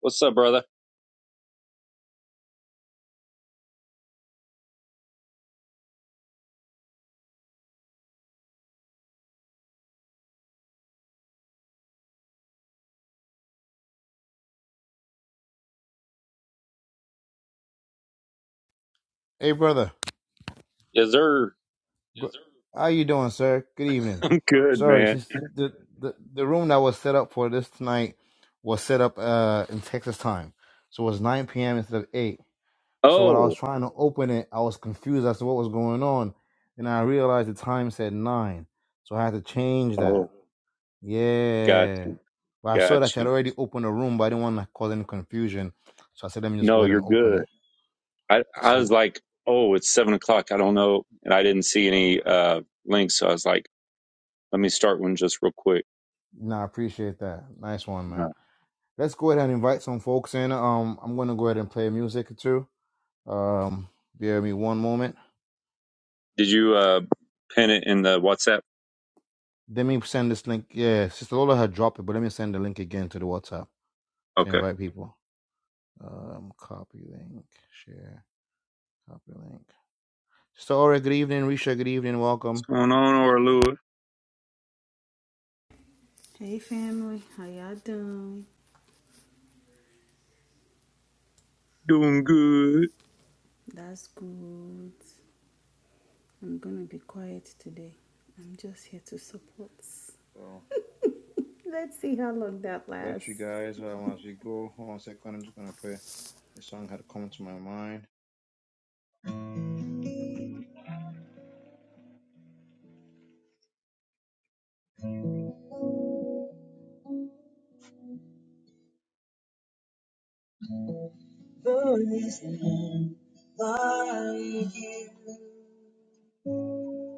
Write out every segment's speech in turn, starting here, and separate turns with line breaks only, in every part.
What's up, brother?
Hey, brother.
Yes, sir.
Yes, sir. How you doing, sir? Good evening.
I'm good,
Sorry,
man.
since the, the the room that was set up for this tonight was set up uh in Texas time, so it was 9 p.m. instead of 8. So when I was
Oh,
trying to open it, I was confused as to what was going on, and I realized the time said nine, so I had to change that.
oh, got
Yeah,
you,
but I saw
got
that you had
you.
already opened the room, but I didn't want to cause any confusion, so I said let me just go
No,
ahead and
you're
open
good.
it.
I, I was
So,
like, oh, it's seven o'clock. I don't know, and I didn't see any uh links, so I was like, let me start one just real quick.
nah, I appreciate that. Nice one, man.
No.
let's go ahead and invite some folks in. Um, I'm gonna go ahead and play music or two. Um, bear me one moment.
Did you uh pin it in the WhatsApp?
Let me send this link. Yeah, Sister Lola had dropped it, but let me send the link again to the WhatsApp to
Okay.
invite people. Um, copy link, share, copy link. Sister Aura, good evening. Risha, good evening.
What's
Welcome.
going on, Orlua?
Hey family, how y'all doing?
Doing good.
That's good. I'm gonna be quiet today. I'm just here to support.
So,
Let's see how long that
bless you
lasts.
guys. Um, as we go, hold on a second. I'm just gonna play a song that had come to my mind. There is none like you.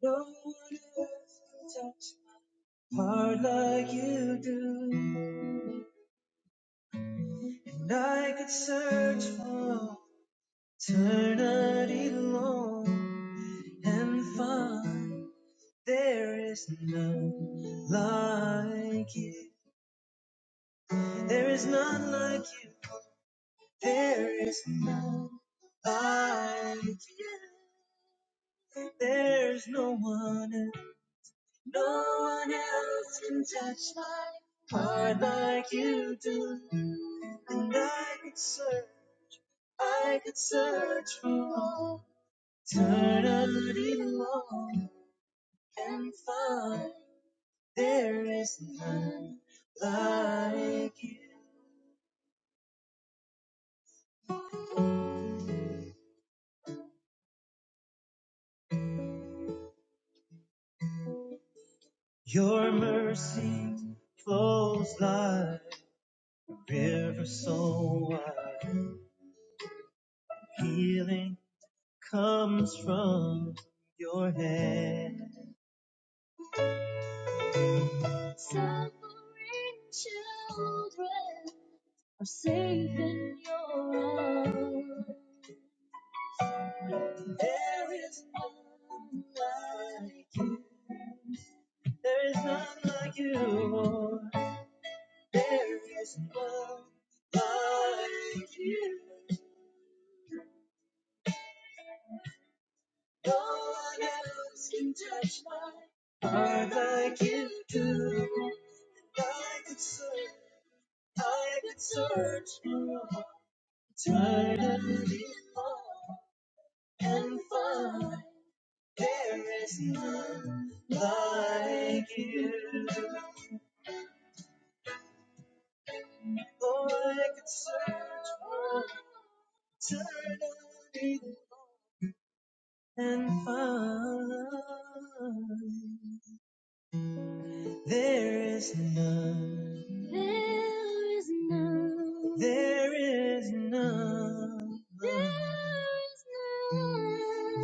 No one else can touch my heart like you do. And I could search for eternity long and find there is none like you. There is none like you. There is none like you. There's no one else. No one else can touch my heart like you do. And I could search, I could search for all eternity long and find there is none like you. Your mercy flows like a river so wide. Healing comes from your hand. Are safe in your arms. There is none like you. There is none like you. There is none like you. No one else can touch my heart like you do. I could search, I could search for eternity long and find. There is none like you. Oh, I could search for eternity and find. There is none. There is none. There is none.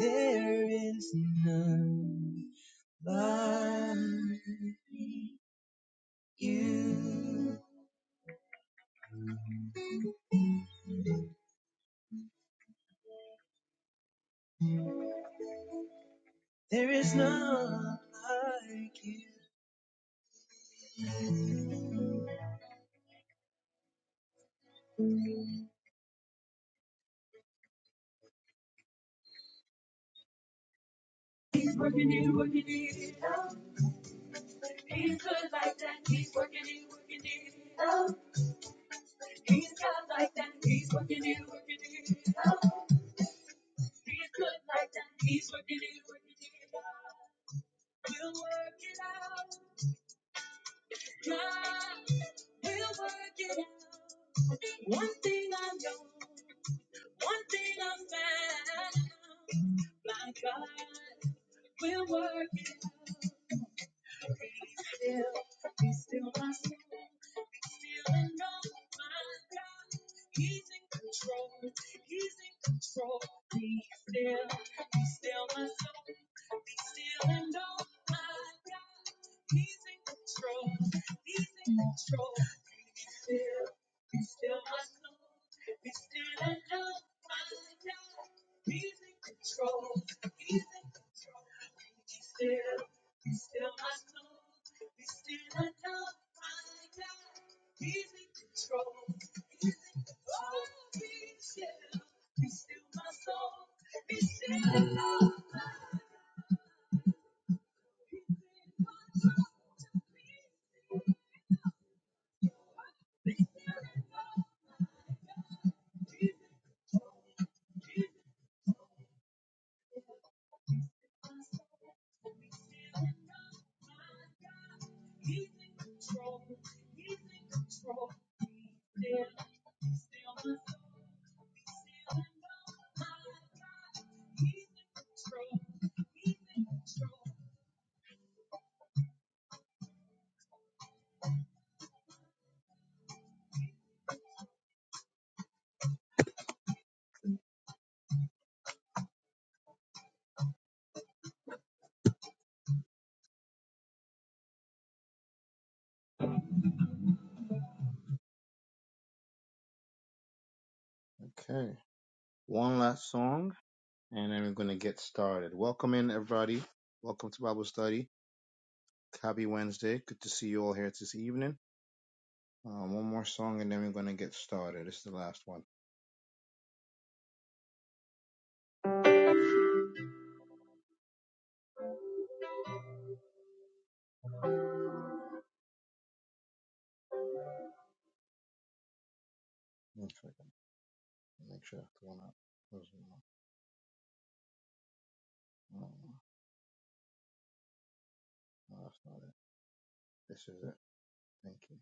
There is none like you. There is none like you. Okay, one last song, and then we're gonna get started. Welcome in, everybody. Welcome to Bible study. Happy Wednesday. Good to see you all here this evening. Um, one more song, and then we're gonna get started. It's the last one. Make sure that's the one. up. No, no, no. No, that's not it. This is it. Thank you.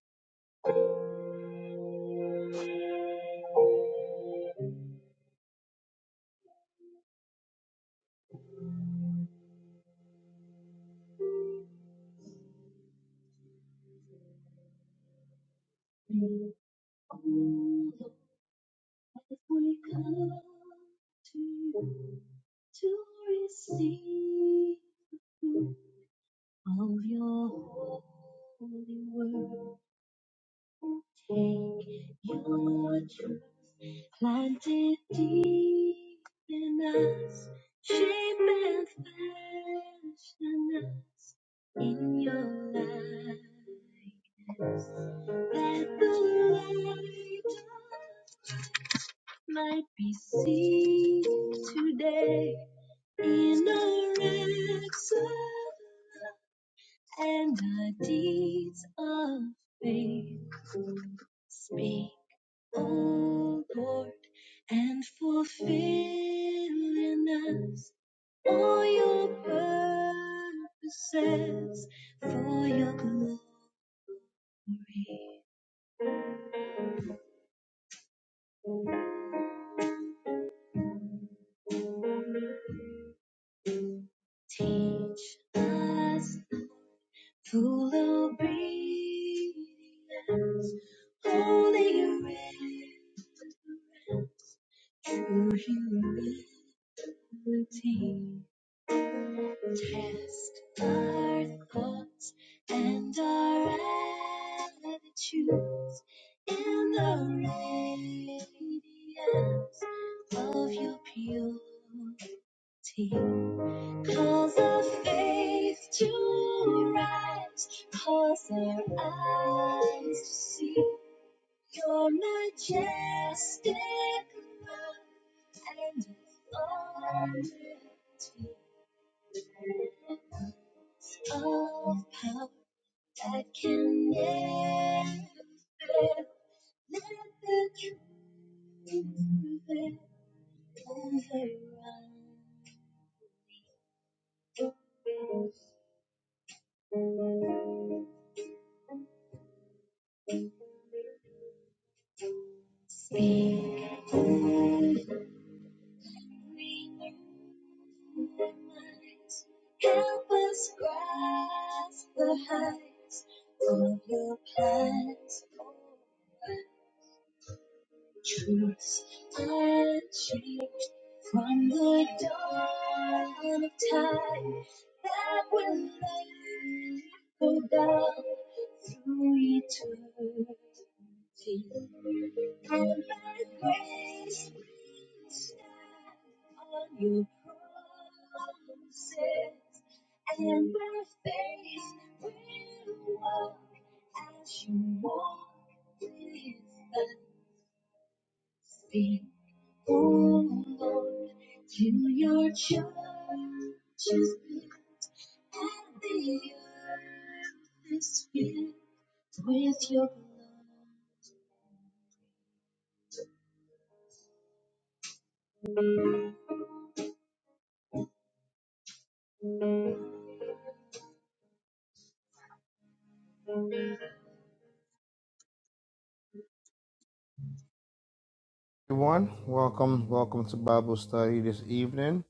Everyone, welcome, welcome to Bible study this evening.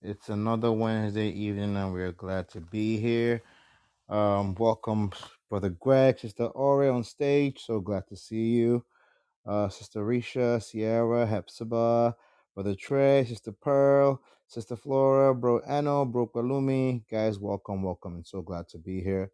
It's another Wednesday evening, and we're glad to be here. Um, welcome, Brother Greg, Sister Ori on stage. So glad to see you. Uh, Sister Risha, Sierra, Hepzibah, Brother Trey, Sister Pearl, Sister Flora, Bro Ano, Bro Kalumi. Guys, welcome, welcome, and so glad to be here.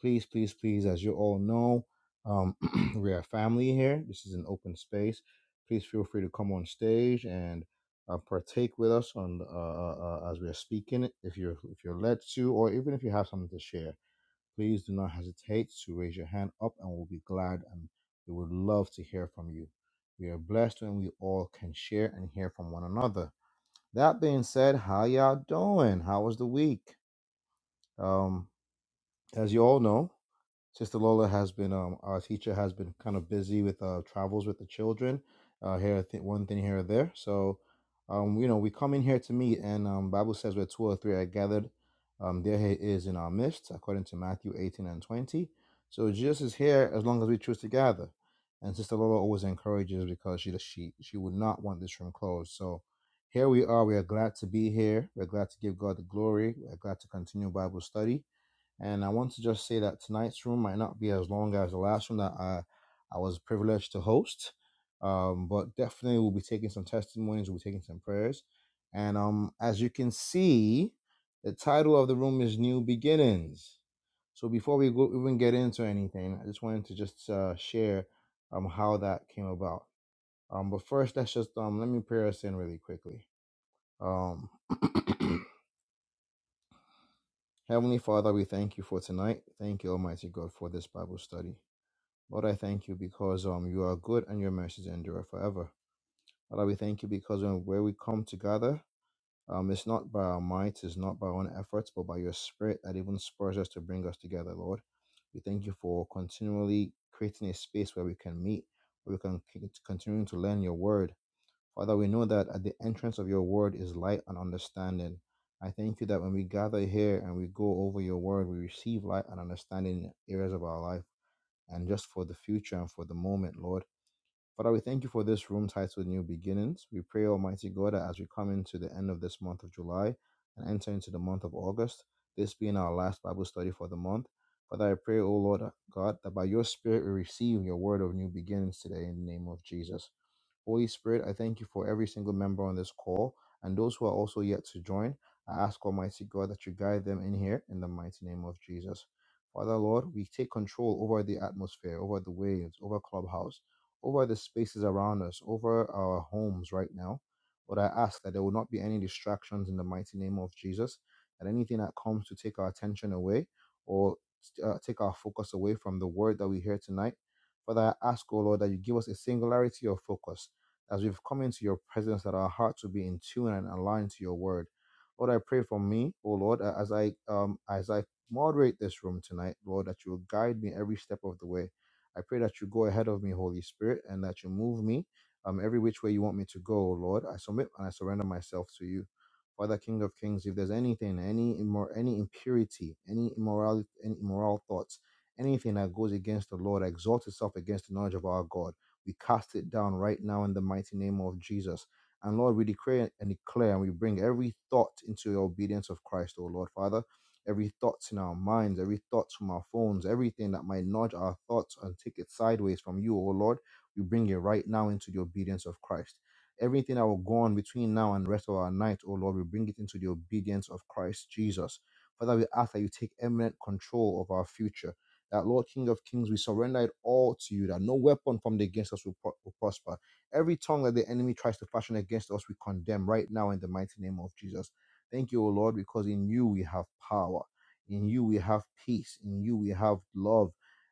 Please, please, please, as you all know, um, we are family here. This is an open space. Please feel free to come on stage and uh, partake with us on uh, uh, uh, as we are speaking, if you're if you're led to, or even if you have something to share Please do not hesitate to raise your hand up and we'll be glad and we would love to hear from you. We are blessed when we all can share and hear from one another. That being said, how y'all doing? How was the week? Um, as you all know, Sister Lola has been, um, our teacher has been kind of busy with uh, travels with the children, uh, here, th- one thing here or there. So, um, you know, we come in here to meet, and um, Bible says where two or three are gathered, um, there he is in our midst, according to Matthew 18 and 20. So Jesus is here as long as we choose to gather. And Sister Lola always encourages because she she she would not want this room closed. So here we are. We are glad to be here. We're glad to give God the glory. We're glad to continue Bible study and I want to just say that tonight's room might not be as long as the last room that I, I was privileged to host. Um, but definitely we'll be taking some testimonies, we'll be taking some prayers. And um, as you can see, the title of the room is New Beginnings. So before we go even get into anything, I just wanted to just uh, share um, how that came about. Um, but first, let's just um, let me pray us in really quickly. Um, Heavenly Father, we thank you for tonight. Thank you, Almighty God, for this Bible study. Lord, I thank you because um you are good and your mercies endure forever. Lord, we thank you because when where we come together, um, it's not by our might, it's not by our own efforts, but by your Spirit that even spurs us to bring us together, Lord. We thank you for continually creating a space where we can meet, where we can c- continue to learn your word, Father, we know that at the entrance of your word is light and understanding. I thank you that when we gather here and we go over your word, we receive light and understanding in areas of our life and just for the future and for the moment, Lord. Father, we thank you for this room titled New Beginnings. We pray, Almighty God, that as we come into the end of this month of July and enter into the month of August, this being our last Bible study for the month, Father, I pray, O Lord God, that by your Spirit we receive your word of new beginnings today in the name of Jesus. Holy Spirit, I thank you for every single member on this call and those who are also yet to join. I ask Almighty God that you guide them in here in the mighty name of Jesus. Father Lord, we take control over the atmosphere, over the waves, over Clubhouse, over the spaces around us, over our homes right now. But I ask that there will not be any distractions in the mighty name of Jesus, that anything that comes to take our attention away or uh, take our focus away from the word that we hear tonight. Father, I ask, O Lord, that you give us a singularity of focus as we've come into your presence, that our hearts will be in tune and aligned to your word. Lord, I pray for me, oh Lord, as I um as I moderate this room tonight, Lord, that you will guide me every step of the way. I pray that you go ahead of me, Holy Spirit, and that you move me um every which way you want me to go, oh Lord. I submit and I surrender myself to you. Father, King of Kings, if there's anything, any immor- any impurity, any immorality, any immoral thoughts, anything that goes against the Lord, exalts itself against the knowledge of our God. We cast it down right now in the mighty name of Jesus. And Lord, we declare and declare, and we bring every thought into your obedience of Christ, O Lord Father. Every thought in our minds, every thought from our phones, everything that might nudge our thoughts and take it sideways from you, O Lord, we bring it right now into the obedience of Christ. Everything that will go on between now and the rest of our night, O Lord, we bring it into the obedience of Christ Jesus. Father, we ask that you take eminent control of our future. That Lord King of Kings, we surrender it all to you. That no weapon formed against us will, pro- will prosper. Every tongue that the enemy tries to fashion against us, we condemn right now in the mighty name of Jesus. Thank you, O Lord, because in you we have power. In you we have peace. In you we have love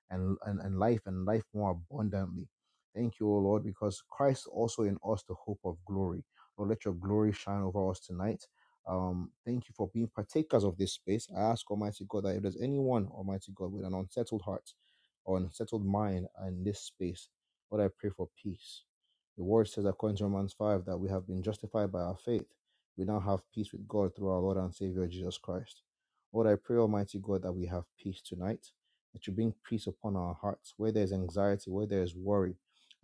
and, and, and life and life more abundantly. Thank you, O Lord, because Christ also in us the hope of glory. Lord, let your glory shine over us tonight. Um, thank you for being partakers of this space. I ask Almighty God that if there's anyone, Almighty God, with an unsettled heart or unsettled mind in this space, Lord, I pray for peace. The word says, according to Romans 5, that we have been justified by our faith. We now have peace with God through our Lord and Savior Jesus Christ. Lord, I pray, Almighty God, that we have peace tonight, that you bring peace upon our hearts. Where there is anxiety, where there is worry,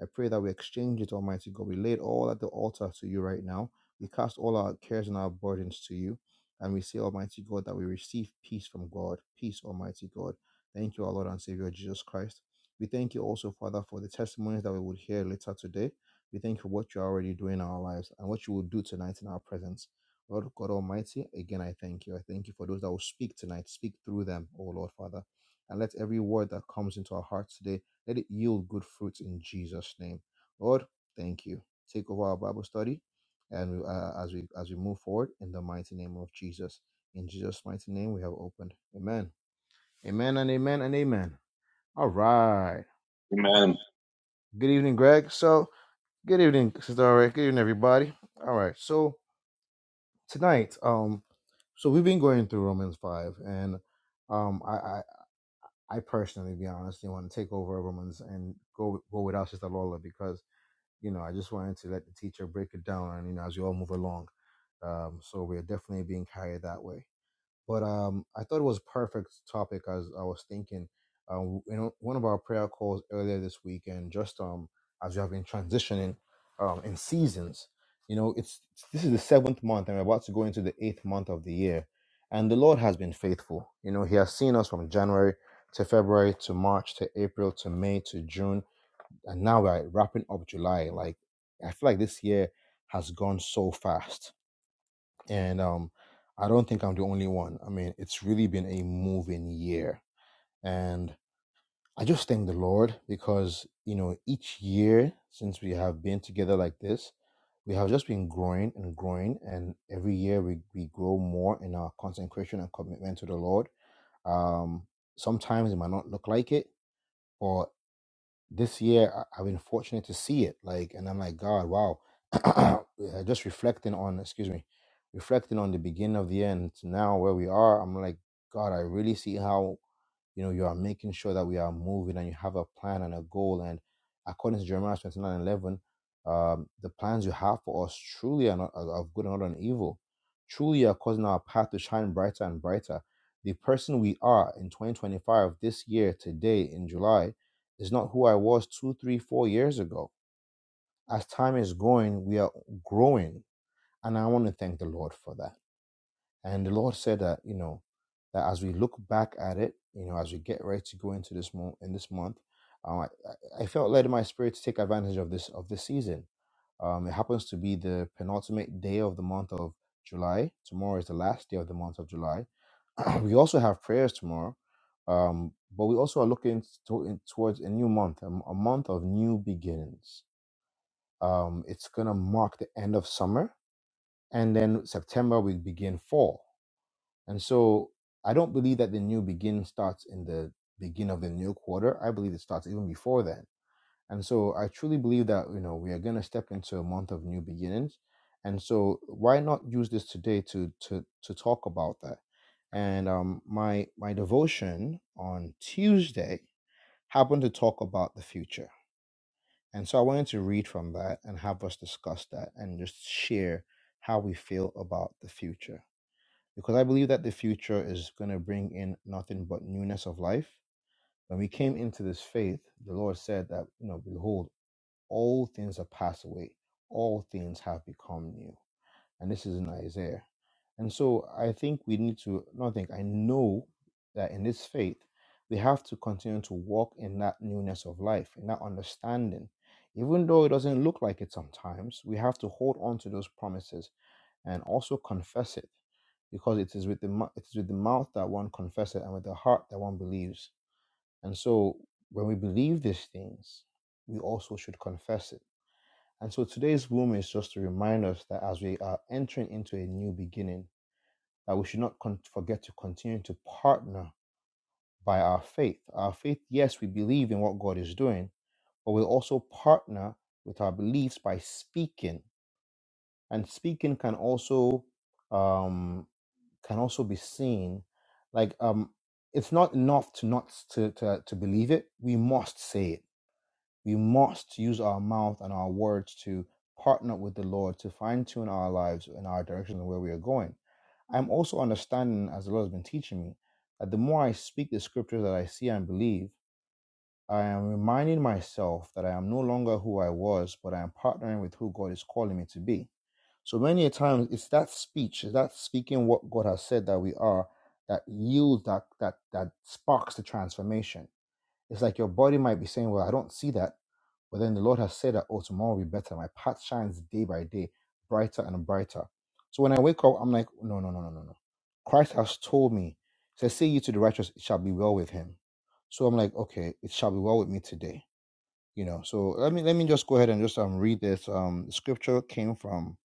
I pray that we exchange it, Almighty God. We lay it all at the altar to you right now we cast all our cares and our burdens to you, and we say, Almighty God, that we receive peace from God. Peace, Almighty God. Thank you, our Lord and Savior Jesus Christ. We thank you also, Father, for the testimonies that we would hear later today. We thank you for what you're already doing in our lives and what you will do tonight in our presence. Lord God Almighty, again, I thank you. I thank you for those that will speak tonight. Speak through them, O Lord Father. And let every word that comes into our hearts today, let it yield good fruits in Jesus' name. Lord, thank you. Take over our Bible study and uh, as we as we move forward in the mighty name of Jesus. In Jesus' mighty name, we have opened. Amen. Amen and amen and amen. All right.
Man,
Good evening, Greg. So good evening, Sister. Aurea. Good evening, everybody. All right. So tonight, um, so we've been going through Romans five, and um, I I, I personally, to be honest, didn't want to take over Romans and go go without Sister Lola because you know I just wanted to let the teacher break it down, and you know as we all move along. Um, so we're definitely being carried that way. but um, I thought it was perfect topic as I was thinking. Uh, in one of our prayer calls earlier this week, and just um, as we have been transitioning um, in seasons, you know, it's- this is the seventh month, and we're about to go into the eighth month of the year, and the Lord has been faithful. You know, He has seen us from January to February to March to April to May to June, and now we're wrapping up July. Like I feel like this year has gone so fast and um, I don't think I'm the only one. I mean, it's really been a moving year, and I just thank the Lord because you know each year since we have been together like this, we have just been growing and growing, and every year we we grow more in our consecration and commitment to the Lord. Um, sometimes it might not look like it, but this year I, I've been fortunate to see it. Like, and I'm like, God, wow. Uh, Just reflecting on, excuse me, reflecting on the beginning of the end to now where we are. I'm like, God, I really see how. You know, you are making sure that we are moving and you have a plan and a goal. And according to Jeremiah 29 11, um, the plans you have for us truly are, not, are of good and not on evil. Truly, you are causing our path to shine brighter and brighter. The person we are in 2025, this year, today, in July, is not who I was two, three, four years ago. As time is going, we are growing. And I want to thank the Lord for that. And the Lord said that, you know, that as we look back at it, you know, as we get ready to go into this month, in this month, um, I, I felt led in my spirit to take advantage of this of this season. Um, it happens to be the penultimate day of the month of July. Tomorrow is the last day of the month of July. we also have prayers tomorrow, um, but we also are looking to, in, towards a new month, a a month of new beginnings. Um, it's gonna mark the end of summer, and then September we begin fall and so I don't believe that the new begin starts in the beginning of the new quarter. I believe it starts even before then. And so I truly believe that, you know, we are going to step into a month of new beginnings. And so why not use this today to to to talk about that? And um my my devotion on Tuesday happened to talk about the future. And so I wanted to read from that and have us discuss that and just share how we feel about the future because I believe that the future is going to bring in nothing but newness of life. When we came into this faith, the Lord said that, you know, behold, all things have passed away, all things have become new. And this is in Isaiah. And so I think we need to, not think, I know that in this faith, we have to continue to walk in that newness of life, in that understanding. Even though it doesn't look like it sometimes, we have to hold on to those promises and also confess it because it is with the mou- it is with the mouth that one confesses and with the heart that one believes. And so when we believe these things, we also should confess it. And so today's room is just to remind us that as we are entering into a new beginning, that we should not con- forget to continue to partner by our faith. Our faith, yes, we believe in what God is doing, but we also partner with our beliefs by speaking. And speaking can also um. can also be seen like um it's not enough to not to, to to believe it we must say it we must use our mouth and our words to partner with the lord to fine-tune our lives and our direction and where we are going i'm also understanding as the lord has been teaching me that the more i speak the scriptures that i see and believe I am reminding myself that I am no longer who I was, but I am partnering with who God is calling me to be. So many a times it's that speech, it's that speaking what God has said that we are that yields that that that sparks the transformation. It's like your body might be saying, Well, I don't see that. But then the Lord has said that, Oh, tomorrow will be better. My path shines day by day, brighter and brighter. So when I wake up, I'm like, No, no, no, no, no, no. Christ has told me, he says, Say you to the righteous, it shall be well with him. So I'm like, Okay, it shall be well with me today. You know, so let me let me just go ahead and just um read this. Um the scripture came from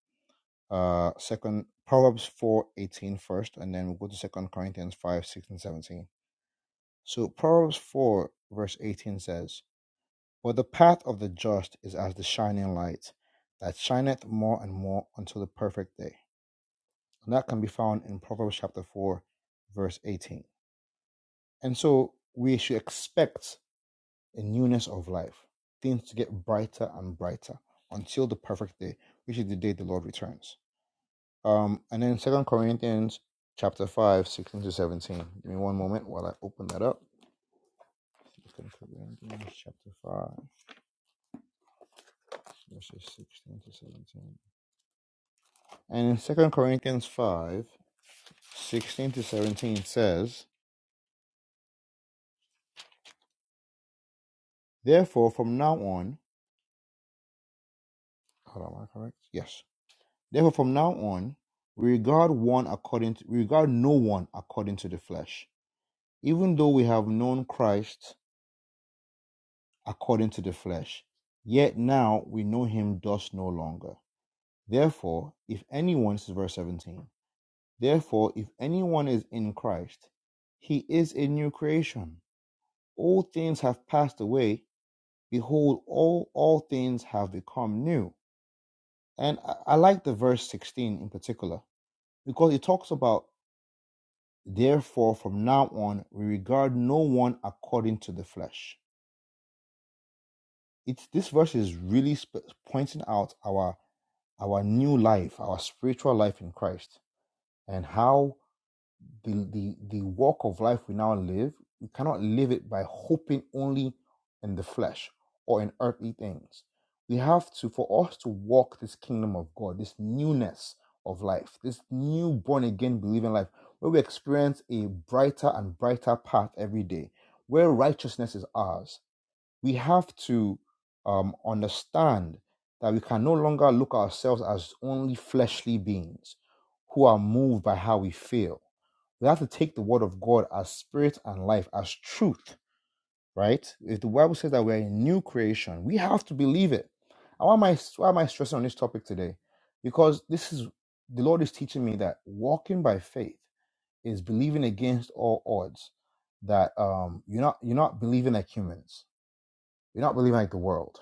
uh second Proverbs 4 18 first, and then we'll go to Second Corinthians 5, 6, and 17. So Proverbs 4, verse 18 says for the path of the just is as the shining light that shineth more and more until the perfect day. And that can be found in Proverbs chapter 4, verse 18. And so we should expect a newness of life, things to get brighter and brighter until the perfect day, which is the day the Lord returns. Um, and then Second Corinthians chapter 5 16 to 17. Give me one moment while I open that up. Second Corinthians chapter 5, verses 16 to 17. And in Second Corinthians 5 16 to 17 says, Therefore, from now on, hold on, am I correct? Yes. Therefore, from now on, we regard one according to, we regard no one according to the flesh. Even though we have known Christ according to the flesh, yet now we know him thus no longer. Therefore, if anyone, this is verse 17, therefore, if anyone is in Christ, he is a new creation. All things have passed away Behold, all, all things have become new. And I, I like the verse 16 in particular because it talks about, therefore, from now on, we regard no one according to the flesh. It's, this verse is really sp- pointing out our, our new life, our spiritual life in Christ, and how the, the, the walk of life we now live, we cannot live it by hoping only in the flesh or in earthly things. We have to, for us to walk this kingdom of God, this newness of life, this new born again believing life, where we experience a brighter and brighter path every day, where righteousness is ours, we have to um, understand that we can no longer look at ourselves as only fleshly beings who are moved by how we feel. We have to take the word of God as spirit and life, as truth, right? If the Bible says that we're a new creation, we have to believe it. And why am I, why am I stressing on this topic today? Because this is the Lord is teaching me that walking by faith is believing against all odds. That um, you're not you're not believing like humans you're not really like the world.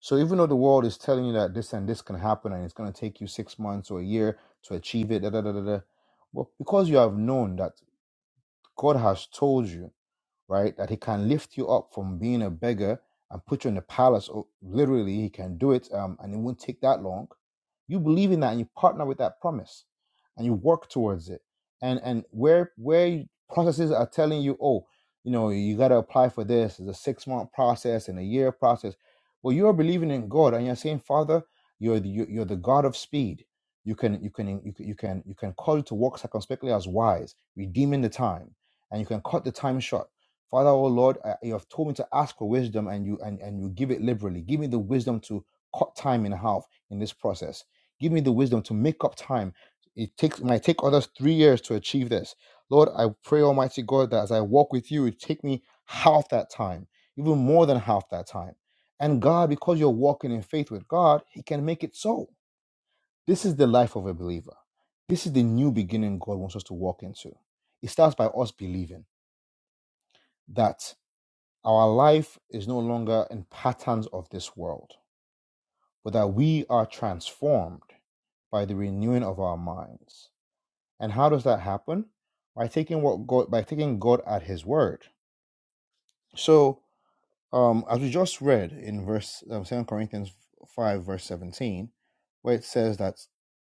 So even though the world is telling you that this and this can happen and it's going to take you six months or a year to achieve it, da, da, da, da, da, well, because you have known that God has told you right? That he can lift you up from being a beggar and put you in the palace. Oh, Literally, he can do it, um, and it won't take that long. You believe in that, and you partner with that promise, and you work towards it. And and where where processes are telling you, oh, you know, you got to apply for this. It's a six month process and a year process. Well, you're believing in God, and you're saying, Father, you're the, you're the God of speed. You can you can you can you can you can call it to work circumspectly as wise, redeeming the time, and you can cut the time short Father, oh Lord, I, you have told me to ask for wisdom and you and, and you give it liberally. Give me the wisdom to cut time in half in this process. Give me the wisdom to make up time. It takes might take others three years to achieve this. Lord, I pray, Almighty God, that as I walk with you, it take me half that time, even more than half that time. And God, because you're walking in faith with God, He can make it so. This is the life of a believer. This is the new beginning God wants us to walk into. It starts by us believing that. Our life is no longer in patterns of this world, but that we are transformed by the renewing of our minds. And how does that happen? By taking what God by taking God at His word. So, um, as we just read in verse um, Second Corinthians five, verse seventeen, where it says that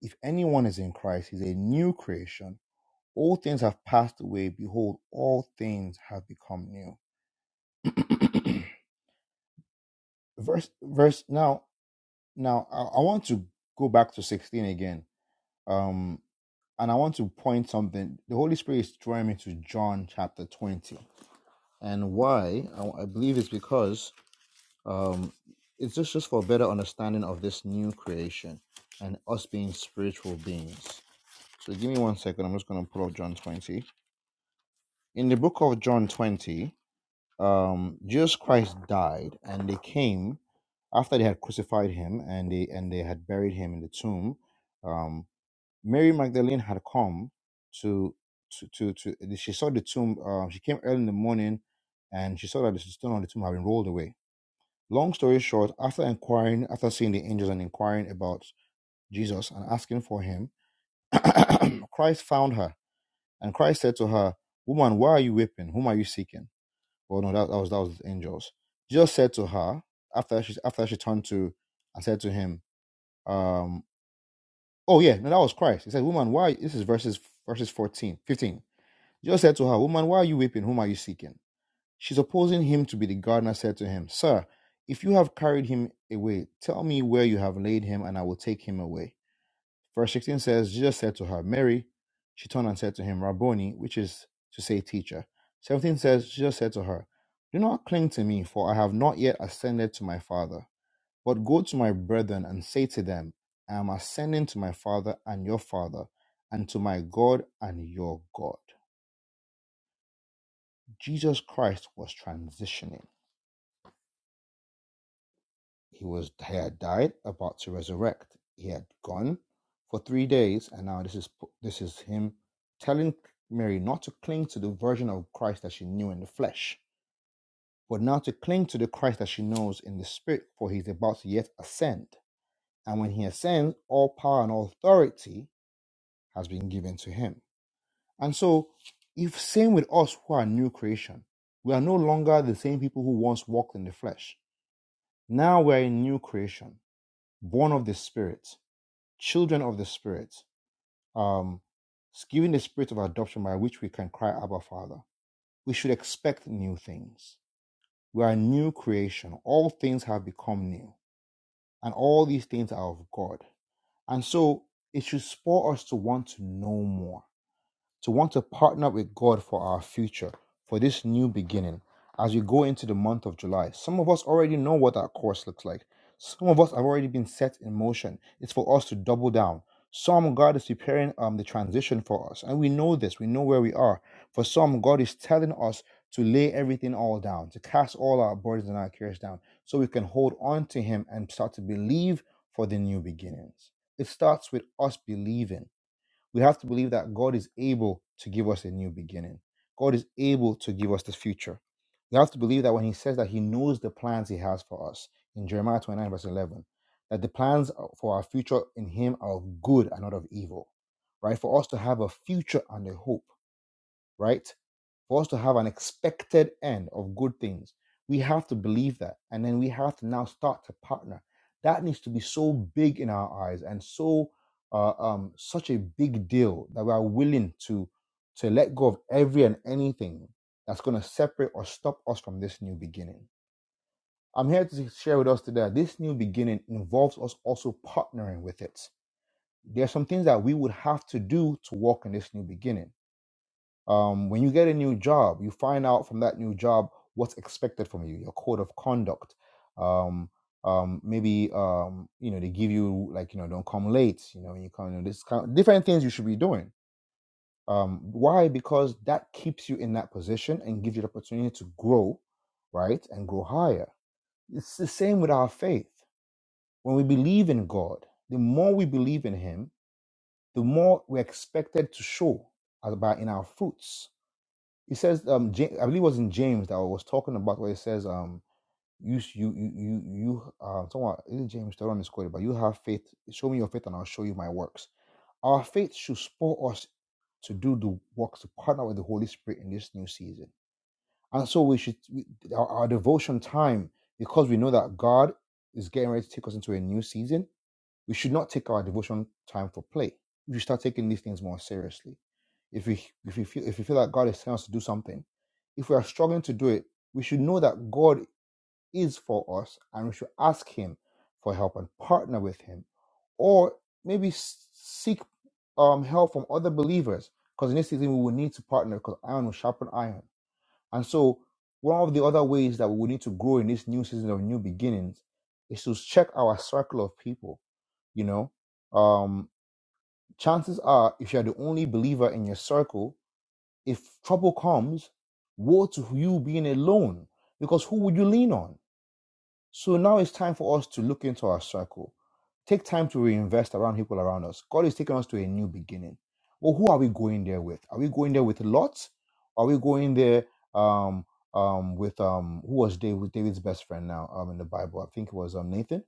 if anyone is in Christ, he's a new creation. All things have passed away. Behold, all things have become new. verse, verse. Now Now, I, I want to go back to 16 again. Um, and I want to point something. The Holy Spirit is drawing me to John chapter 20. And why? I, I believe it's because um, it's just, just for a better understanding of this new creation and us being spiritual beings. So give me one second. I'm just going to pull up John 20. In the book of John 20, um, Jesus Christ died and they came after they had crucified him and they and they had buried him in the tomb. Um, Mary Magdalene had come to to to, to she saw the tomb. Uh, she came early in the morning, and she saw that the stone on the tomb had been rolled away. Long story short, after inquiring, after seeing the angels and inquiring about Jesus and asking for him, Christ found her, and Christ said to her, "Woman, why are you weeping? Whom are you seeking?" Well, no, that, that was that was the angels. Jesus said to her after she after she turned to and said to him, um, "Oh yeah, no, that was Christ." He said, "Woman, why?" This is verses verses 14, 15. Jesus said to her, Woman, why are you weeping? Whom are you seeking? She, supposing him to be the gardener, said to him, Sir, if you have carried him away, tell me where you have laid him, and I will take him away. Verse 16 says, Jesus said to her, Mary. She turned and said to him, Rabboni, which is to say, teacher. 17 says, Jesus said to her, Do not cling to me, for I have not yet ascended to my Father. But go to my brethren and say to them, I am ascending to my Father and your Father, and to my God and your God. Jesus Christ was transitioning. He was he had died, about to resurrect. He had gone for three days, and now this is this is him telling Mary not to cling to the version of Christ that she knew in the flesh, but now to cling to the Christ that she knows in the spirit, for he's about to yet ascend. And when he ascends, all power and authority has been given to him. And so, if same with us who are new creation, we are no longer the same people who once walked in the flesh Now we're a new creation, born of the Spirit, children of the Spirit, um, given the spirit of adoption by which we can cry, Abba, Father. We should expect new things. We are a new creation. All things have become new, and all these things are of God. And so it should spur us to want to know more to want to partner with God for our future, for this new beginning. As we go into the month of July, some of us already know what that course looks like. Some of us have already been set in motion. It's for us to double down. Some God is preparing um, the transition for us, and we know this. We know where we are. For some, God is telling us to lay everything all down, to cast all our burdens and our cares down, so we can hold on to Him and start to believe for the new beginnings. It starts with us believing we have to believe that God is able to give us a new beginning. God is able to give us the future. We have to believe that when He says that He knows the plans He has for us in Jeremiah 29, verse 11, that the plans for our future in Him are of good and not of evil, right? For us to have a future and a hope, right? for us to have an expected end of good things, we have to believe that. And then we have to now start to partner. That needs to be so big in our eyes and so uh, um, such a big deal that we are willing to to let go of every and anything that's going to separate or stop us from this new beginning. I'm here to share with us today that this new beginning involves us also partnering with it. There are some things that we would have to do to walk in this new beginning um, when you get a new job, you find out from that new job what's expected from you, your code of conduct. Um, um, maybe um, you know they give you like you know don't come late. You know you come, you know, this kind of different things you should be doing. Um, why? Because that keeps you in that position and gives you the opportunity to grow, right, and grow higher. It's the same with our faith. When we believe in God, the more we believe in Him, the more we're expected to show about in our fruits he says, um, Ja- I believe it was in James that I was talking about where it says, um, you, s- you, you, you, you uh, someone, is it James? I don't misquote it, but you have faith. Show me your faith, and I'll show you my works. Our faith should spur us to do the works to partner with the Holy Spirit in this new season, and so we should we, our, our devotion time because we know that God is getting ready to take us into a new season we should not take our devotion time for play. We should start taking these things more seriously. If we if we feel if we feel that God is telling us to do something, if we are struggling to do it, we should know that God is for us and we should ask Him for help and partner with Him, or maybe s- seek um, help from other believers. Because in this season we will need to partner because iron will sharpen iron. And so one of the other ways that we will need to grow in this new season of new beginnings is to check our circle of people you know um chances are if you're the only believer in your circle if trouble comes woe to you being alone because who would you lean on so now it's time for us to look into our circle take time to reinvest around people around us god is taking us to a new beginning well who are we going there with are we going there with lot are we going there um um with um who was david david's best friend now um in the bible i think it was um nathan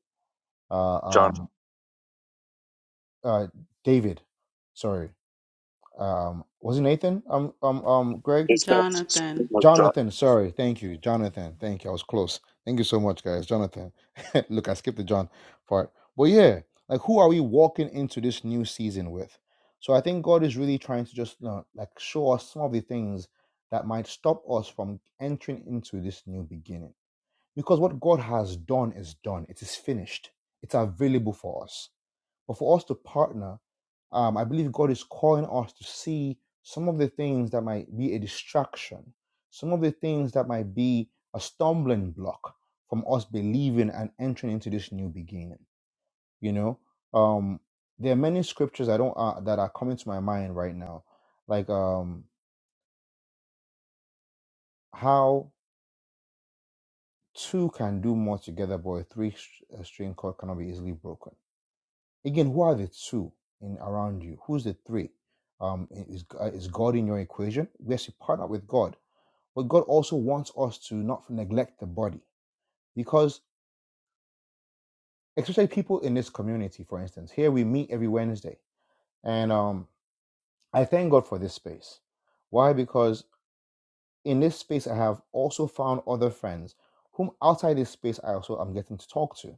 uh
John,
um uh david sorry Um, was it Nathan? Um, um, um, Greg?
is that
Jonathan.
like John
Jonathan, sorry. Thank you. Jonathan. Thank you. I was close. Thank you so much, guys. Jonathan. Look, I skipped the John part. But yeah, like who are we walking into this new season with? So I think God is really trying to just you know, like show us some of the things that might stop us from entering into this new beginning. Because what God has done is done. It is finished. It's available for us. But for us to partner, um, I believe God is calling us to see some of the things that might be a distraction, some of the things that might be a stumbling block from us believing and entering into this new beginning. You know, um, there are many scriptures I don't uh, that are coming to my mind right now, like um, how two can do more together, but a three-string cord cannot be easily broken Again, who are the two in around you? Who's the three? Um, is uh, is God in your equation? Yes, you partner with God, but God also wants us to not neglect the body because, especially people in this community, for instance, here we meet every Wednesday, and um, I thank God for this space. Why? Because in this space, I have also found other friends whom outside this space I also am getting to talk to.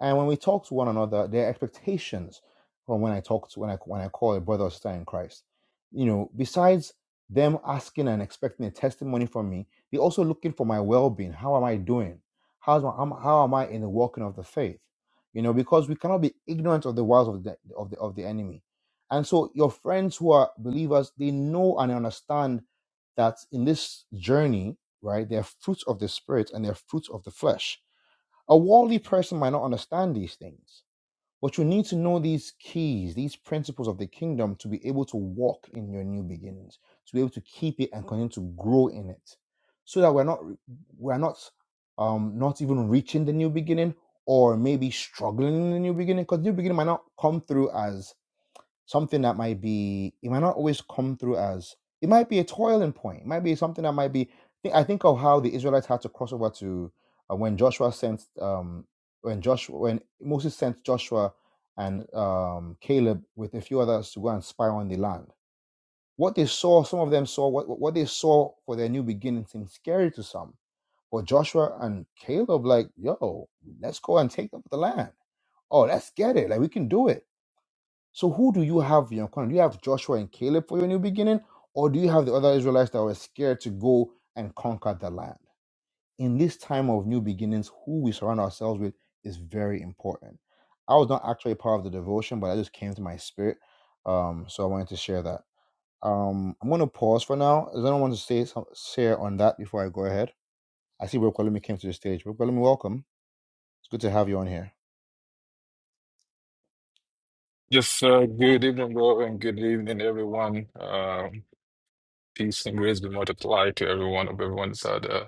And when we talk to one another, there are expectations from when I talk to when I when I call a brother or sister in Christ. You know, besides them asking and expecting a testimony from me, they're also looking for my well-being. How am I doing? How's my, am- how am I in the walking of the faith? You know, because we cannot be ignorant of the wiles of the of the of the enemy. And so your friends who are believers, they know and understand that in this journey, right, there are fruits of the spirit and there are fruits of the flesh a worldly person might not understand these things, but you need to know these keys, these principles of the kingdom to be able to walk in your new beginnings, to be able to keep it and continue to grow in it, so that we're not we're not um not even reaching the new beginning or maybe struggling in the new beginning because new beginning might not come through as something that might be it might not always come through as it might be a toiling point it might be something that might be i think of how the israelites had to cross over to uh, when joshua sent um when joshua when moses sent joshua and um caleb with a few others to go and spy on the land what they saw some of them saw what what they saw for their new beginning seemed scary to some but joshua and caleb like yo let's go and take up the land oh let's get it like we can do it so who do you have in your corner? Do you have Joshua and Caleb for your new beginning, or do you have the other Israelites that were scared to go and conquer the land? In this time of new beginnings, who we surround ourselves with is very important. I was not actually part of the devotion, but I just came to my spirit, um, so I wanted to share that. Um, I'm going to pause for now. Does anyone want to say some, share on that before I go ahead? I see Rokolemi came to the stage. Rokolemi, welcome. It's good to have you on here.
Yes, uh, good evening, bro, and good evening, everyone. Um, peace and grace be multiplied to everyone of everyone's out there.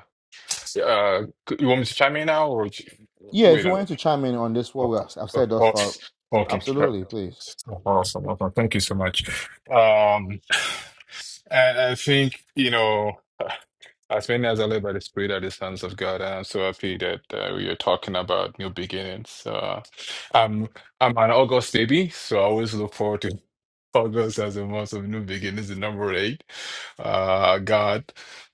Uh, c- you want me to chime in now, or j-
Yeah, if
wait?
you
On,
wanted to chime in on this, what
oh,
we have, I've
oh,
said thus far,
oh, okay, sure.
absolutely, please.
awesome, awesome. Thank you so much. Um, and I think you know, as many as I live by the Spirit of the sons of God, I'm so happy that uh, we are talking about new beginnings. Uh, I'm I'm an August baby, so I always look forward to. August as a month of new beginnings, the number eight. Uh, God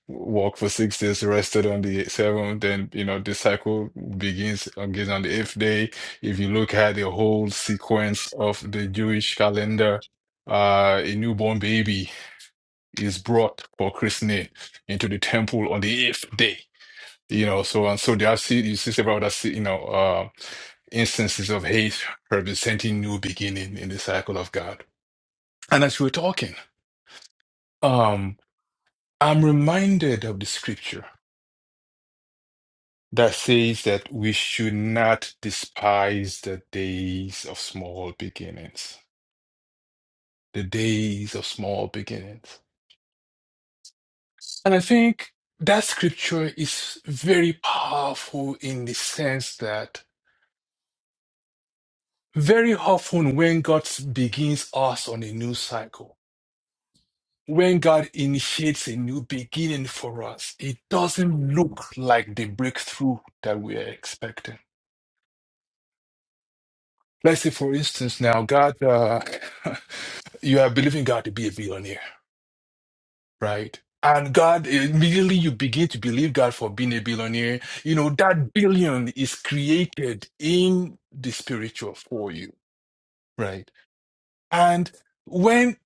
walked for six days, rested on the seventh, and you know the cycle begins again on the eighth day. If you look at the whole sequence of the Jewish calendar, uh, a newborn baby is brought for christening into the temple on the eighth day. You know, so and so there are see you see several other se- you know uh, instances of hate representing new beginning in the cycle of God. And as we were talking. Um, I'm reminded of the scripture that says that we should not despise the days of small beginnings, the days of small beginnings. And I think that scripture is very powerful in the sense that very often when God begins us on a new cycle, when God initiates a new beginning for us, it doesn't look like the breakthrough that we are expecting Let's say, for instance, now God, uh, you are believing God to be a billionaire, right? And God, immediately you begin to believe God for being a billionaire. You know, that billion is created in the spiritual for you, right? And when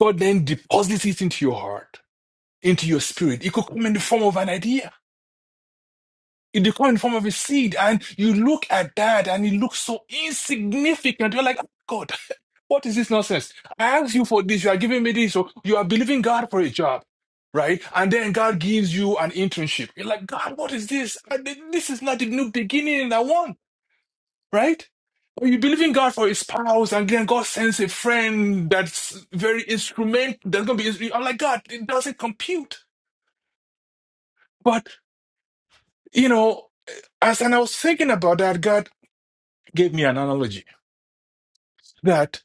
God then deposits it into your heart, into your spirit, it could come in the form of an idea. It could come in the form of a seed. And you look at that and it looks so insignificant. You're like, "Oh, God, What is this nonsense? I asked you for this. You are giving me this. So you are believing God for a job, right? And then God gives you an internship. You're like, God, what is this? I- This is not the new beginning I want, right? Or you believe in God for a spouse, and then God sends a friend that's very instrument. That's gonna be. I'm like, God, it doesn't compute. But you know, as and I was thinking about that, God gave me an analogy that.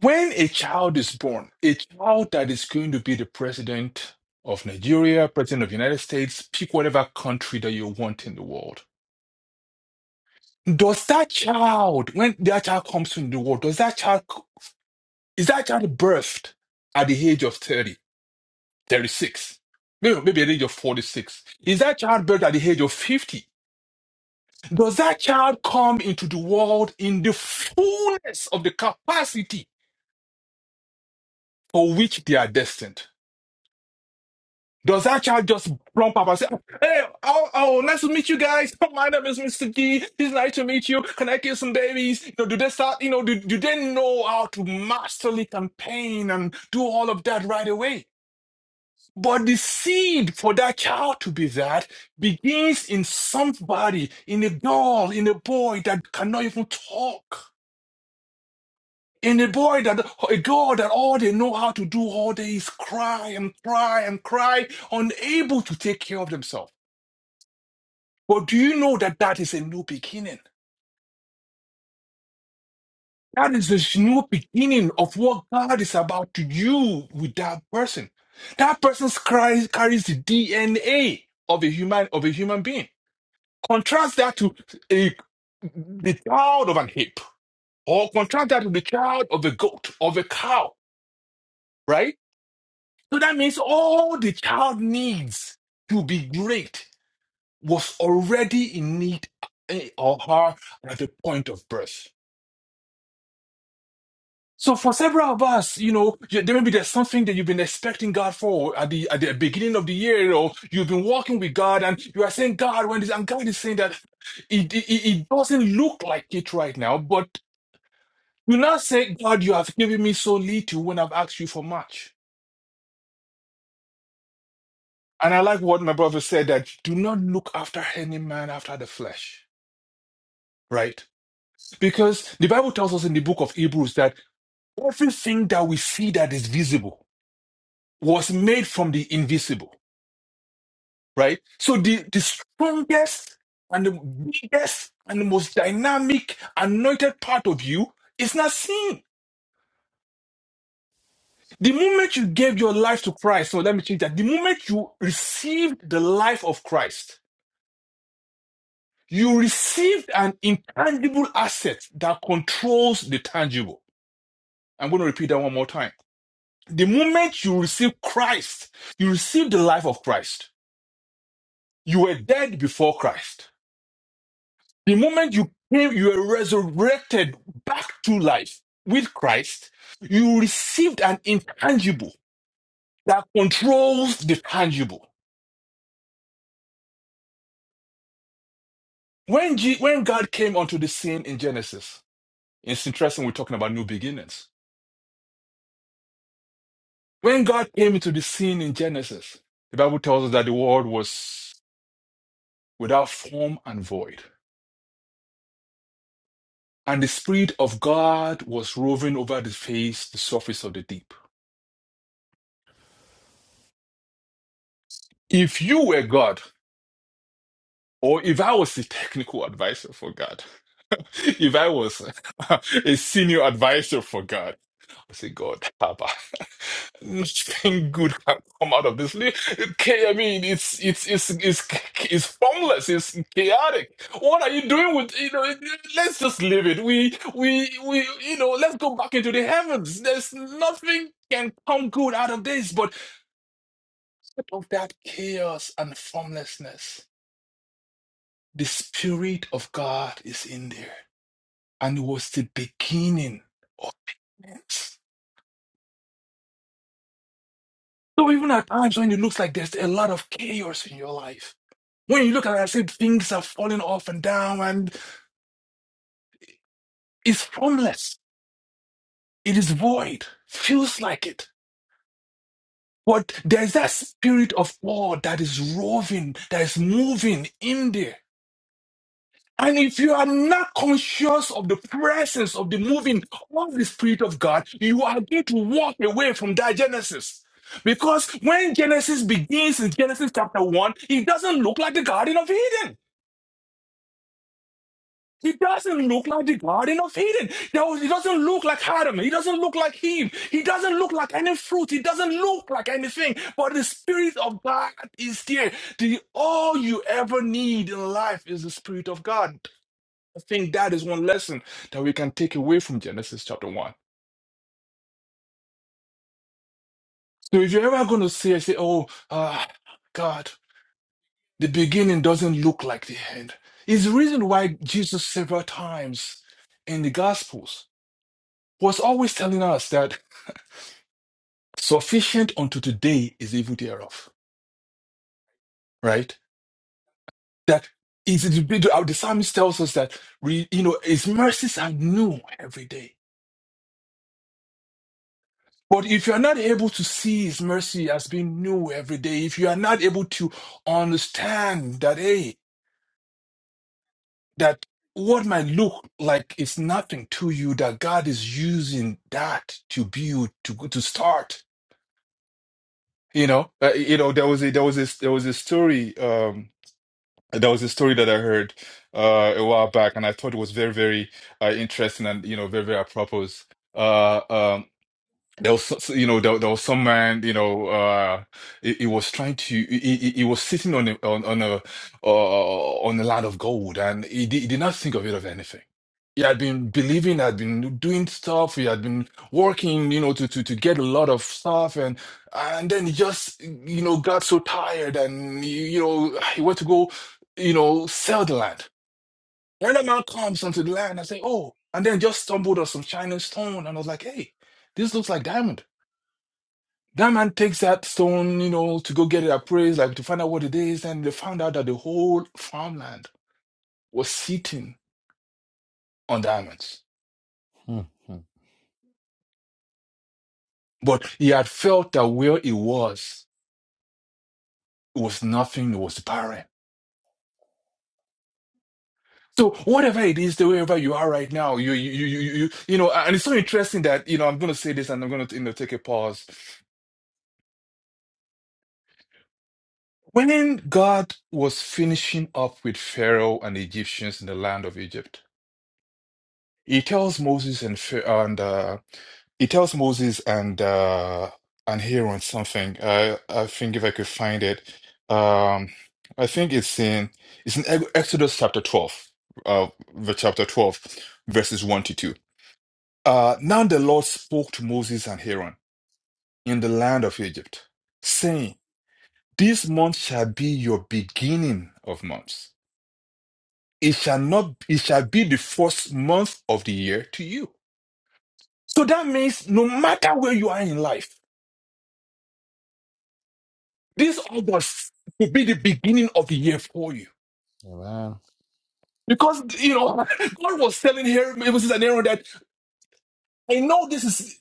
When a child is born, a child that is going to be the president of Nigeria, president of the United States, pick whatever country that you want in the world. Does that child, when that child comes into the world, does that child, is that child birthed at the age of 30, 36, Maybe, maybe at the age of 46. Is that child birthed at the age of 50? Does that child come into the world in the fullness of the capacity for which they are destined? Does that child just plump up and say, Hey, oh, oh, nice to meet you guys. My name is Mr. G. It's nice to meet you. Can I kill some babies? You know, do they start, you know, do, do they know how to masterly campaign and do all of that right away? But the seed for that child to be that begins in somebody, in a girl, in a boy that cannot even talk. In a boy that a girl that all they know how to do all day is cry and cry and cry, unable to take care of themselves. But do you know that that is a new beginning? That is the new beginning of what God is about to do with that person. That person carries, carries the DNA of a human of a human being. Contrast that to a, the child of an ape, or contrast that to the child of a goat, of a cow, right? So that means all the child needs to be great was already in need eh, or her at the point of birth. So for several of us, you know, you- there maybe there's something that you've been expecting God for at the at the beginning of the year, or you've been walking with God, and you are saying, "God, when this," and God is saying that it, it it doesn't look like it right now, but you now say, "God, you have given me so little when I've asked you for much." And I like what my brother said that do not look after any man after the flesh, right? Because the Bible tells us in the book of Hebrews that everything that we see that is visible was made from the invisible. right? So the, the strongest and the biggest and the most dynamic anointed part of you is not seen. The moment you gave your life to Christ, so let me change that. The moment you received the life of Christ, you received an intangible asset that controls the tangible. I'm going to repeat that one more time. The moment you receive Christ, you receive the life of Christ. You were dead before Christ The moment you came, you were resurrected back to life with Christ, you received an intangible that controls the tangible. When, G- when God came onto the scene in Genesis, it's interesting we're talking about new beginnings. When God came into the scene in Genesis, the Bible tells us that the world was without form and void, and the Spirit of God was roving over the face, the surface of the deep. If you were God, Or if I was a technical advisor for God, if I was a a senior advisor for God, I say, God, Abba, nothing good can come out of this. Li- Okay, I mean, it's it's it's it's it's formless. It's chaotic. What are you doing with you know? Let's just leave it. We we we you know. Let's go back into the heavens. There's nothing can come good out of this, but out of that chaos and formlessness. The Spirit of God is in there. And it was the beginning of things. So even at times when it looks like there's a lot of chaos in your life, when you look at it and say things are falling off and down and it's formless, it is void, feels like it. But there's that spirit of God that is roving, that is moving in there. And if you are not conscious of the presence of the moving of the Spirit of God, you are going to walk away from that Genesis. Because when Genesis begins in Genesis chapter 1, it doesn't look like the Garden of Eden. It doesn't look like the Garden of Eden. There was- It doesn't look like Adam. It doesn't look like Eve. It doesn't look like any fruit. It doesn't look like anything. But the Spirit of God is there. The, all you ever need in life is the Spirit of God. I think that is one lesson that we can take away from Genesis chapter 1. So if you're ever going to say, say, oh, uh, God, the beginning doesn't look like the end, is the reason why Jesus several times in the Gospels was always telling us that sufficient unto today is evil thereof, right? That is, the the psalmist tells us that, we, you know, his mercies are new every day. But if you are not able to see His mercy as being new every day, if you are not able to understand that, hey, that what might look like is nothing to you, that God is using that to build, to to start. You know, uh, you know, there was a there was a there was a story. Um, there was a story that I heard uh, a while back, and I thought it was very very uh, interesting and you know very very apropos. Uh, um, There was, s- you know, there, there was some man, you know, uh, he, he was trying to, he, he, he was sitting on a, on, on a, uh, on a land of gold, and he, did- he did not think of it of anything. He had been believing, had been doing stuff, he had been working, you know, to, to, to get a lot of stuff, and and then he just, you know, got so tired, and you know, he went to go, you know, sell the land. And the man comes onto the land and say, oh, and then just stumbled on some shining stone, and I was like, hey, this looks like diamond that man takes that stone, you know, to go get it appraised, like to find out what it is. And they found out that the whole farmland was sitting on diamonds.
Hmm, hmm.
But he had felt that where it was, it was nothing, it was barren. So whatever it is, wherever you are right now, you, you, you, you, you, you know, and it's so interesting that, you know, I'm going to say this and I'm going to, you know, take a pause. When God was finishing up with Pharaoh and the Egyptians in the land of Egypt, He tells Moses and Ph- and uh, he tells Moses and uh, and Aaron something. I I think if I could find it, um, I think it's in it's in Ex- Exodus chapter twelve, uh, the chapter twelve, verses one to two. Uh, now the Lord spoke to Moses and Aaron in the land of Egypt, saying, "This month shall be your beginning of months. It shall not. It shall be the first month of the year to you." So that means no matter where you are in life, this August will be the beginning of the year for you.
Amen.
Because you know, God was telling here Moses and Aaron that I know this is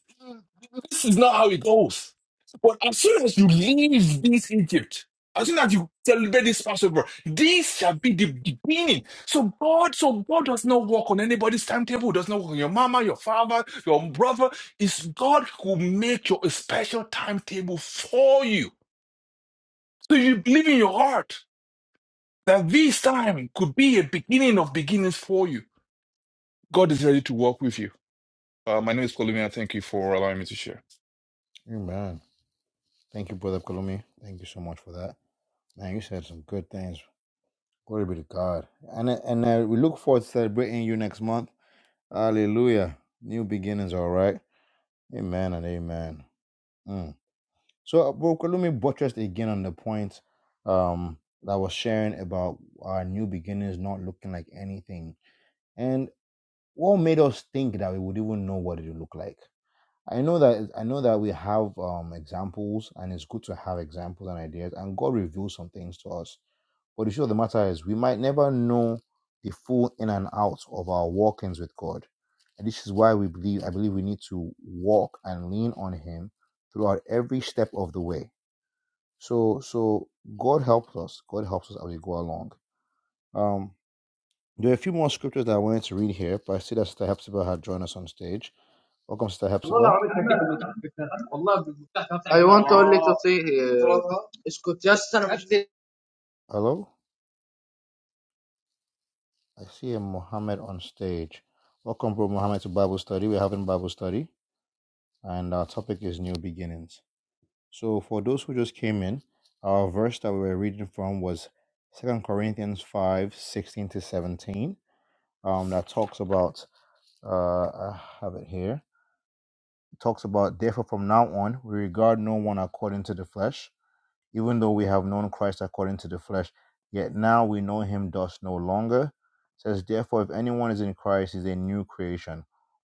this is not how it goes. But as soon as you leave this Egypt, as soon as you celebrate this Passover, this shall be the beginning. So God, so God does not work on anybody's timetable, does not work on your mama, your father, your brother. It's God who make your a special timetable for you. So you believe in your heart that this time could be a beginning of beginnings for you. God is ready to work with you. Uh, my name is Kolumi, and thank you for allowing me to share.
Amen. Thank you, Brother Kalumi. Thank you so much for that. Man, you said some good things. Glory be to God. And uh, and uh, we look forward to celebrating you next month. Hallelujah. New beginnings, all right. Amen and amen. Hmm. So, uh, bro, let me buttress again on the point um, that I was sharing about our new beginnings not looking like anything, and what made us think that we would even know what it would look like. I know that I know that we have um, examples, and it's good to have examples and ideas, and God reveals some things to us. But the truth of the matter is, we might never know the full in and out of our walkings with God, and this is why we believe I believe we need to walk and lean on Him throughout every step of the way so so God helps us. God helps us as we go along. Um, there are a few more scriptures that I wanted to read here, but I see that Sister Hepzibah had joined us on stage. Welcome, Sister Hepzibah.
I want only to see him.
Hello. I see a Mohammed on stage. Welcome, Bro Mohammed, to Bible study. We're having Bible study, and our topic is new beginnings. So for those who just came in, our verse that we were reading from was Second Corinthians 5 16 to 17. Um, that talks about uh, I have it here It talks about, therefore, from now on, we regard no one according to the flesh, even though we have known Christ according to the flesh, yet now we know him thus no longer. It says, therefore, if anyone is in Christ, he is a new creation.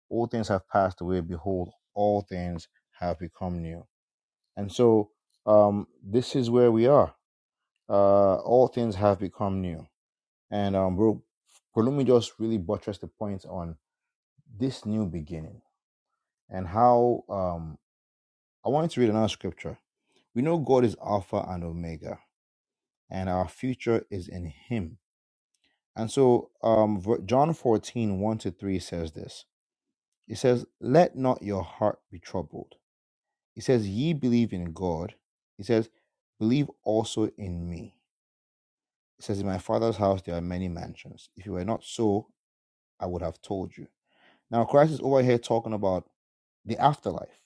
All things have passed away. Behold, all things have become new. And so, um, this is where we are. Uh, all things have become new. And um, bro, Prolumi just really buttressed the point on this new beginning and how um, I wanted to read another scripture we know God is Alpha and Omega, and our future is in Him. And so, um, John fourteen one to 3 says this It says, Let not your heart be troubled. It says, Ye believe in God. It says, Believe also in me. It says, In my Father's house there are many mansions. If it were not so, I would have told you. Now, Christ is over here talking about the afterlife.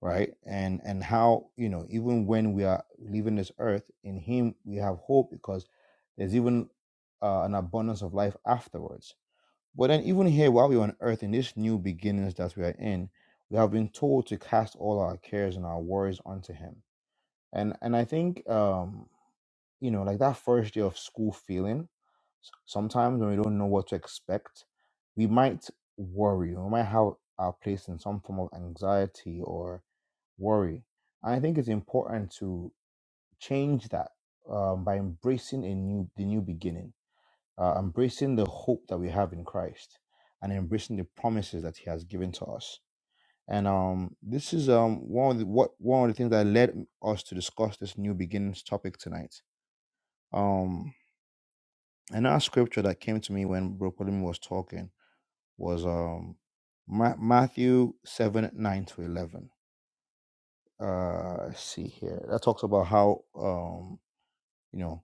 right and and how you know even when we are leaving this earth in him we have hope because there's even uh, an abundance of life afterwards but then even here while we're on earth in this new beginnings that we are in we have been told to cast all our cares and our worries onto him and and i think um you know like that first day of school feeling s- sometimes when we don't know what to expect we might worry or we might have our place in some form of anxiety worry. I think it's important to change that um, by embracing a new the new beginning, uh, embracing the hope that we have in Christ, and embracing the promises that He has given to us. And um, this is um, one of the, what one of the things that led us to discuss this new beginnings topic tonight. Um, another scripture that came to me when Bro Pauline was talking was um, Ma- Matthew seven nine to eleven uh let's see here that talks about how um You know,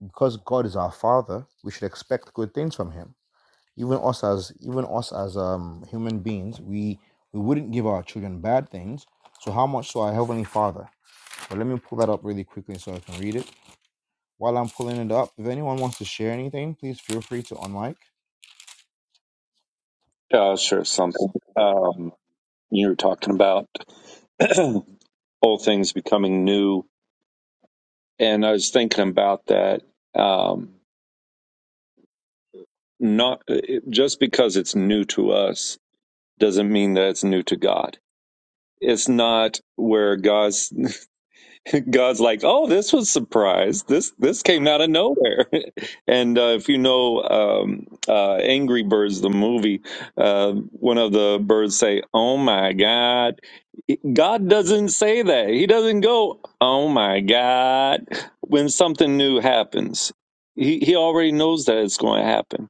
because God is our Father, we should expect good things from Him. Even us as even us as um human beings, we we wouldn't give our children bad things. So how much so our heavenly Father? But let me pull that up really quickly so I can read it. While I'm pulling it up, if anyone wants to share anything, please feel free to unlike.
Cash or something? Um, you were talking about old things becoming new And I was thinking about that. Um, not just because it's new to us doesn't mean that it's new to God. It's not where God's God's like, oh, this was a surprise. This this came out of nowhere. and uh, if you know um, uh, Angry Birds, the movie, uh, one of the birds say, "Oh my God." God doesn't say that. He doesn't go, "Oh my God," when something new happens. He he already knows that it's going to happen.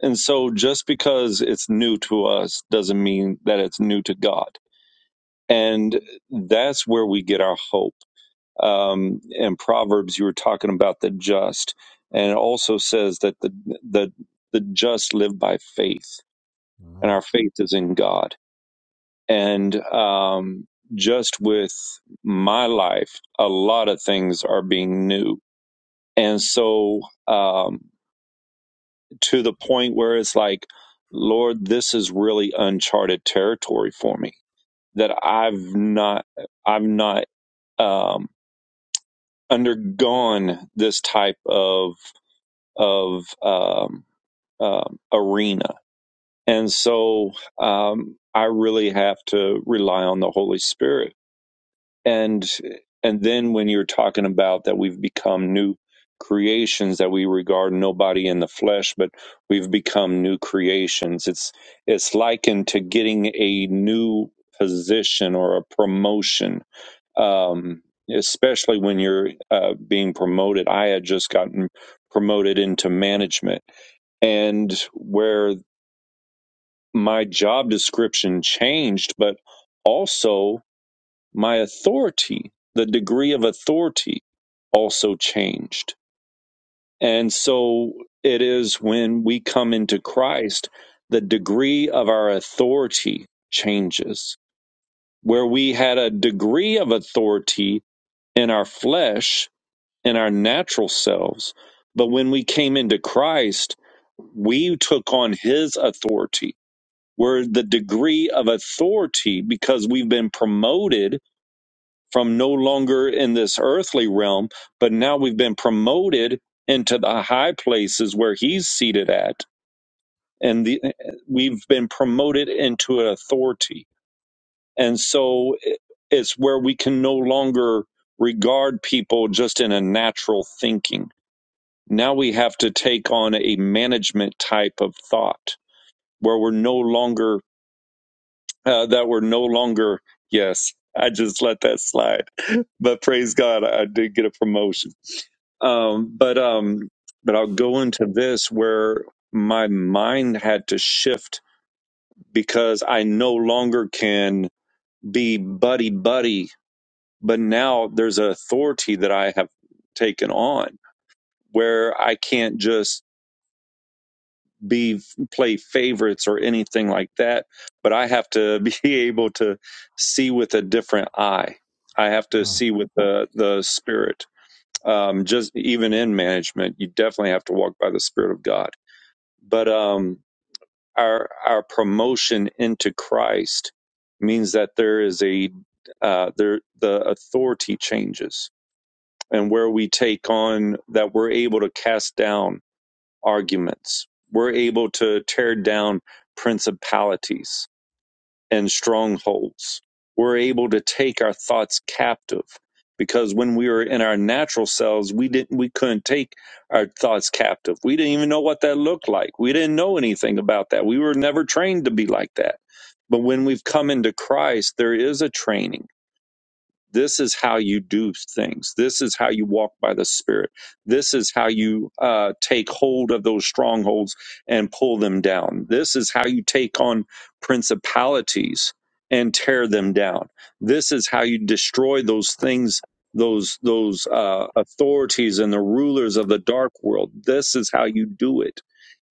And so, just because it's new to us doesn't mean that it's new to God. And that's where we get our hope um, in Proverbs, you were talking about the just, and it also says that the the the just live by faith, and
Amen.
our faith is in God. And um, just with my life, a lot of things are being new, and so um, to the point where it's like, Lord, this is really uncharted territory for me that I've not I've not um, undergone this type of of um, um, arena. And so um, I really have to rely on the Holy Spirit. And and then when you're talking about that we've become new creations that we regard nobody in the flesh, but we've become new creations. It's it's likened to getting a new position or a promotion. Um, especially when you're uh, being promoted. I had just gotten promoted into management and where my job description changed, but also my authority, the degree of authority also changed. And so it is when we come into Christ, the degree of our authority changes. Where we had a degree of authority in our flesh, in our natural selves, but when we came into Christ, we took on his authority Where the degree of authority because we've been promoted from no longer in this earthly realm, but now we've been promoted into the high places where he's seated at. And the, we've been promoted into an authority. And so it- it's where we can no longer regard people just in a natural thinking. Now we have to take on a management type of thought where we're no longer uh, that were no longer yes i just let that slide but praise god i did get a promotion um, but um, but i'll go into this where my mind had to shift because i no longer can be buddy buddy but now there's an authority that i have taken on where i can't just be play favorites or anything like that but i have to be able to see with a different eye i have to
Mm,
see with the the spirit um just even in management you definitely have to walk by the spirit of god but um our our promotion into christ means that there is a uh there the authority changes and where we take on that we're able to cast down arguments. We're able to tear down principalities and strongholds. We're able to take our thoughts captive because when we were in our natural selves, we didn't we couldn't take our thoughts captive. We didn't even know what that looked like. We didn't know anything about that. We were never trained to be like that. But when we've come into Christ, there is a training this is how you do things this is how you walk by the spirit this is how you uh, take hold of those strongholds and pull them down this is how you take on principalities and tear them down this is how you destroy those things those those uh, authorities and the rulers of the dark world this is how you do it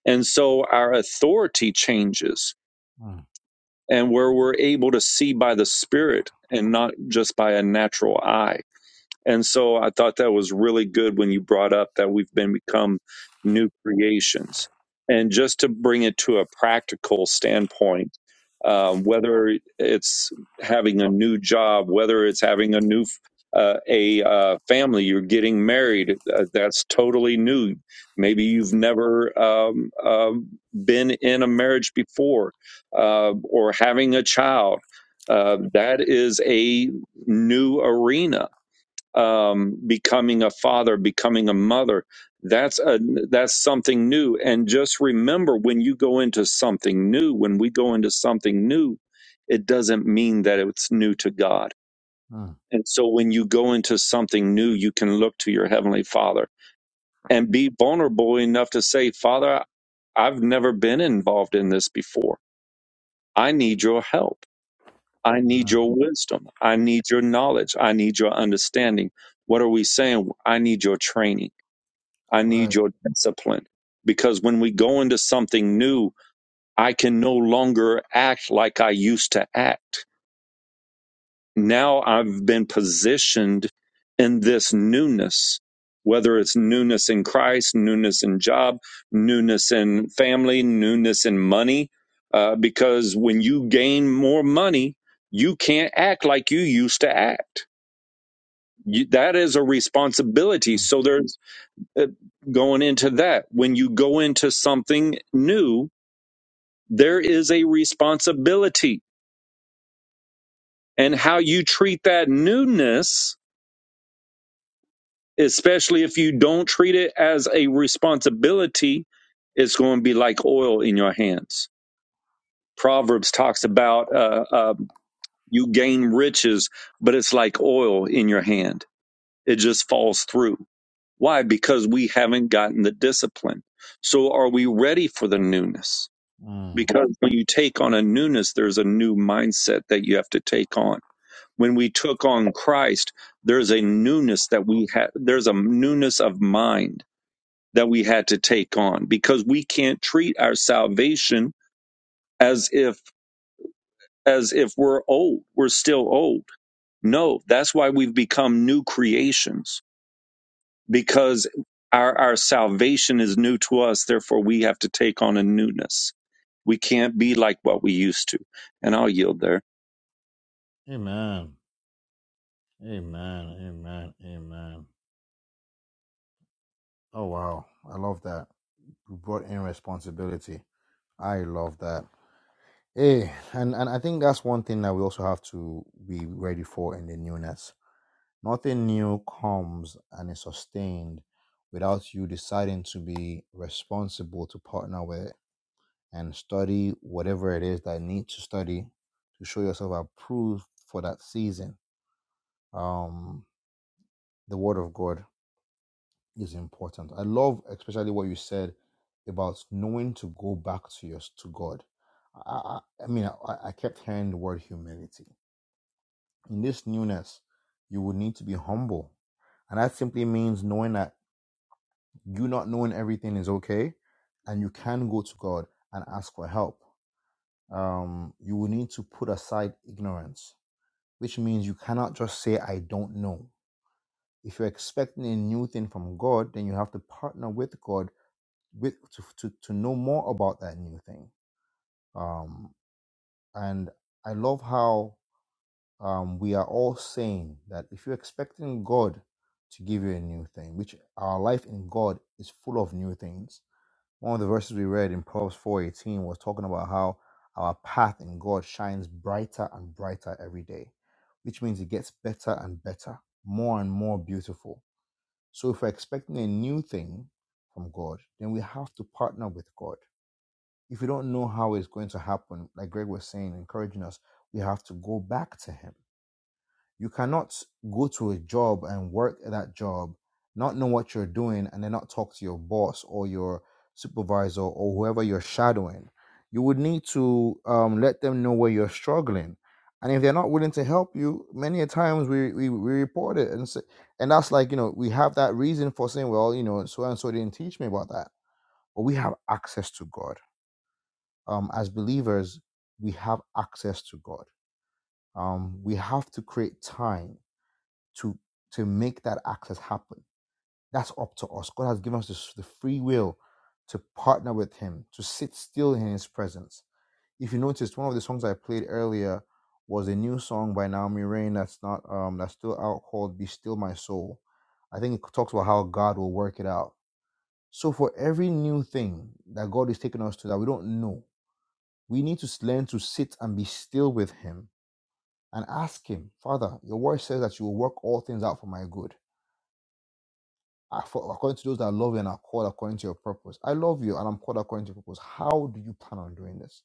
and so our authority changes
mm,
and where we're able to see by the spirit and not just by a natural eye and so I thought that was really good when you brought up that we've been become new creations. And just to bring it to a practical standpoint, um, whether it's having a new job, whether it's having a new uh, a uh, family, you're getting married, uh, that's totally new. Maybe you've never um, um been in a marriage before, uh, or having a child. Uh, that is a new arena um, becoming a father, becoming a mother. That's a that's something new. And just remember, when you go into something new, when we go into something new, it doesn't mean that it's new to God.
mm,
And so, when you go into something new, you can look to your heavenly Father and be vulnerable enough to say, "Father, I've never been involved in this before. I need your help. I need
man.
your wisdom. I need your knowledge. I need your understanding." What are we saying? I need your training. I
That's
need
right.
your discipline. Because when we go into something new, I can no longer act like I used to act. Now I've been positioned in this newness, whether it's newness in Christ, newness in job, newness in family, newness in money. Uh, because when you gain more money, you can't act like you used to act. You, that is a responsibility. So there's uh, going into that. When you go into something new, there is a responsibility. And how you treat that newness, especially if you don't treat it as a responsibility, it's going to be like oil in your hands. Proverbs talks about uh, uh, you gain riches, but it's like oil in your hand, it just falls through. Why? Because we haven't gotten the discipline. So, are we ready for the newness?
Mm.
because when you take on a newness, there's a new mindset that you have to take on. When we took on Christ, there's a newness that we had, there's a newness of mind that we had to take on because we can't treat our salvation as if, as if we're old, we're still old. No, that's why we've become new creations because our, our salvation is new to us. Therefore, we have to take on a newness. We can't be like what we used to. And I'll yield there.
Amen. Amen. Amen. Amen. Oh wow. I love that. We brought in responsibility. I love that. Hey, and, and I think that's one thing that we also have to be ready for in the newness. Nothing new comes and is sustained without you deciding to be responsible to partner with it and study whatever it is that you need to study to show yourself approved for that season. Um, the word of God is important. I love especially what you said about knowing to go back to your to God. I, I I mean, I, I kept hearing the word humility In this newness, you will need to be humble. And that simply means knowing that you not knowing everything is okay and you can go to God and ask for help. Um, you will need to put aside ignorance, which means you cannot just say, I don't know. If you're expecting a new thing from God, then you have to partner with God with to, to, to know more about that new thing. Um, and I love how um, we are all saying that if you're expecting God to give you a new thing, which our life in God is full of new things. One of the verses we read in Proverbs 4:18 was talking about how our path in God shines brighter and brighter every day, which means it gets better and better, more and more beautiful. So if we're expecting a new thing from God, then we have to partner with God. If we don't know how it's going to happen, like Greg was saying, encouraging us, we have to go back to Him you cannot go to a job and work at that job, not know what you're doing, and then not talk to your boss or your supervisor or whoever you're shadowing. You would need to um, let them know where you're struggling. And if they're not willing to help you, many a times we, we, we report it. And, say, and that's like, you know, we have that reason for saying, well, you know, so and so didn't teach me about that. But we have access to God. Um, as believers, we have access to God. Um, we have to create time to to make that access happen. That's up to us. God has given us this, the free will to partner with Him, to sit still in His presence. If you noticed, one of the songs I played earlier was a new song by Naomi Rain that's not um that's still out called "Be Still My Soul." I think it talks about how God will work it out. So for every new thing that God is taking us to that we don't know, we need to learn to sit and be still with Him and ask Him, Father, Your Word says that You will work all things out for my good. according to those that love you and are called according to your purpose. I love you and I'm called according to your purpose. How do you plan on doing this?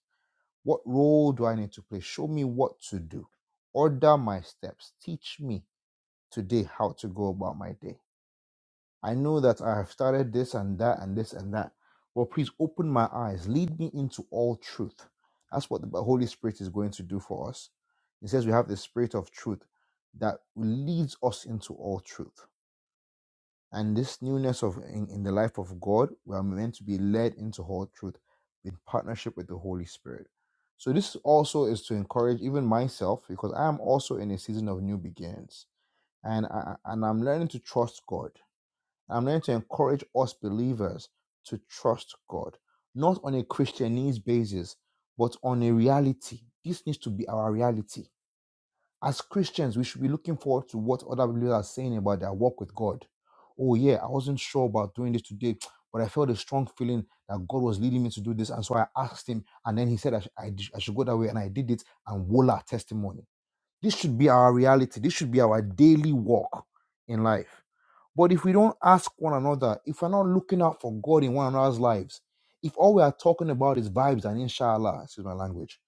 What role do I need to play? Show me what to do. Order my steps. Teach me today how to go about my day. I know that I have started this and that and this and that. Well, please open my eyes. Lead me into all truth. That's what the Holy Spirit is going to do for us. He says we have the Spirit of truth that leads us into all truth. And this newness of in, in the life of God, we are meant to be led into whole truth in partnership with the Holy Spirit. So this also is to encourage even myself because I am also in a season of new beginnings, and I, and I'm learning to trust God. I'm learning to encourage us believers to trust God, not on a Christianese basis, but on a reality. This needs to be our reality as Christians, we should be looking forward to what other believers are saying about their walk with God. Oh, yeah, I wasn't sure about doing this today, but I felt a strong feeling that God was leading me to do this. And so I asked Him, and then He said I, sh- I, d- I should go that way, and I did it, and voila, testimony. This should be our reality. This should be our daily walk in life. But if we don't ask one another, if we're not looking out for God in one another's lives, if all we are talking about is vibes and inshallah, excuse my language,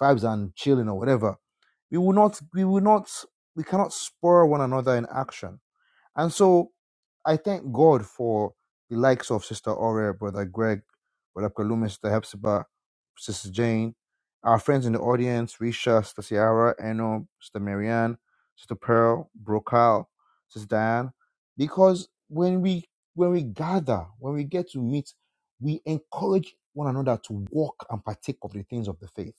vibes and chilling or whatever, we will not, we will not, we cannot spur one another in action. And so I thank God for the likes of Sister Aura, Brother Greg, Brother Kalumi, Sister Hepzibah, Sister Jane, our friends in the audience, Risha, Sister Ciara, Eno, Sister Marianne, Sister Pearl, Brokal, Sister Diane. Because when we when we gather, when we get to meet, we encourage one another to walk and partake of the things of the faith.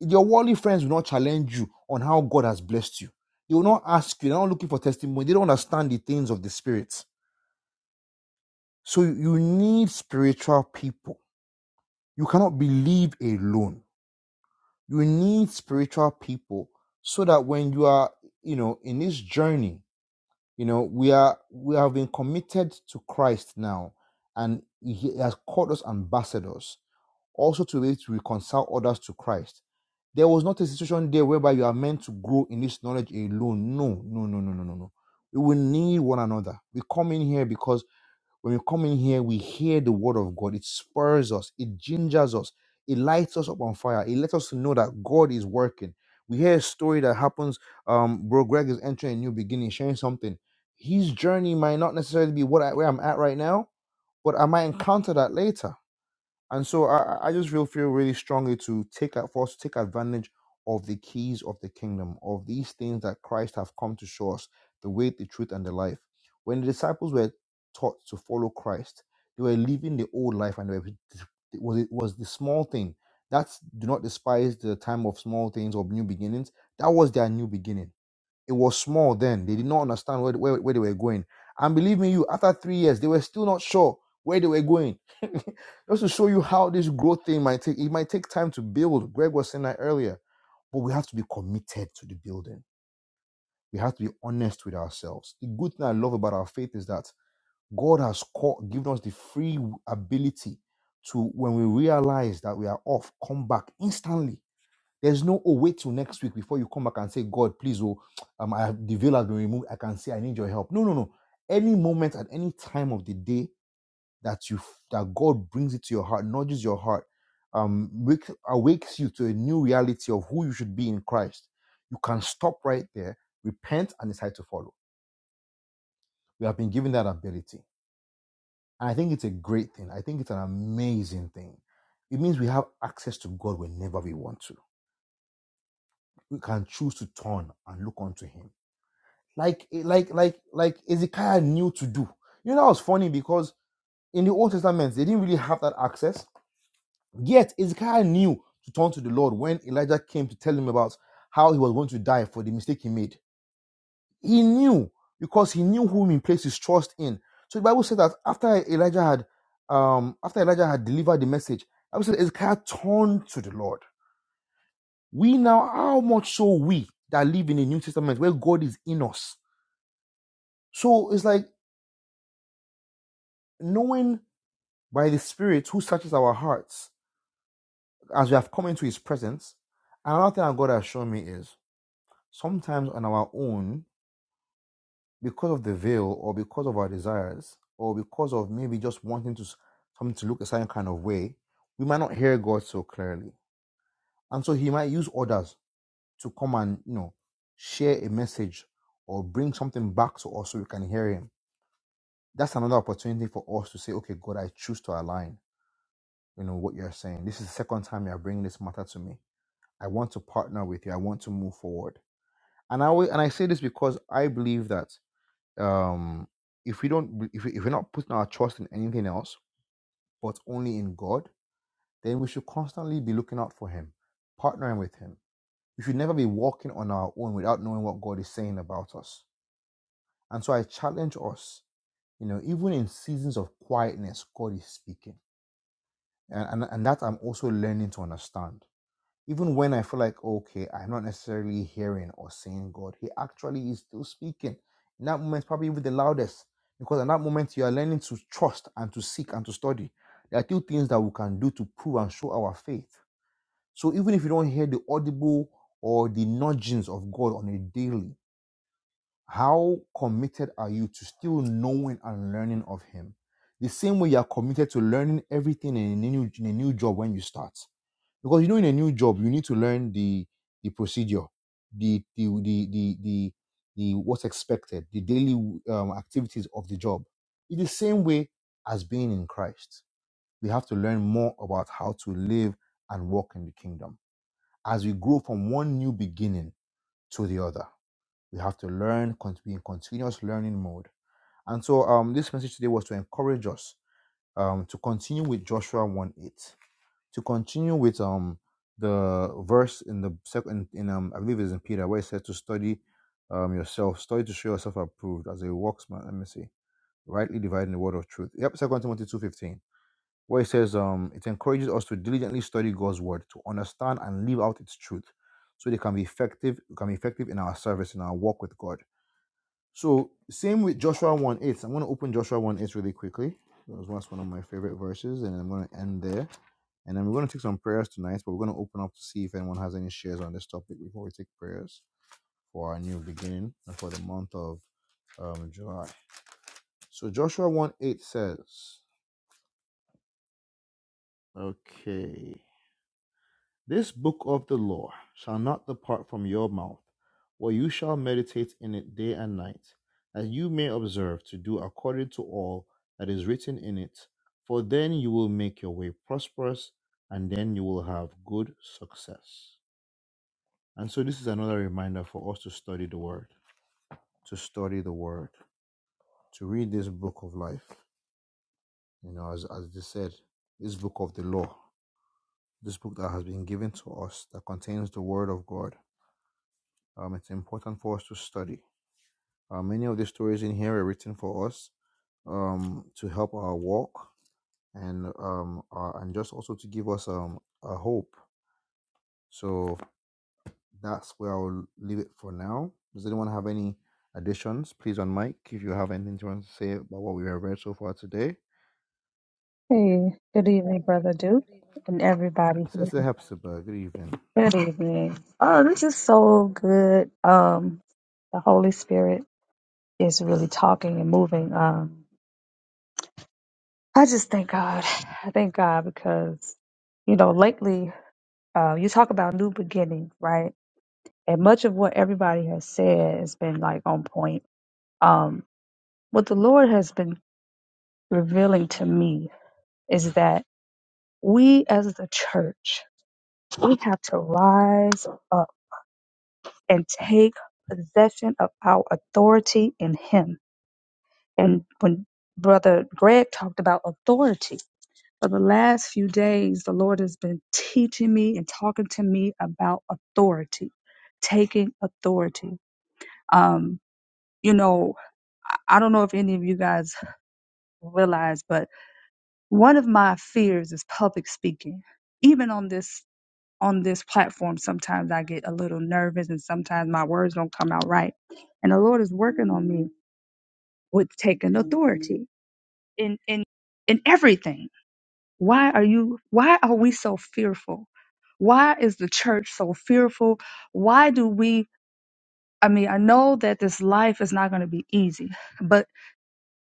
Your worldly friends will not challenge you on how God has blessed you. They will not ask you. They're not looking for testimony. They don't understand the things of the spirit. So you need spiritual people. You cannot believe alone. You need spiritual people so that when you are, you know, in this journey, you know, we are we have been committed to Christ now, and He has called us ambassadors. also to be able to reconcile others to Christ. There was not a situation there whereby you are meant to grow in this knowledge alone. No, no, no, no, no, no, no. We will need one another. We come in here because when we come in here, we hear the word of God. It spurs us, it gingers us, it lights us up on fire. It lets us to know that God is working. We hear a story that happens. Um, bro, Greg is entering a new beginning, sharing something. His journey might not necessarily be what I, where I'm at right now, but I might encounter that later and so I, I I just feel feel really strongly to take a- for us to take advantage of the keys of the kingdom, of these things that Christ have come to show us, the way, the truth, and the life. When the disciples were taught to follow Christ, they were living the old life and they were, it was it was the small thing. That's do not despise the time of small things or new beginnings. That was their new beginning it was small then. They did not understand where, where, where they were going. And believe me, you, after three years, they were still not sure where they were going. Just to show you how this growth thing might take, it might take time to build. Greg was saying that earlier. But we have to be committed to the building. We have to be honest with ourselves. The good thing I love about our faith is that God has called, given us the free ability to, when we realize that we are off, come back instantly there's no oh wait till next week before you come back and say, God, please, oh, um, I have, the veil has been removed. I can say I need your help. No, no, no. Any moment at any time of the day that you that God brings it to your heart, nudges your heart, um, wake, awakes you to a new reality of who you should be in Christ. You can stop right there, repent, and decide to follow. We have been given that ability. And I think it's a great thing. I think it's an amazing thing. It means we have access to God whenever we want to. We can choose to turn and look unto Him like eh, like like like Ezekiah knew to do. You know, that was funny because in the Old Testament they didn't really have that access. Yet Ezekiah knew to turn to the Lord when Elijah came to tell him about how he was going to die for the mistake he made. He knew because he knew whom he placed his trust in. So the Bible says that after Elijah had um after Elijah had delivered the message, the Bible said Ezekiah turned to the Lord. We now how much so we that live in the New Testament where God is in us. So it's like knowing by the Spirit who searches our hearts as we have come into His presence. And Another thing that God has shown me is sometimes on our own, because of the veil or because of our desires or because of maybe just wanting to something to look a certain kind of way, we might not hear God so clearly, and so He might use others to come and you know share a message or bring something back to us so we can hear Him. That's another opportunity for us to say, okay, God, I choose to align. You know what you're saying. This is the second time you're bringing this matter to me I want to partner with you. I want to move forward. And I always, and I say this because I believe that um, if we don't, if, we, if we're not putting our trust in anything else but only in God, then we should constantly be looking out for Him, partnering with Him. We should never be walking on our own without knowing what God is saying about us. And so I challenge us, you know, even in seasons of quietness, God is speaking, and and, and that I'm also learning to understand. Even when I feel like, okay, I'm not necessarily hearing or seeing God, He actually is still speaking. In that moment, probably with the loudest, because in that moment, you are learning to trust and to seek and to study. There are two things that we can do to prove and show our faith. So even if you don't hear the audible or the nudgings of God on a daily, how committed are you to still knowing and learning of Him? The same way you are committed to learning everything in a new, in a new job when you start. Because you know, in a new job, you need to learn the the procedure, the the the the, the, the what's expected, the daily um, activities of the job. In the same way as being in Christ, we have to learn more about how to live and walk in the kingdom as we grow from one new beginning to the other. We have to learn, con- be in continuous learning mode. And so um, this message today was to encourage us um, to continue with Joshua 1 8, to continue with um, the verse in the second, in, um, I believe it is in Peter, where it says to study um, yourself, study to show yourself approved as a worksman, let me see, rightly dividing the word of truth. Yep, Second Timothy two fifteen, where it says um, it encourages us to diligently study God's word, to understand and live out its truth so they can be effective, can be effective in our service, in our walk with God. So same with Joshua 1 8. I'm going to open Joshua 1 8 really quickly. That was once one of my favorite verses, and I'm going to end there. And then we're going to take some prayers tonight, but we're going to open up to see if anyone has any shares on this topic before we take prayers for our new beginning and for the month of um, July. So Joshua 1 8 says, Okay. This book of the law shall not depart from your mouth, but you shall meditate in it day and night, that you may observe to do according to all that is written in it. For then you will make your way prosperous, and then you will have good success. And so, this is another reminder for us to study the Word, to study the Word, to read this book of life. You know, as, as they said, this book of the law, this book that has been given to us that contains the Word of God Um, it's important for us to study. Uh, many of the stories in here are written for us um, to help our walk and um, uh, and just also to give us um, a hope. So that's where I'll leave it for now. Does anyone have any additions? Please on mic if you have anything you want to say about what we have read so far today.
Hey, good evening,
Hey,
Brother Duke,
good evening.
and everybody here.
Sister Hepzibah, good evening.
Good evening. Oh, this is so good. Um, the Holy Spirit is really talking and moving. Um, I just thank God. I thank God because, you know, lately, uh, you talk about new beginning, right? And much of what everybody has said has been like on point. Um, what the Lord has been revealing to me is that we as the church, we have to rise up and take possession of our authority in Him. And when Brother Greg talked about authority, for the last few days, the Lord has been teaching me and talking to me about authority, taking authority. Um, you know, I I don't know if any of you guys realize, but one of my fears is public speaking. Even on this on this platform, sometimes I get a little nervous and sometimes my words don't come out right. And the Lord is working on me with taking authority in in in everything. Why are you why are we so fearful? Why is the church so fearful? Why do we I mean, I know that this life is not going to be easy, but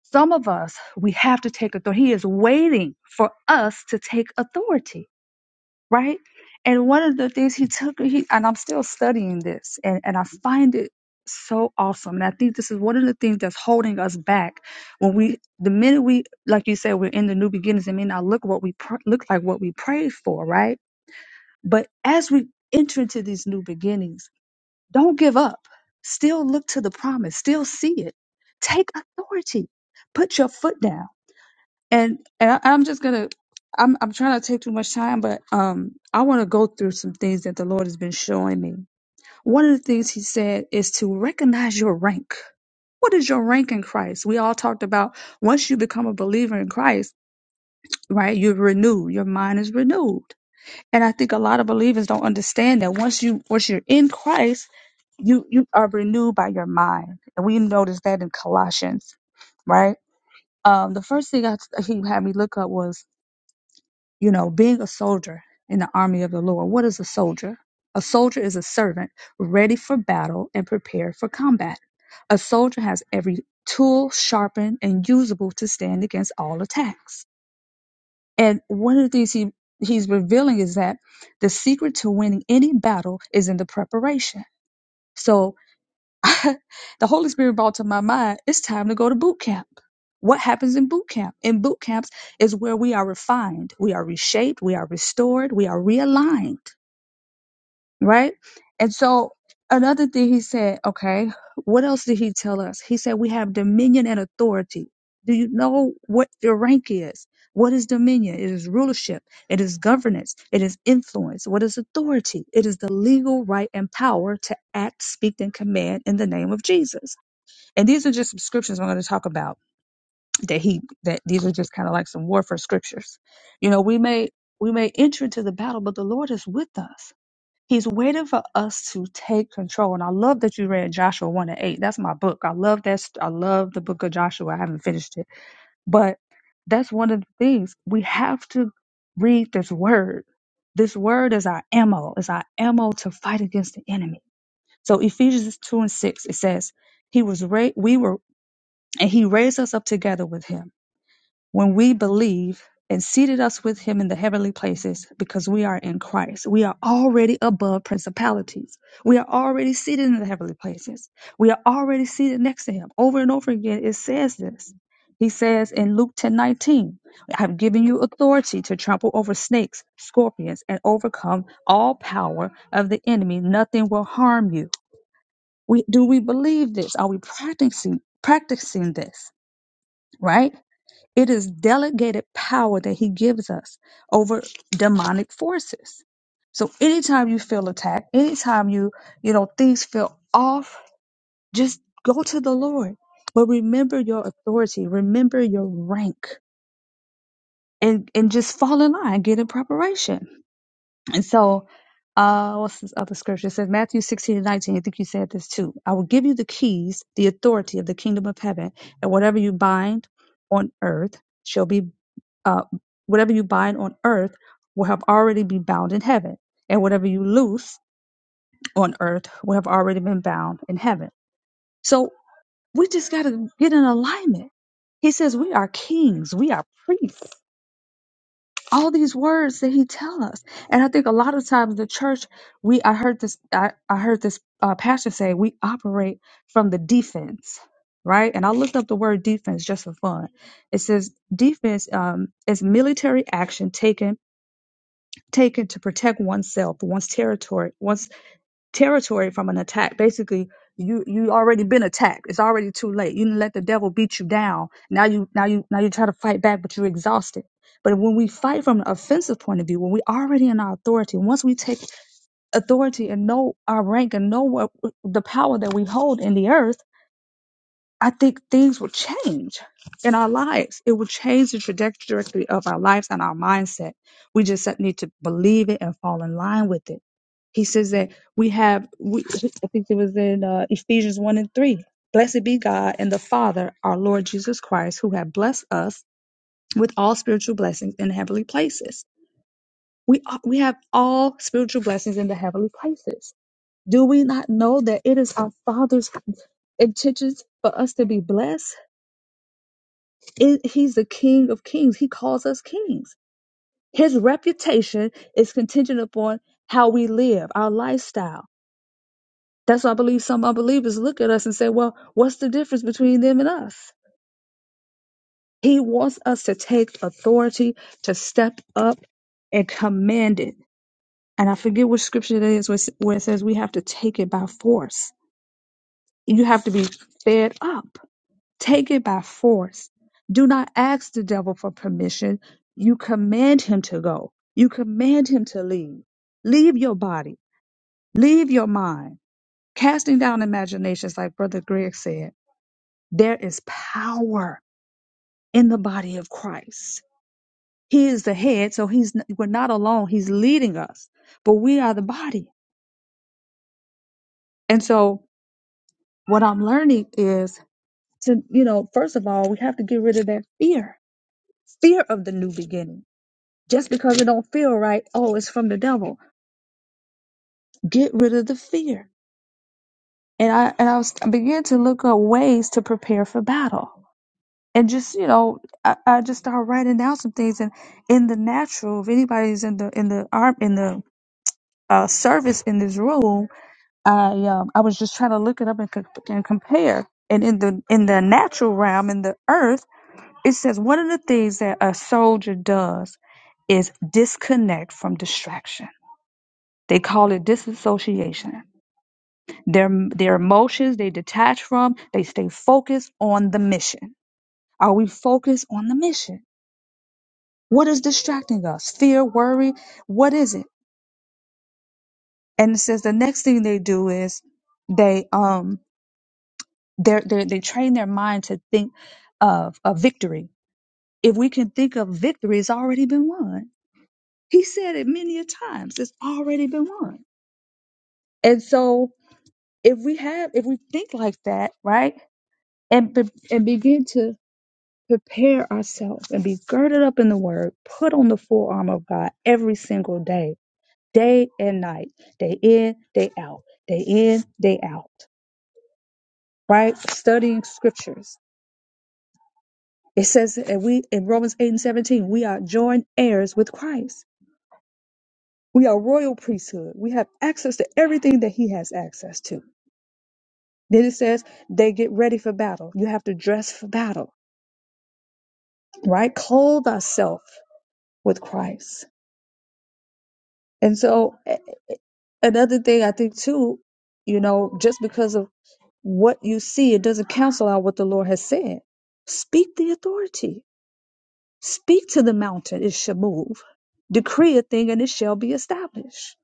some of us we have to take authority. He is waiting for us to take authority right? And one of the things he took, he, and I'm still studying this, and, and I find it so awesome. And I think this is one of the things that's holding us back when we, the minute we, like you said, we're in the new beginnings, it may not look what we pr- look like what we prayed for, right? But as we enter into these new beginnings, don't give up. Still look to the promise. Still see it. Take authority. Put your foot down and and I, I'm just gonna I'm I'm trying not to take too much time, but um I want to go through some things that the Lord has been showing me. One of the things He said is to recognize your rank. What is your rank in Christ? We all talked about once you become a believer in Christ, right? You're renewed. Your mind is renewed, and I think a lot of believers don't understand that once you once you're in Christ, you you are renewed by your mind, and we noticed that in Colossians, right? Um, the first thing I, he had me look up was you know, being a soldier in the army of the Lord, what is a soldier? A soldier is a servant ready for battle and prepared for combat. A soldier has every tool sharpened and usable to stand against all attacks. And one of the things he, he's revealing is that the secret to winning any battle is in the preparation. So the Holy Spirit brought to my mind, it's time to go to boot camp. What happens in boot camp? In boot camps is where we are refined, we are reshaped, we are restored, we are realigned, right? And so another thing he said, okay, what else did he tell us? He said we have dominion and authority. Do you know what your rank is? What is dominion? It is rulership. It is governance. It is influence. What is authority? It is the legal right and power to act, speak, and command in the name of Jesus and these are just some scriptures I'm going to talk about that he that these are just kind of like some warfare scriptures. You know, we may we may enter into the battle, but the Lord is with us. He's waiting for us to take control. And I love that you read Joshua 1 and 8. That's my book. I love that. st- I love the book of Joshua. I haven't finished it. But that's one of the things we have to read this word. This word is our ammo, is our ammo to fight against the enemy. So Ephesians 2 and 6, it says, He was ra- we were and he raised us up together with him when we believe and seated us with him in the heavenly places because we are in Christ. We are already above principalities. We are already seated in the heavenly places. We are already seated next to him. Over and over again, it says this. He says in Luke ten nineteen, I have given you authority to trample over snakes, scorpions, and overcome all power of the enemy. Nothing will harm you. We, do we believe this? Are we practicing, practicing this? Right? It is delegated power that he gives us over demonic forces. So anytime you feel attacked, anytime you, you know, things feel off, just go to the Lord. But remember your authority, remember your rank, and, and just fall in line, get in preparation. And so, uh, what's this other scripture? It says Matthew 16 and 19. I think you said this too. I will give you the keys, the authority of the kingdom of heaven, and whatever you bind on earth shall be uh, whatever you bind on earth will have already been bound in heaven, and whatever you loose on earth will have already been bound in heaven. So we just got to get in alignment. He says we are kings, we are priests. All these words that he tell us, and I think a lot of times the church, we I heard this I, I heard this uh, pastor say we operate from the defense, right? And I looked up the word defense just for fun. It says defense um, is military action taken taken to protect oneself, one's territory, one's territory from an attack. Basically, you you already been attacked. It's already too late. You didn't let the devil beat you down. Now you now you now you try to fight back, but you're exhausted. But when we fight from an offensive point of view, when we already in our authority, once we take authority and know our rank and know what the power that we hold in the earth I think things will change in our lives. It will change the trajectory of our lives and our mindset. We just need to believe it and fall in line with it. He says that we have, we, I think it was in uh, Ephesians 1 and 3. Blessed be God and the Father, our Lord Jesus Christ, who have blessed us with all spiritual blessings in heavenly places. We, are, we have all spiritual blessings in the heavenly places. Do we not know that it is our Father's intentions for us to be blessed? it, he's the king of kings. He calls us kings. His reputation is contingent upon how we live, our lifestyle. That's why I believe some unbelievers look at us and say, well, what's the difference between them and us? He wants us to take authority, to step up and command it. And I forget which scripture it is where it says we have to take it by force. You have to be fed up. Take it by force. Do not ask the devil for permission. You command him to go. You command him to leave. Leave your body. Leave your mind. Casting down imaginations, like Brother Greg said, there is power in the body of Christ. He is the head, so he's we're not alone. He's leading us, but we are the body. And so, what I'm learning is to, you know, first of all, we have to get rid of that fear, fear of the new beginning just because it don't feel right oh it's from the devil get rid of the fear and i and i was I began to look up ways to prepare for battle and just you know i, I just started writing down some things and in the natural if anybody's in the in the arm in the uh, service in this room i um i was just trying to look it up and, co- and compare and in the in the natural realm in the earth it says one of the things that a soldier does is disconnect from distraction They call it disassociation. Their their emotions they detach from, they stay focused on the mission. Are we focused on the mission? What is distracting us? Fear, worry, what is it? And it says the next thing they do is they um they they they train their mind to think of a victory. If we can think of victory, it's already been won. He said it many a times. It's already been won. And so if we have if we think like that, right? and, be- and begin to prepare ourselves and be girded up in the word, put on the full armor of God every single day, day and night, day in, day out, day in, day out, right? Studying scriptures. It says and we in Romans 8 and 17, we are joint heirs with Christ. We are royal priesthood. We have access to everything that he has access to. Then it says they get ready for battle. You have to dress for battle, right? Clothe ourselves with Christ. And so another thing I think too, you know, just because of what you see, it doesn't cancel out what the Lord has said. Speak the authority. Speak to the mountain, it shall move. Decree a thing and it shall be established.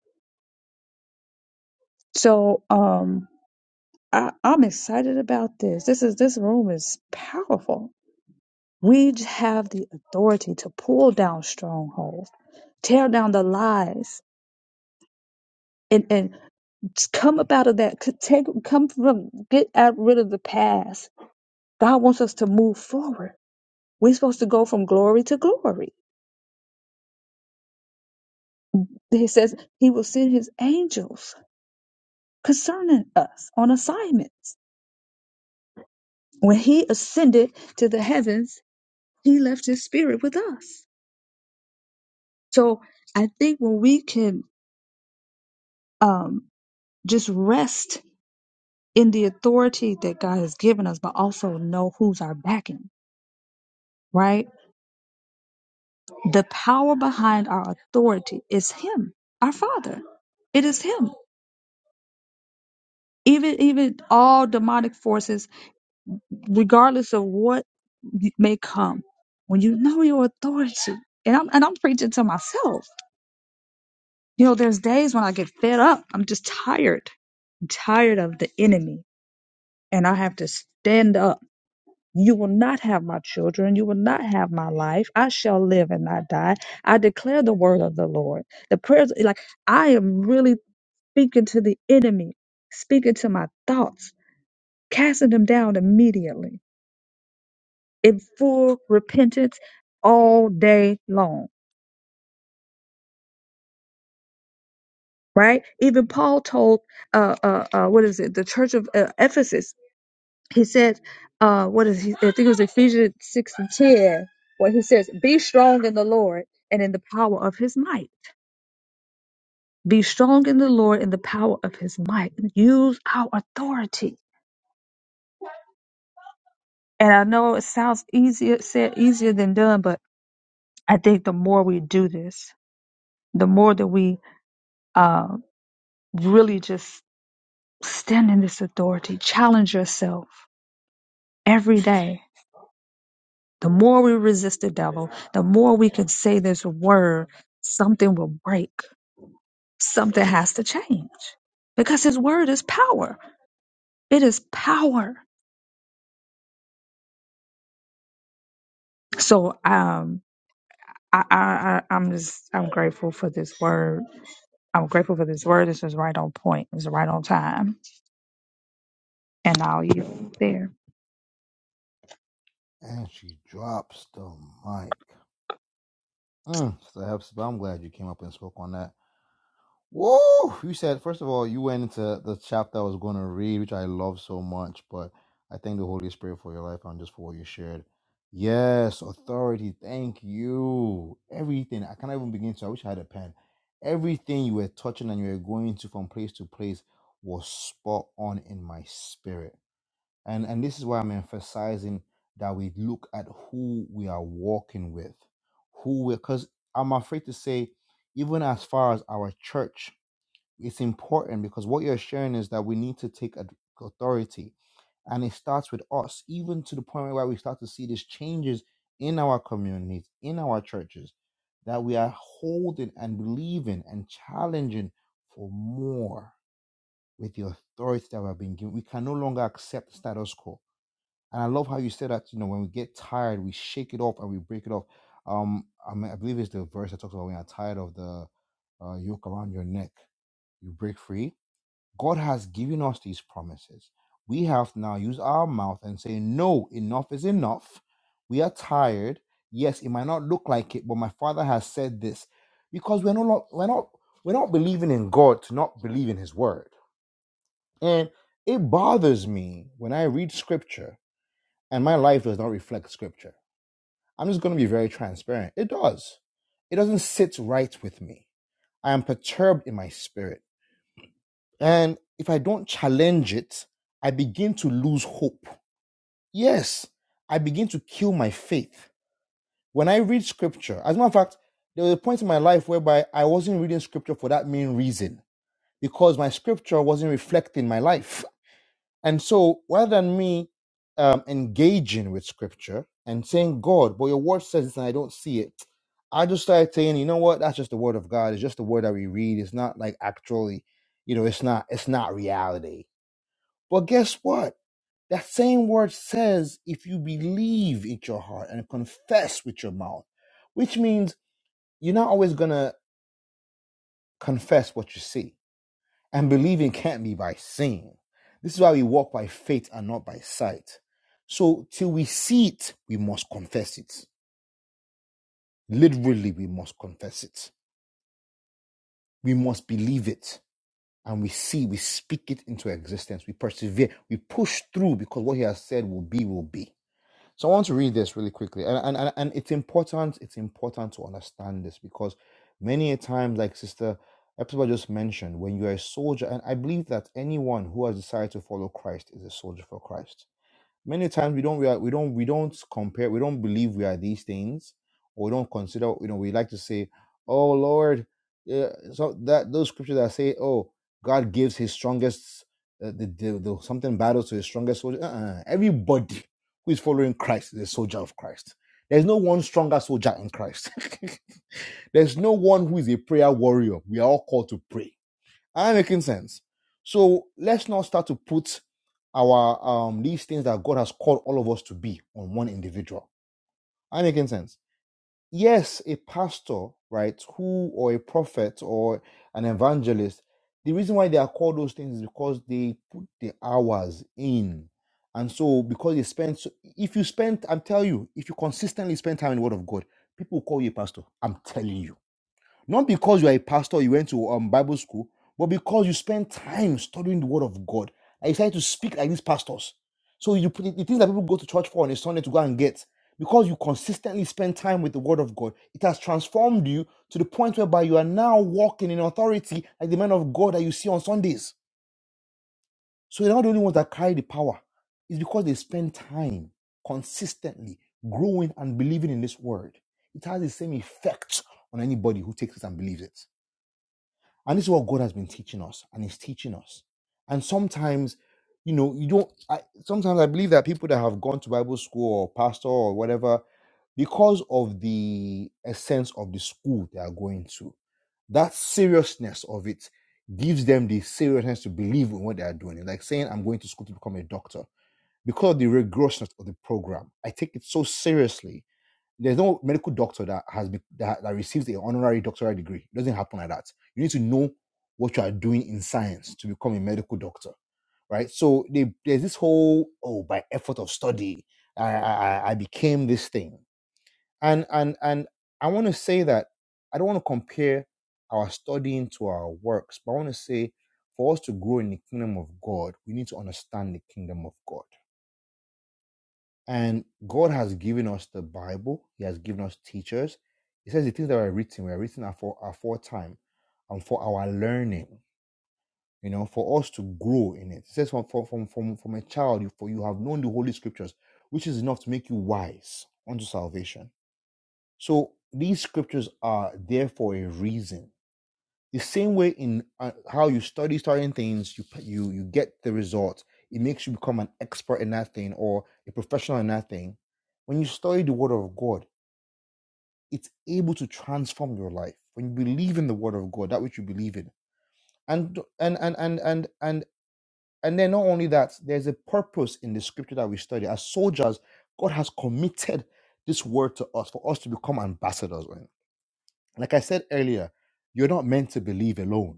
So um I, I'm excited about this. This is this room is powerful. We j- have the authority to pull down strongholds, tear down the lies, and and come up out of that. c- Take come from get out rid of the past God wants us to move forward. We're supposed to go from glory to glory. He says he will send his angels concerning us on assignments. When he ascended to the heavens, he left his spirit with us. So I think when we can um, just rest in the authority that God has given us, but also know who's our backing, right? The power behind our authority is him, our father. It is him even even all demonic forces regardless of what may come, when you know your authority, and I'm and I'm preaching to myself. You know, there's days when I get fed up. I'm just tired. I'm tired of the enemy, and I have to stand up. You will not have my children. You will not have my life. I shall live and not die. I declare the word of the Lord. The prayers, like I am really speaking to the enemy, speaking to my thoughts, casting them down immediately in full repentance all day long, right? Even Paul told, uh, uh, uh, what is it, the church of uh, Ephesus, he said, uh, what is he, I think it was Ephesians 6 and 10, where he says, Be strong in the Lord and in the power of his might. Be strong in the Lord and the power of his might. Use our authority. And I know it sounds easier said, easier than done, but I think the more we do this, the more that we uh, really just Stand in this authority. Challenge yourself every day. The more we resist the devil, the more we can say this word, something will break. Something has to change because his word is power. It is power. So um, I, I, I, I'm just, I'm grateful for this word. I'm grateful for this word. This is right on point. It's right on time. And I'll yield there.
And she drops the mic. Mm, Sister Hepzibah, I'm glad you came up and spoke on that. Whoa! You said first of all you went into the chapter I was going to read, which I love so much. But I thank the Holy Spirit for your life and just for what you shared. Yes, authority. Thank you. Everything. I can't even begin to. I wish I had a pen. Everything you were touching and you were going to from place to place was spot on in my spirit. And and this is why I'm emphasizing that we look at who we are walking with, who we. Because I'm afraid to say, even as far as our church it's important because what you're sharing is that we need to take ad- authority and it starts with us even to the point where we start to see these changes in our communities in our churches that we are holding and believing and challenging for more with the authority that we have been given we can no longer accept status quo and i love how you said that you know when we get tired we shake it off and we break it off um i, mean, I believe it's the verse that talks about when you're tired of the uh, yoke around your neck you break free God has given us these promises. We have to now use our mouth and say, No, enough is enough. We are tired. Yes, it might not look like it, but my father has said this. Because we're not we're not we're not believing in God to not believe in his word. And it bothers me when I read scripture and my life does not reflect scripture. I'm just gonna be very transparent. It does. It doesn't sit right with me. I am perturbed in my spirit. And if I don't challenge it, I begin to lose hope. Yes, I begin to kill my faith. When I read scripture, as a matter of fact, there was a point in my life whereby I wasn't reading scripture for that main reason, because my scripture wasn't reflecting my life. And so rather than me um, engaging with scripture and saying, God, but your word says this and I don't see it, I just started saying, you know what, that's just the word of God. It's just the word that we read. It's not like actually, you know, it's not, it's not reality but guess what? That same word says if you believe in your heart and confess with your mouth, which means you're not always going to confess what you see. And believing can't be by seeing. This is why we walk by faith and not by sight. So till we see it, we must confess it. Literally, we must confess it. We must believe it. And we see, we speak it into existence. We persevere, we push through because what he has said will be, will be. So I want to read this really quickly, and and and and it's important. It's important to understand this because many a time, like Sister Epsiba just mentioned, when you are a soldier, and I believe that anyone who has decided to follow Christ is a soldier for Christ Many times we don't we, are, we don't we don't compare we don't believe we are these things or we don't consider you know we like to say oh Lord uh, so that those scriptures that say oh God gives his strongest uh, the, the, the something battles to his strongest soldier uh-uh. everybody who is following Christ is a soldier of Christ there's no one stronger soldier in Christ there's no one who is a prayer warrior we are all called to pray Am I making sense? So let's not start to put our um these things that God has called all of us to be on one individual. Am I making sense? Yes, a pastor, right, who or a prophet or an evangelist, the reason why they are called those things is because they put the hours in. And so because they spend so if you spend, I'm telling you, if you consistently spend time in the word of God, people will call you a pastor. I'm telling you not because you are a pastor, you went to um, Bible school, but because you spend time studying the Word of God. I decided to speak like these pastors. So you put the things that people go to church for on a Sunday to go and get. Because you consistently spend time with the Word of God, it has transformed you to the point whereby you are now walking in authority like the man of God that you see on Sundays. So they're not the only ones that carry the power. It's because they spend time consistently growing and believing in this Word. It has the same effect on anybody who takes it and believes it. And this is what God has been teaching us and He's teaching us. And sometimes, you know, you don't, I, sometimes I believe that people that have gone to Bible school or pastor or whatever, because of the essence of the school they are going to, that seriousness of it gives them the seriousness to believe in what they are doing. It's like saying, I'm going to school to become a doctor. Because of the rigorousness of the program, I take it so seriously there's no medical doctor that has been that, that receives an honorary doctoral degree. It doesn't happen like that. You need to know what you are doing in science to become a medical doctor, right? So they, there's this whole oh, by effort of study, I, I I I became this thing, and and and I want to say that I don't want to compare our studying to our works, but I want to say for us to grow in the kingdom of God, we need to understand the kingdom of God and God has given us the Bible. He has given us teachers. He says the things that were written were written are for, are for time and for our learning, you know, for us to grow in it. It says from, from, from, from, from a child, you, for you have known the Holy Scriptures, which is enough to make you wise unto salvation. So these scriptures are there for a reason the same way in uh, how you study certain things, you you you get the result. It makes you become an expert in that thing or a professional in that thing. When you study the Word of God, it's able to transform your life. When you believe in the Word of God, that which you believe in, and and and and and and and then not only that, there's a purpose in the Scripture that we study. As soldiers, God has committed this Word to us for us to become ambassadors. Right? Like I said earlier, you're not meant to believe alone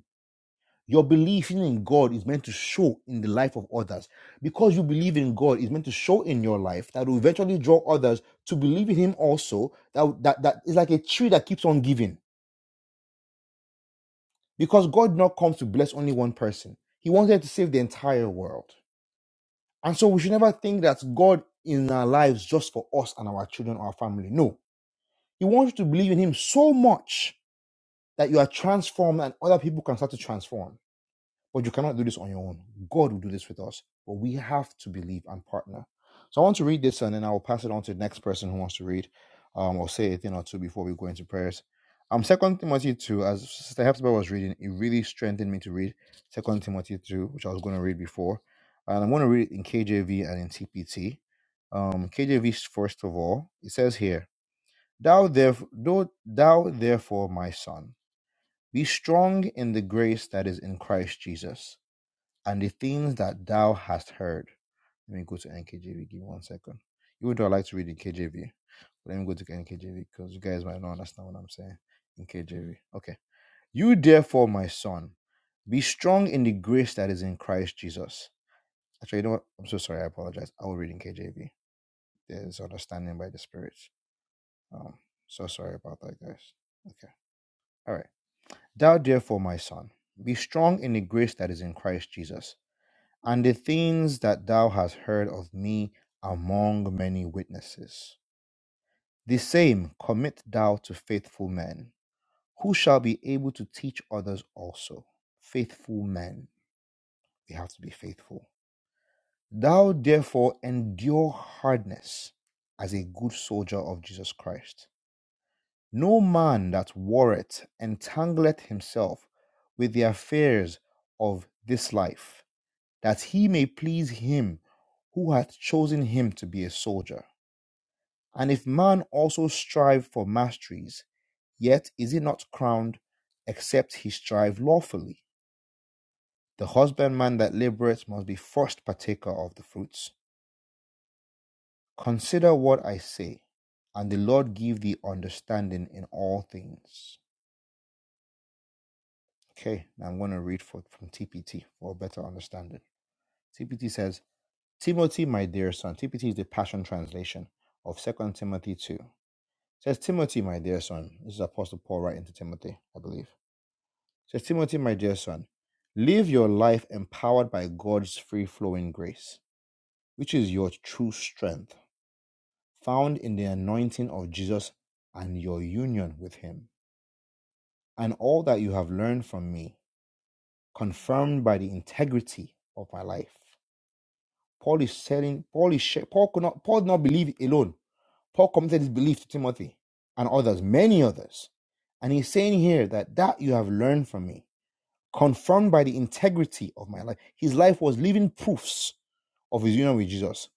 Your belief in God is meant to show in the life of others. Because you believe in God is meant to show in your life that will eventually draw others to believe in Him also. That, that, that is like a tree that keeps on giving. Because God not comes to bless only one person, He wanted to save the entire world. And so we should never think that God in our lives just for us and our children or our family. No. He wants you to believe in Him so much that you are transformed and other people can start to transform. But you cannot do this on your own. God will do this with us, but we have to believe and partner. So I want to read this and then I will pass it on to the next person who wants to read um, or say a thing or two before we go into prayers. Um, Second Timothy 2, as Sister Hepzibah was reading, it really strengthened me to read Second Timothy 2, which I was going to read before. And I'm going to read it in KJV and in TPT. Um, KJV, first of all, it says here, Thou, theref- thou, thou therefore, my son, be strong in the grace that is in Christ Jesus and the things that thou hast heard. Let me go to NKJV. Give me one second. Even though I like to read in KJV, let me go to NKJV because you guys might not understand what I'm saying in KJV. Okay. You therefore, my son, be strong in the grace that is in Christ Jesus. Actually, you know what? I'm so sorry. I apologize. I will read in KJV. There's understanding by the Spirit. Um, so sorry about that, guys. Okay. All right. Thou therefore, my son, be strong in the grace that is in Christ Jesus. and the things that thou hast heard of me among many witnesses. The same commit thou to faithful men, who shall be able to teach others also. Faithful men, we have to be faithful. Thou therefore endure hardness as a good soldier of Jesus Christ. No man that warreth entangleth himself with the affairs of this life that he may please him who hath chosen him to be a soldier. And if man also strive for masteries, yet is he not crowned except he strive lawfully. The husbandman that laboureth must be first partaker of the fruits. Consider what I say, and the Lord give thee understanding in all things. Okay, now I'm going to read for, from TPT for a better understanding. TPT says, Timothy, my dear son, TPT is the Passion Translation of Second Timothy 2. says, Timothy, my dear son, this is Apostle Paul writing to Timothy, I believe. says, Timothy, my dear son, live your life empowered by God's free flowing grace, which is your true strength, found in the anointing of Jesus and your union with him, and all that you have learned from me, confirmed by the integrity of my life. Paul is telling Paul is Paul could not Paul did not believe alone. Paul committed his belief to Timothy and others, many others. And he's saying here that that you have learned from me, confirmed by the integrity of my life. His life was living proofs of his union with Jesus.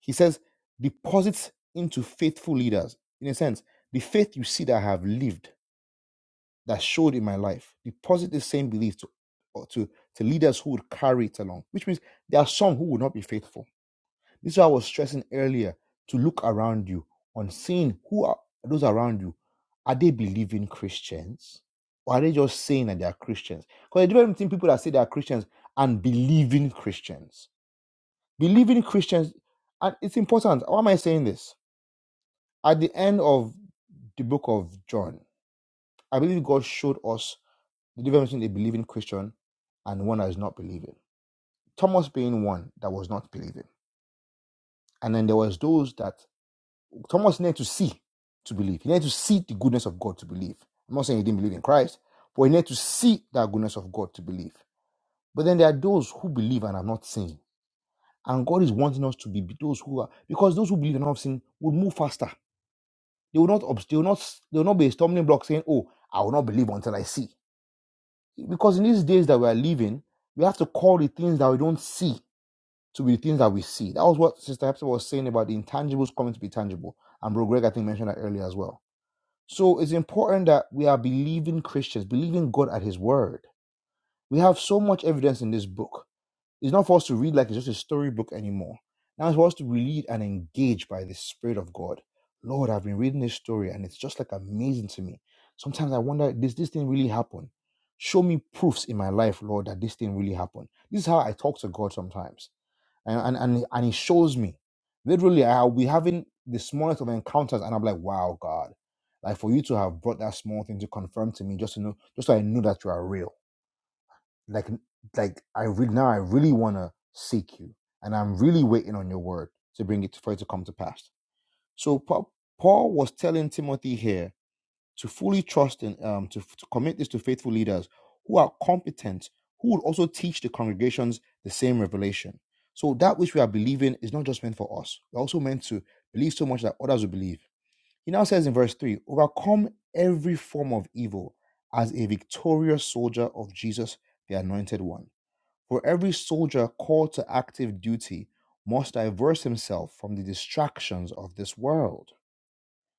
He says, deposits into faithful leaders. In a sense, the faith you see that I have lived, that showed in my life, deposit the same belief to, to, to leaders who would carry it along, which means there are some who would not be faithful this is why I was stressing earlier to look around you on seeing who are those around you. Are they believing Christians? Or are they just saying that they are Christians? Because the difference between people that say they are Christians and believing Christians. Believing Christians, and it's important. Why am I saying this? At the end of the book of John, I believe God showed us the difference between a believing Christian and one that is not believing. Thomas being one that was not believing. And then there was those that Thomas needed to see to believe. He needed to see the goodness of God to believe. I'm not saying he didn't believe in Christ, but he needed to see that goodness of God to believe. But then there are those who believe and are not seen. And God is wanting us to be those who are, because those who believe and not seen will move faster. They will not, obst- they will not, they will not be a stumbling block saying, "Oh, I will not believe until I see." Because in these days that we are living, we have to call the things that we don't see to be the things that we see. That was what Sister Hepzibah was saying about the intangibles coming to be tangible, and Bro Greg I think mentioned that earlier as well So it's important that we are believing Christians, believing God at His word. We have so much evidence in this book. It's not for us to read like it's just a storybook anymore. Now it's for us to read and engage by the Spirit of God. Lord, I've been reading this story and it's just like amazing to me. Sometimes I wonder, does this thing really happen? Show me proofs in my life, Lord, that this thing really happened. This is how I talk to God sometimes and and and and he shows me literally i'll be having the smallest of encounters and i'm like wow god like for you to have brought that small thing to confirm to me just to know just so i know that you are real like like i really now i really want to seek you and i'm really waiting on your word to bring it for it to come to pass so paul, paul was telling timothy here to fully trust and um, to, to commit this to faithful leaders who are competent, who will also teach the congregations the same revelation. So that which we are believing is not just meant for us. We're also meant to believe so much that others will believe. He now says in verse 3 overcome every form of evil as a victorious soldier of Jesus, the anointed one. For every soldier called to active duty must divert himself from the distractions of this world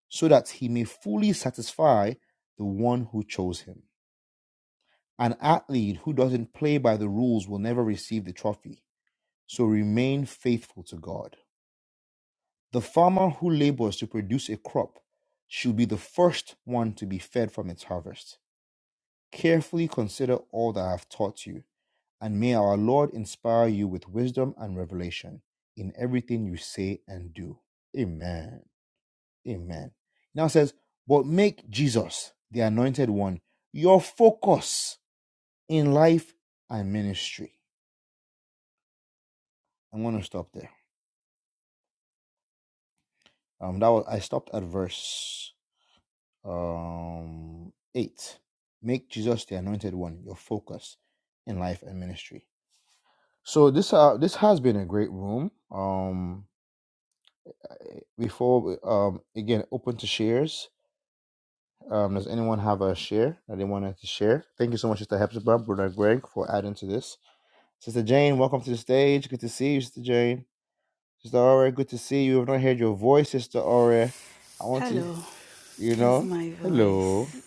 so that he may fully satisfy the one who chose him. An athlete who doesn't play by the rules will never receive the trophy, so remain faithful to God. The farmer who labors to produce a crop should be the first one to be fed from its harvest. Carefully consider all that I have taught you, and may our Lord inspire you with wisdom and revelation in everything you say and do. Amen. Amen. Now it says, but make Jesus, the anointed one, your focus in life and ministry. I'm gonna stop there. Um that was I stopped at verse um eight. Make Jesus the anointed one, your focus in life and ministry. So this uh this has been a great room. Um before um again open to shares. Um does anyone have a share that they wanted to share? Thank you so much, Sister Hepzibah, Brother Greg, for adding to this. Sister Jane, welcome to the stage. Good to see you, Sister Jane. Sister Aura, good to see you. I've not heard your voice, Sister Aura. I want to,
Hello,
you
here's
know,
my
hello.
voice.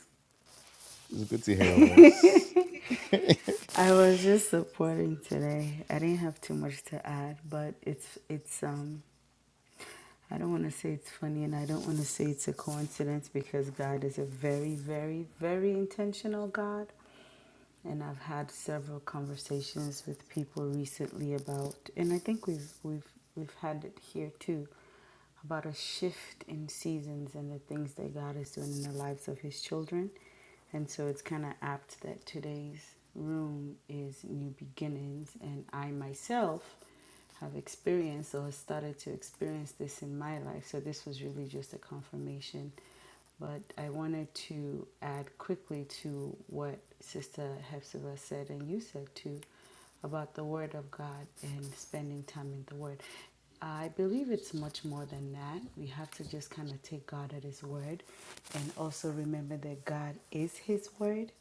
It's good to hear your voice. man,
I was just supporting today. I didn't have too much to add, but it's it's um I don't want to say it's funny and I don't want to say it's a coincidence because God is a very very very intentional God. and I've had several conversations with people recently about, and I think we've we've we've had it here too, about a shift in seasons and the things that God is doing in the lives of His children, and so it's kind of apt that today's room is new beginnings, and I myself have experienced or started to experience this in my life. So this was really just a confirmation. But I wanted to add quickly to what Sister Hepzibah said and you said too about the Word of God and spending time in the Word. I believe it's much more than that. We have to just kind of take God at His Word and also remember that God is His Word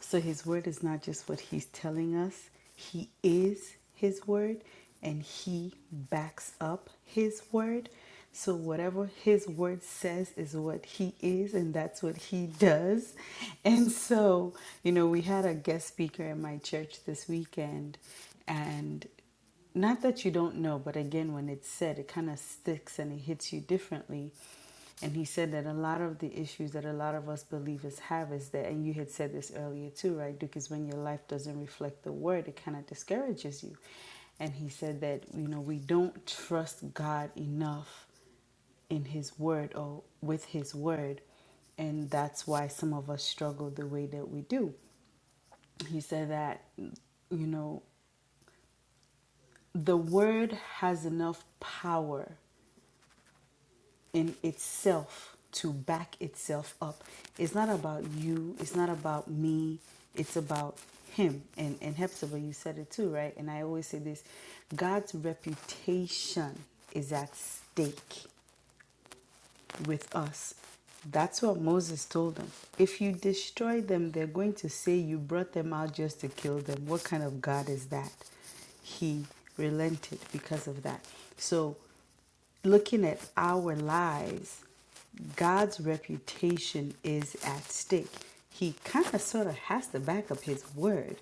so his word is not just what he's telling us, he is his word and he backs up his word. So whatever his word says is what he is and that's what he does. And so, you know, we had a guest speaker at my church this weekend and not that you don't know, but again, when it's said, it kind of sticks and it hits you differently. And he said that a lot of the issues that a lot of us believers have is that, and you had said this earlier too, right, Duke, is when your life doesn't reflect the word, it kind of discourages you. And he said that, you know, we don't trust God enough in his word or with his word. And that's why some of us struggle the way that we do. He said that, you know, the word has enough power in itself to back itself up. It's not about you, it's not about me, it's about him. And and Hepzibah, you said it too, right? And I always say this, God's reputation is at stake with us. That's what Moses told them. If you destroy them, they're going to say you brought them out just to kill them. What kind of God is that? he relented because of that. So looking at our lives, God's reputation is at stake. He kind of sort of has to back up his word.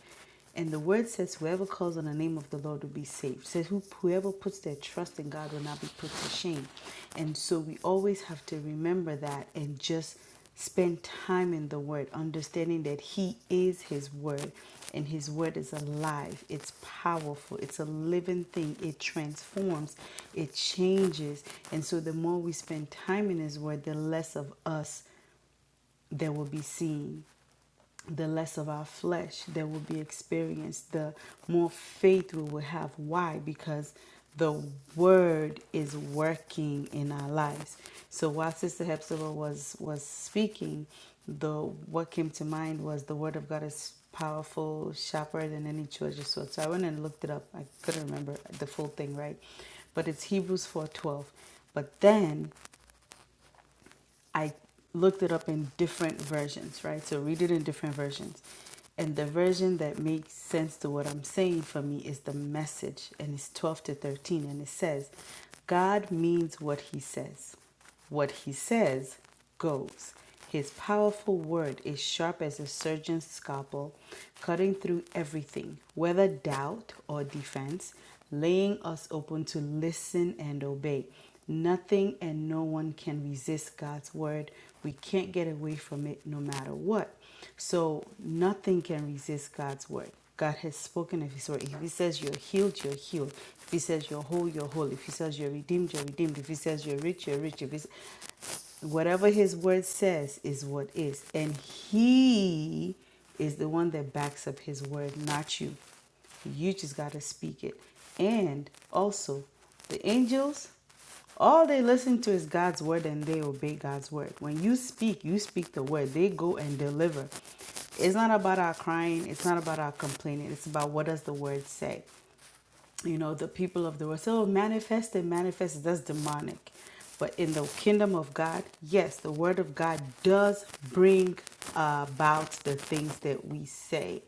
And the word says, Whoever calls on the name of the Lord will be saved. It says, Whoever puts their trust in God will not be put to shame. And so we always have to remember that and just Spend time in the Word, understanding that He is His Word and His Word is alive. It's powerful. It's a living thing. It transforms, it changes. And so, the more we spend time in His Word, the less of us there will be seen the less of our flesh that will be experienced, the more faith we will have. Why? Because the word is working in our lives. So while Sister Hepzibah was was speaking, the what came to mind was the word of God is powerful, sharper than any two-edged sword. So I went and looked it up. I couldn't remember the full thing, right? But it's Hebrews 4:12. But then I looked it up in different versions, right? So read it in different versions. And the version that makes sense to what I'm saying for me is the message, and it's 12 to 13. And it says, God means what he says. What he says goes. His powerful word is sharp as a surgeon's scalpel, cutting through everything, whether doubt or defense, laying us open to listen and obey. Nothing and no one can resist God's word. We can't get away from it no matter what. So, nothing can resist God's word. God has spoken of His word. If He says you're healed, you're healed. If He says you're whole, you're whole. If He says you're redeemed, you're redeemed. If He says you're rich, you're rich. If He s- whatever his word says is what is and he is the one that backs up his word not you you just got to speak it and also the angels all they listen to is god's word and they obey god's word when you speak you speak the word they go and deliver it's not about our crying it's not about our complaining it's about what does the word say you know the people of the world so manifest and manifest that's demonic but in the kingdom of god yes the word of god does bring about the things that we say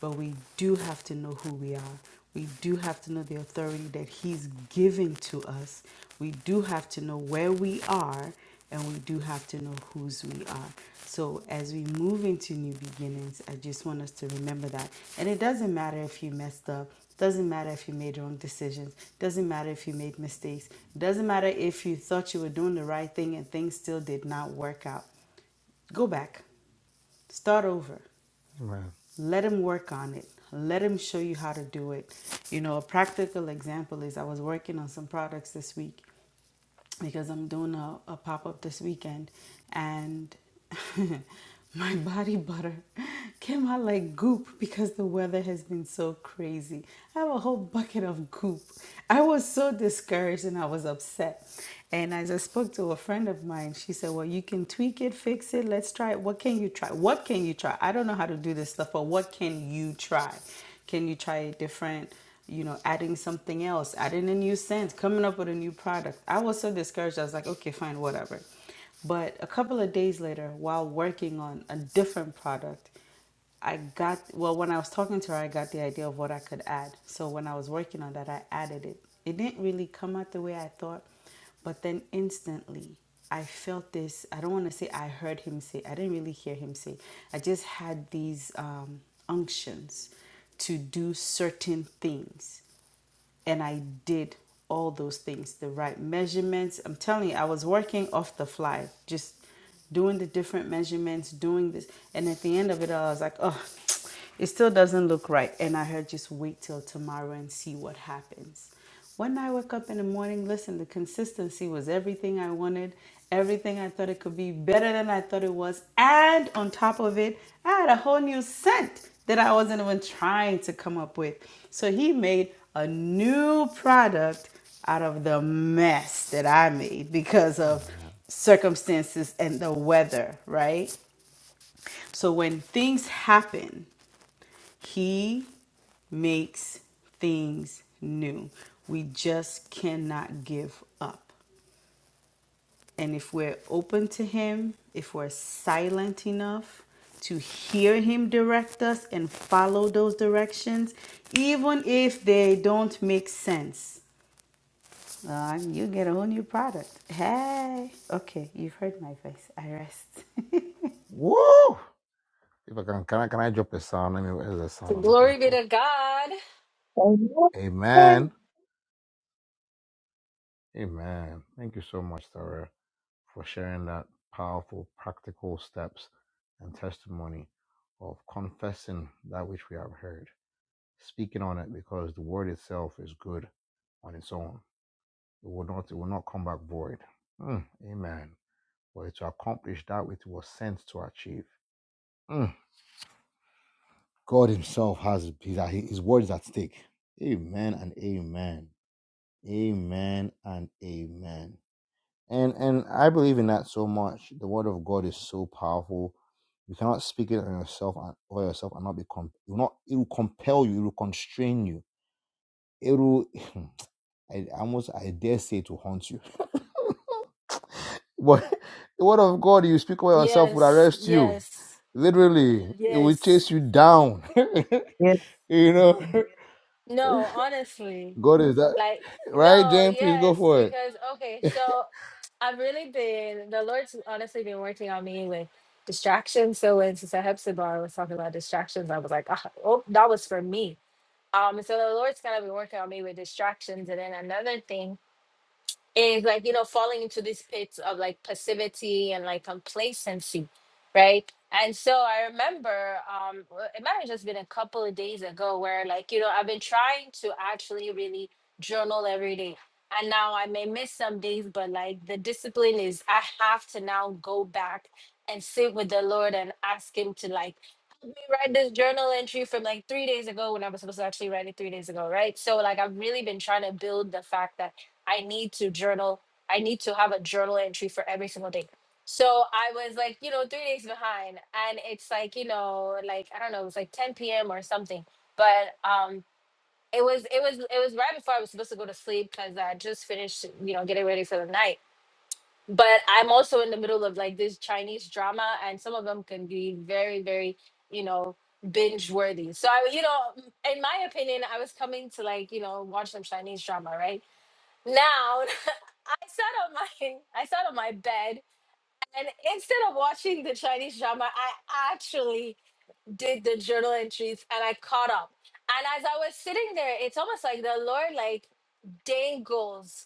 but we do have to know who we are. We do have to know the authority that He's giving to us. We do have to know where we are, and we do have to know whose we are. So, as we move into new beginnings, I just want us to remember that. And it doesn't matter if you messed up, doesn't matter if you made wrong decisions, doesn't matter if you made mistakes, doesn't matter if you thought you were doing the right thing and things still did not work out. Go back, start over let him work on it let him show you how to do it you know a practical example is i was working on some products this week because I'm doing a, a pop up this weekend and my body butter came out like goop because the weather has been so crazy. I have a whole bucket of goop. I was so discouraged and I was upset. And as I spoke to a friend of mine, she said, Well, you can tweak it, fix it, let's try it. What can you try? What can you try? I don't know how to do this stuff, but what can you try? Can you try a different? you know, adding something else, adding a new scent, coming up with a new product. I was so discouraged. I was like, okay, fine, whatever. But a couple of days later, while working on a different product, I got, well, when I was talking to her, I got the idea of what I could add. So when I was working on that, I added it. It didn't really come out the way I thought, but then instantly, I felt this. I don't want to say I heard him say, I didn't really hear him say. I just had these um, unctions to do certain things. And I did all those things the right measurements. I'm telling you, I was working off the fly, just doing the different measurements, doing this. And at the end of it all, I was like, oh, it still doesn't look right. And I heard just wait till tomorrow and see what happens. One night I woke up in the morning, listen, the consistency was everything I wanted, everything I thought it could be, better than I thought it was. And on top of it, I had a whole new scent that I wasn't even trying to come up with. So he made a new product out of the mess that I made because
Hey,
of
man.
circumstances and the weather, right? So when things happen, he makes things new. We just cannot give up. And if we're open to Him, if we're silent enough to hear Him direct us and follow those directions, even if they don't make sense, uh, you get a whole new product. Hey, okay, you've heard my voice. I rest.
Woo! If I can, can I, can I drop a sound? Let me, where's the sound I'm looking
Glory be
for?
to God.
Amen.
Amen. Amen. Thank you so much, Sister Aura, for sharing that powerful, practical steps and testimony of confessing that which we have heard speaking on it because the word itself is good on its own. It will not it will not come back void. Mm, amen. For it to accomplish that which it was sent to achieve. Mm, God Himself has his, his word is at stake. Amen and amen. Amen and amen. And and I believe in that so much. The word of God is so powerful. You cannot speak it on yourself and over yourself and not be com- it will not it will compel you, it will constrain you. It will I almost I dare say to haunt you. But the word of God you speak over yourself will
Yes,
arrest you.
yes,
Literally, it will
yes.
chase you down.
Yes.
You know,
No, honestly,
God is that
like,
right,
no,
Jane? Please go
yes,
for it.
because, okay, so I've really been, the Lord's honestly been working on me with distractions. So when Sister Hepzibah was talking about distractions, I was like, ah, oh, that was for me. Um, so the Lord's kind of been working on me with distractions. And then another thing is like you know falling into these pits of like passivity and like complacency right and so i remember um w- it might have just been a couple of days ago where like you know i've been trying to actually really journal every day and now i may miss some days but like the discipline is i have to now go back and sit with the lord and ask him to like help me write this journal entry from like three days ago when i was supposed to actually write it three days ago right so like i've really been trying to build the fact that I need to journal. I need to have a journal entry for every single day. So I was like, you know, three days behind. And it's like, you know, like I don't know, it was like 10 p.m. or something. But um it was it was it was right before I was supposed to go to sleep because I just finished, you know, getting ready for the night. But I'm also in the middle of like this Chinese drama and some of them can be very, very, you know, binge worthy. So I you know, in my opinion, I was coming to like, you know, watch some Chinese drama, right? Now, I sat on my I sat on my bed and instead of watching the Chinese drama, I actually did the journal entries and I caught up. And as I was sitting there, it's almost like the Lord like dangles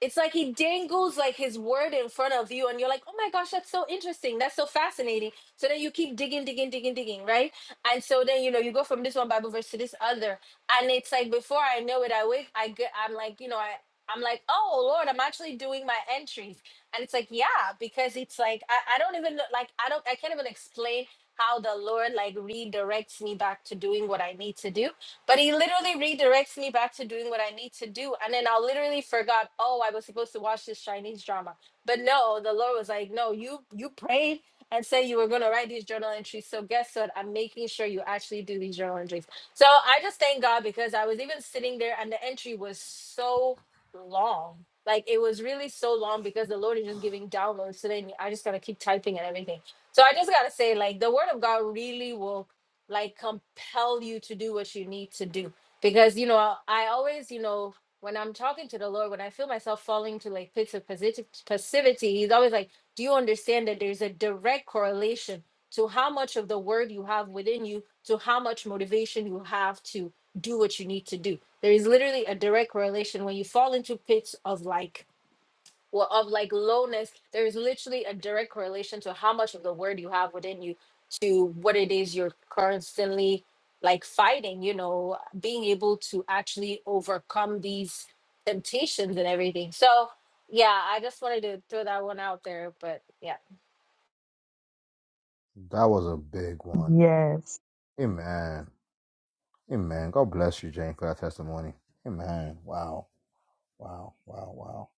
it's like he dangles like his word in front of you and you're like oh my gosh that's so interesting that's so fascinating so then you keep digging digging digging digging right and so then you know you go from this one bible verse to this other and it's like before i know it i wake i get i'm like you know i i'm like oh lord i'm actually doing my entries and it's like yeah because it's like i, I don't even know- like i don't i can't even explain how the lord like redirects me back to doing what i need to do but he literally redirects me back to doing what I need to do. And then I literally forgot, oh, I was supposed to watch this Chinese drama. But no, the Lord was like, no, you you prayed and said you were gonna write these journal entries. So guess what? I'm making sure you actually do these journal entries. So I just thank God because I was even sitting there and the entry was so long. Like it was really so long because the Lord is just giving downloads today. And I just gotta keep typing and everything. So I just gotta say, like the word of God really will like compel you to do what you need to do because you know I, I always you know when i'm talking to the lord when i feel myself falling to like pits of posit- passivity he's always like do you understand that there's a direct correlation to how much of the word you have within you to how much motivation you have to do what you need to do there is literally a direct correlation when you fall into pits of like well of like lowness there is literally a direct correlation to how much of the word you have within you to what it is you're constantly like fighting you know being able to actually overcome these temptations and everything so yeah i just wanted to throw that one out there but yeah
That was a big one.
Yes.
Amen. Amen. God bless you, Jane, for that testimony. Amen. Wow. Wow. Wow. Wow.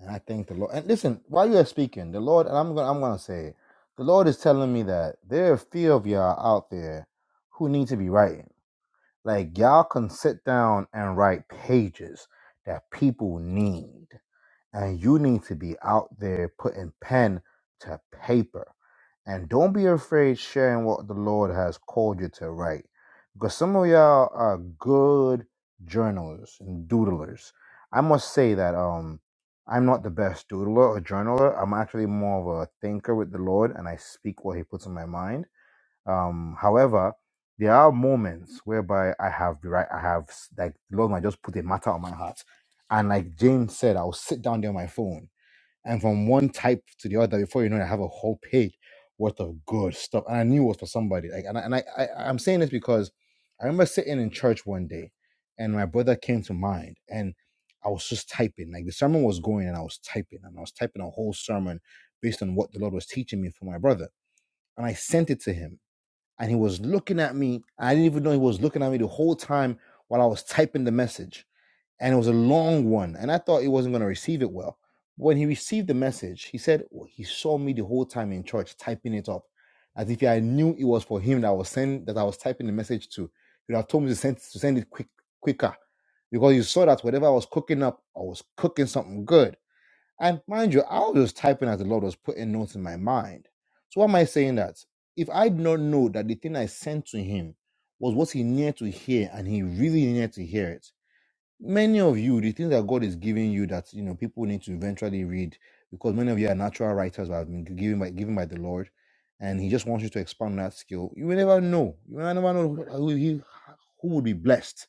And I thank the Lord. And listen, while you are speaking, the Lord, and I'm gonna I'm gonna say it, the Lord is telling me that there are few of y'all out there who need to be right. Like y'all can sit down and write pages that people need, and you need to be out there putting pen to paper. And don't be afraid sharing what the Lord has called you to write, because some of y'all are good journalists and doodlers. I must say that um, I'm not the best doodler or journaler. I'm actually more of a thinker with the Lord, and I speak what He puts in my mind um, however, there are moments whereby I have the right, I have like the Lord might just put a matter on my heart, and like James said, I'll sit down there on my phone, and from one type to the other, before you know it, I have a whole page worth of good stuff, and I knew it was for somebody. Like, and I, and I, I I'm saying this because I remember sitting in church one day, and my brother came to mind, and I was just typing, like the sermon was going, and I was typing, and I was typing a whole sermon based on what the Lord was teaching me for my brother, and I sent it to him and he was looking at me. I didn't even know he was looking at me the whole time while I was typing the message. And it was a long one, and I thought he wasn't going to receive it well. When he received the message, he said well, he saw me the whole time in church typing it up, as if I knew it was for him that I was sending, that I was typing the message to. He would have told me to send to send it quick quicker, because he saw that whatever I was cooking up, I was cooking something good and mind you, I was just typing as the Lord was putting notes in my mind. So why am I saying that? If I did not know that the thing I sent to him was what he needed to hear and he really needed to hear it. Many of you, the things that God is giving you that you know people need to eventually read, because many of you are natural writers that have been given by given by the Lord, and He just wants you to expand that skill. You will never know. You will never know who, he, who would be blessed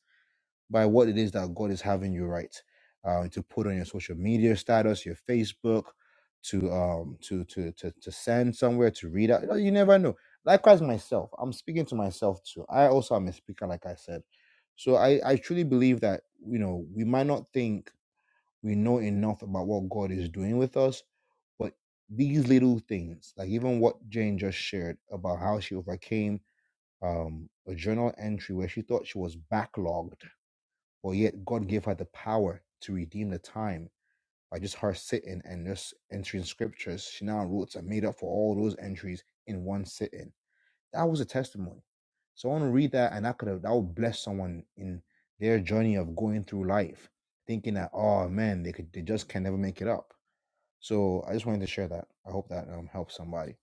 by what it is that God is having you write, um, to put on your social media status, your Facebook, to um, to to to to send somewhere to read out. You, know, you never know. Likewise, myself, I'm speaking to myself too. I also am a speaker, like I said. So I I truly believe that you know we might not think we know enough about what God is doing with us, but these little things, like even what Jane just shared about how she overcame um, a journal entry where she thought she was backlogged but yet God gave her the power to redeem the time by just her sitting and just entering scriptures. She now wrote and made up for all those entries in one sitting. That was a testimony. So I want to read that and that could have that would bless someone in their journey of going through life, thinking that, oh man, they could they just can never make it up. So I just wanted to share that. I hope that um helps somebody.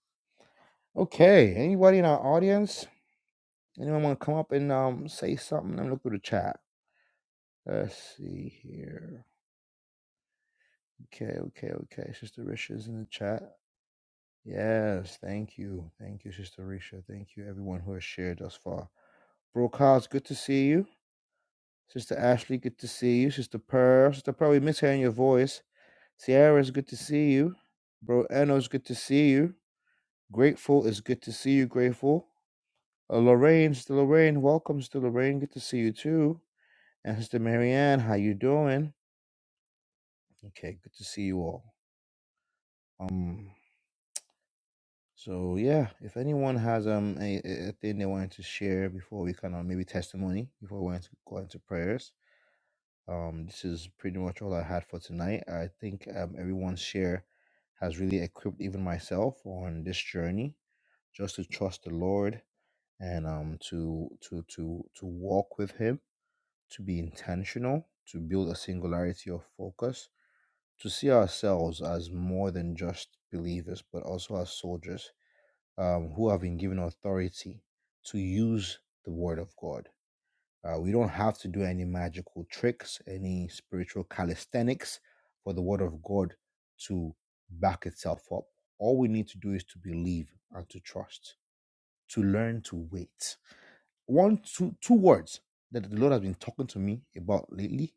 Okay, anybody in our audience? Anyone want to come up and um say something? Let me look through the chat. Let's see here. Okay, okay, okay. Sister Risha is in the chat. Yes, thank you. Thank you, Sister Risha. Thank you, everyone who has shared thus far. Bro Carl's good to see you. Sister Ashley, good to see you. Sister Pearl, Sister Pearl, we miss hearing your voice. Sierra is good to see you. Bro Eno's good to see you. Grateful is good to see you, Grateful. Uh, Lorraine, Sister Lorraine, welcome, Sister Lorraine. Good to see you too. And Sister Marianne, how you doing? Okay, good to see you all. Um, So yeah, if anyone has um a, a thing they wanted to share before we kind of maybe testimony before we went to go into prayers, um, this is pretty much all I had for tonight. I think um everyone's share has really equipped even myself on this journey just to trust the Lord and um to to to to walk with Him, to be intentional, to build a singularity of focus, to see ourselves as more than just believers, but also as soldiers um, who have been given authority to use the word of God. Uh, we don't have to do any magical tricks, any spiritual calisthenics for the word of God to back itself up. All we need to do is to believe and to trust, to learn to wait. One, two, two words that the Lord has been talking to me about lately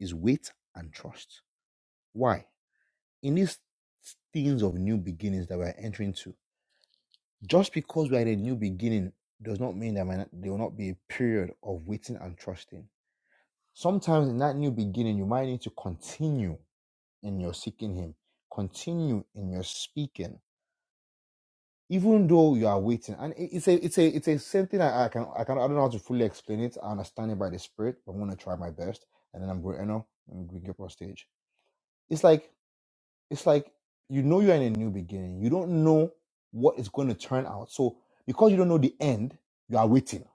is wait and trust. Why? In these things of new beginnings that we're entering into, Just because we are in a new beginning does not mean that might not- there will not be a period of waiting and trusting. Sometimes in that new beginning, you might need to continue in your seeking Him, continue in your speaking, even though you are waiting. And it- it's a it's a it's a something I, I can I can I don't know how to fully explain it. I understand it by the Spirit, but I'm gonna try my best, and then I'm going to end up and bring you know, I'm going get up on stage. It's like it's like you know you're in a new beginning. You don't know what is going to turn out. So because you don't know the end, you are waiting.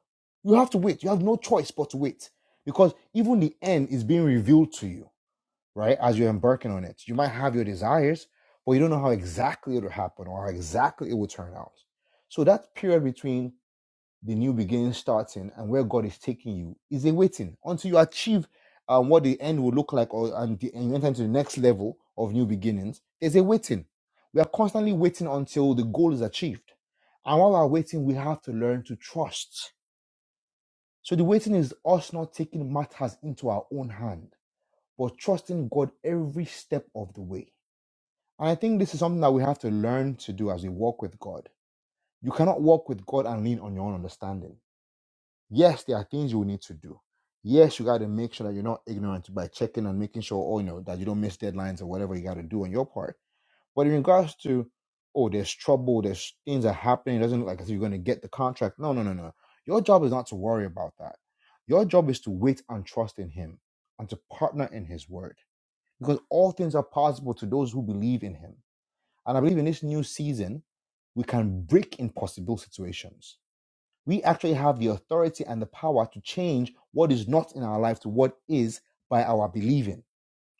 You have to wait. You have no choice but to wait. Because even the end is being revealed to you, right? As you're embarking on it. You might have your desires, but you don't know how exactly it'll happen or how exactly it will turn out. So that period between the new beginning starting and where God is taking you is a waiting until you achieve um, what the end will look like or and, the, and you enter into the next level of new beginnings. There's a waiting. We are constantly waiting until the goal is achieved. And while we're waiting, we have to learn to trust. So the waiting is us not taking matters into our own hand, but trusting God every step of the way. And I think this is something that we have to learn to do as we walk with God. You cannot walk with God and lean on your own understanding Yes, there are things you will need to do. Yes, you got to make sure that you're not ignorant by checking and making sure, oh, you know, that you don't miss deadlines or whatever you got to do on your part. But in regards to, oh, there's trouble, there's things are happening, it doesn't look like as if you're going to get the contract. No, no, no, no. Your job is not to worry about that. Your job is to wait and trust in Him and to partner in His word because all things are possible to those who believe in Him. And I believe in this new season, we can break impossible situations we actually have the authority and the power to change what is not in our life to what is by our believing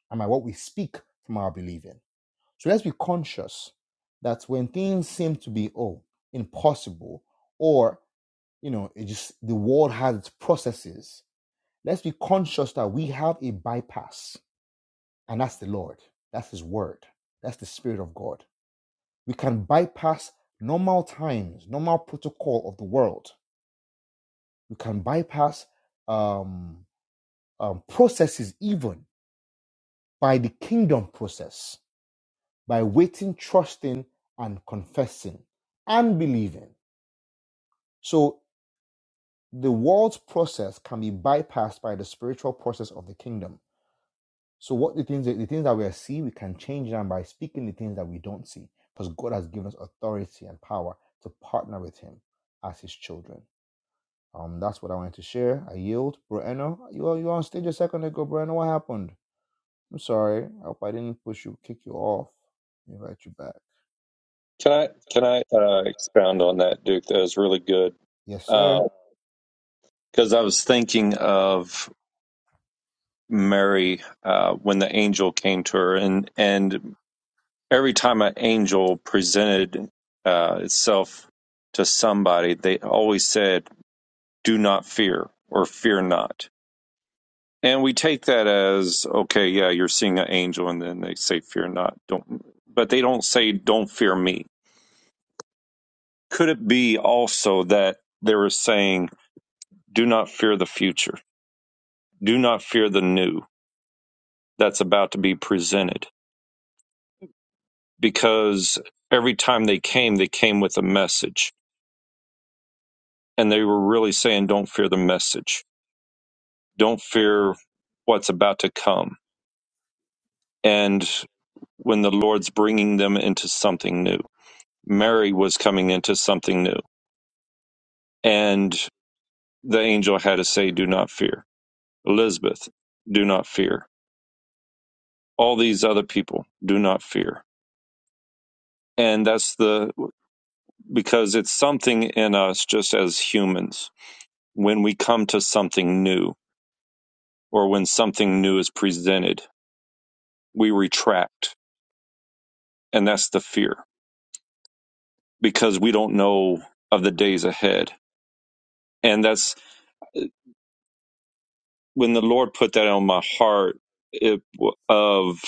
and by what we speak from our believing. So let's be conscious that when things seem to be oh impossible or you know it just the world has its processes, let's be conscious that we have a bypass, and that's the Lord, that's His Word, that's the Spirit of God. We can bypass normal times, normal protocol of the world you can bypass um, um, processes even by the kingdom process by waiting trusting and confessing and believing so the world's process can be bypassed by the spiritual process of the kingdom so what the things that the things that we see we can change them by speaking the things that we don't see because god has given us authority and power to partner with him as his children um that's what i wanted to share i yield bruno you are you on stage a second ago bruno what happened I'm sorry. I hope I didn't push you, kick you off, invite you back.
Can I can I uh, expound on that, Duke? That was really good
Yes, sir.
because I was thinking of Mary uh, when the angel came to her, and and every time an angel presented uh, itself to somebody, they always said, "Do not fear" or "Fear not." And we take that as okay, yeah, you're seeing an angel, and then they say, "Fear not." Don't, but they don't say, "Don't fear me." Could it be also that they were saying? Do not fear the future. Do not fear the new that's about to be presented because every time they came, they came with a message. And they were really saying, don't fear the message. Don't fear what's about to come. And when the Lord's bringing them into something new, Mary was coming into something new. And the angel had to say, do not fear. Elizabeth, do not fear. All these other people, do not fear. And that's the because it's something in us just as humans. When we come to something new or when something new is presented, we retract. And that's the fear because we don't know of the days ahead. And that's when the Lord put that on my heart it, of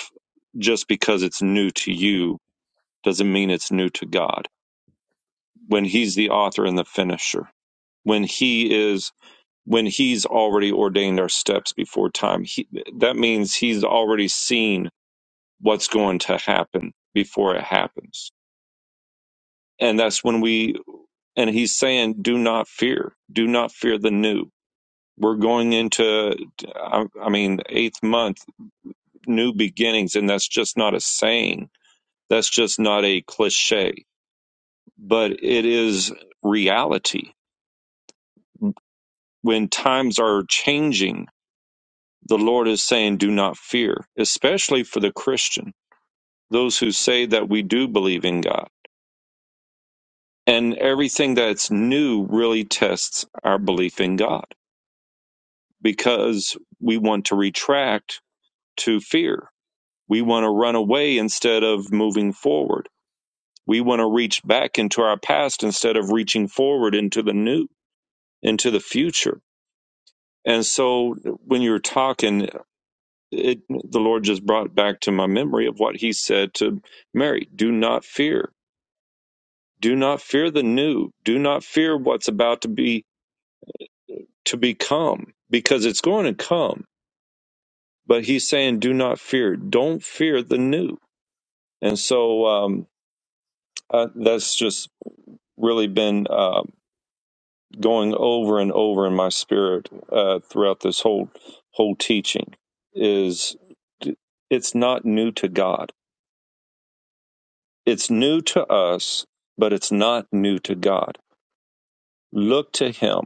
just because it's new to you doesn't mean it's new to God. When He's the author and the finisher, when He is when he's already ordained our steps before time. He, that means he's already seen what's going to happen before it happens. And that's when we, and he's saying, do not fear, do not fear the new. We're going into, I, I mean, eighth month, new beginnings. And that's just not a saying. That's just not a cliche, but it is reality. When times are changing, the Lord is saying, do not fear, especially for the Christian, those who say that we do believe in God. And everything that's new really tests our belief in God because we want to retract to fear. We want to run away instead of moving forward. We want to reach back into our past instead of reaching forward into the new, into the future. And so when you're talking it, the Lord just brought back to my memory of what he said to Mary do not fear do not fear the new do not fear what's about to be to become because it's going to come but he's saying do not fear don't fear the new and so um, uh, that's just really been uh, going over and over in my spirit uh, throughout this whole whole teaching is it's not new to God It's new to us, but it's not new to God. Look to Him.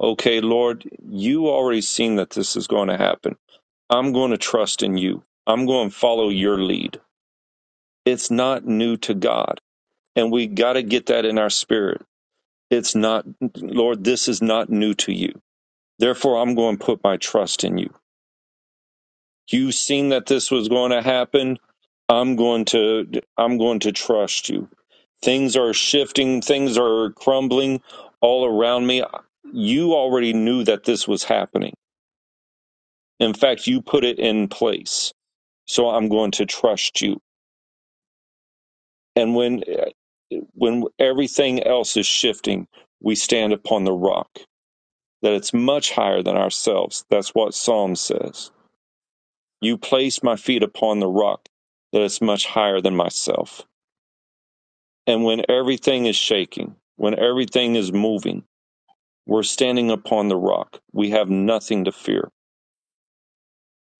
Okay, Lord, you already seen that this is going to happen. I'm going to trust in you. I'm going to follow your lead. It's not new to God. And we got to get that in our spirit. It's not, Lord, this is not new to you. Therefore, I'm going to put my trust in you. You've seen that this was going to happen. I'm going to, I'm going to trust you. Things are shifting, things are crumbling all around me. You already knew that this was happening. In fact, you put it in place. So I'm going to trust you. And when when everything else is shifting, we stand upon the rock that it's much higher than ourselves. That's what Psalm says. You place my feet upon the rock that it's much higher than myself. And when everything is shaking, when everything is moving, We're standing upon the rock. We have nothing to fear,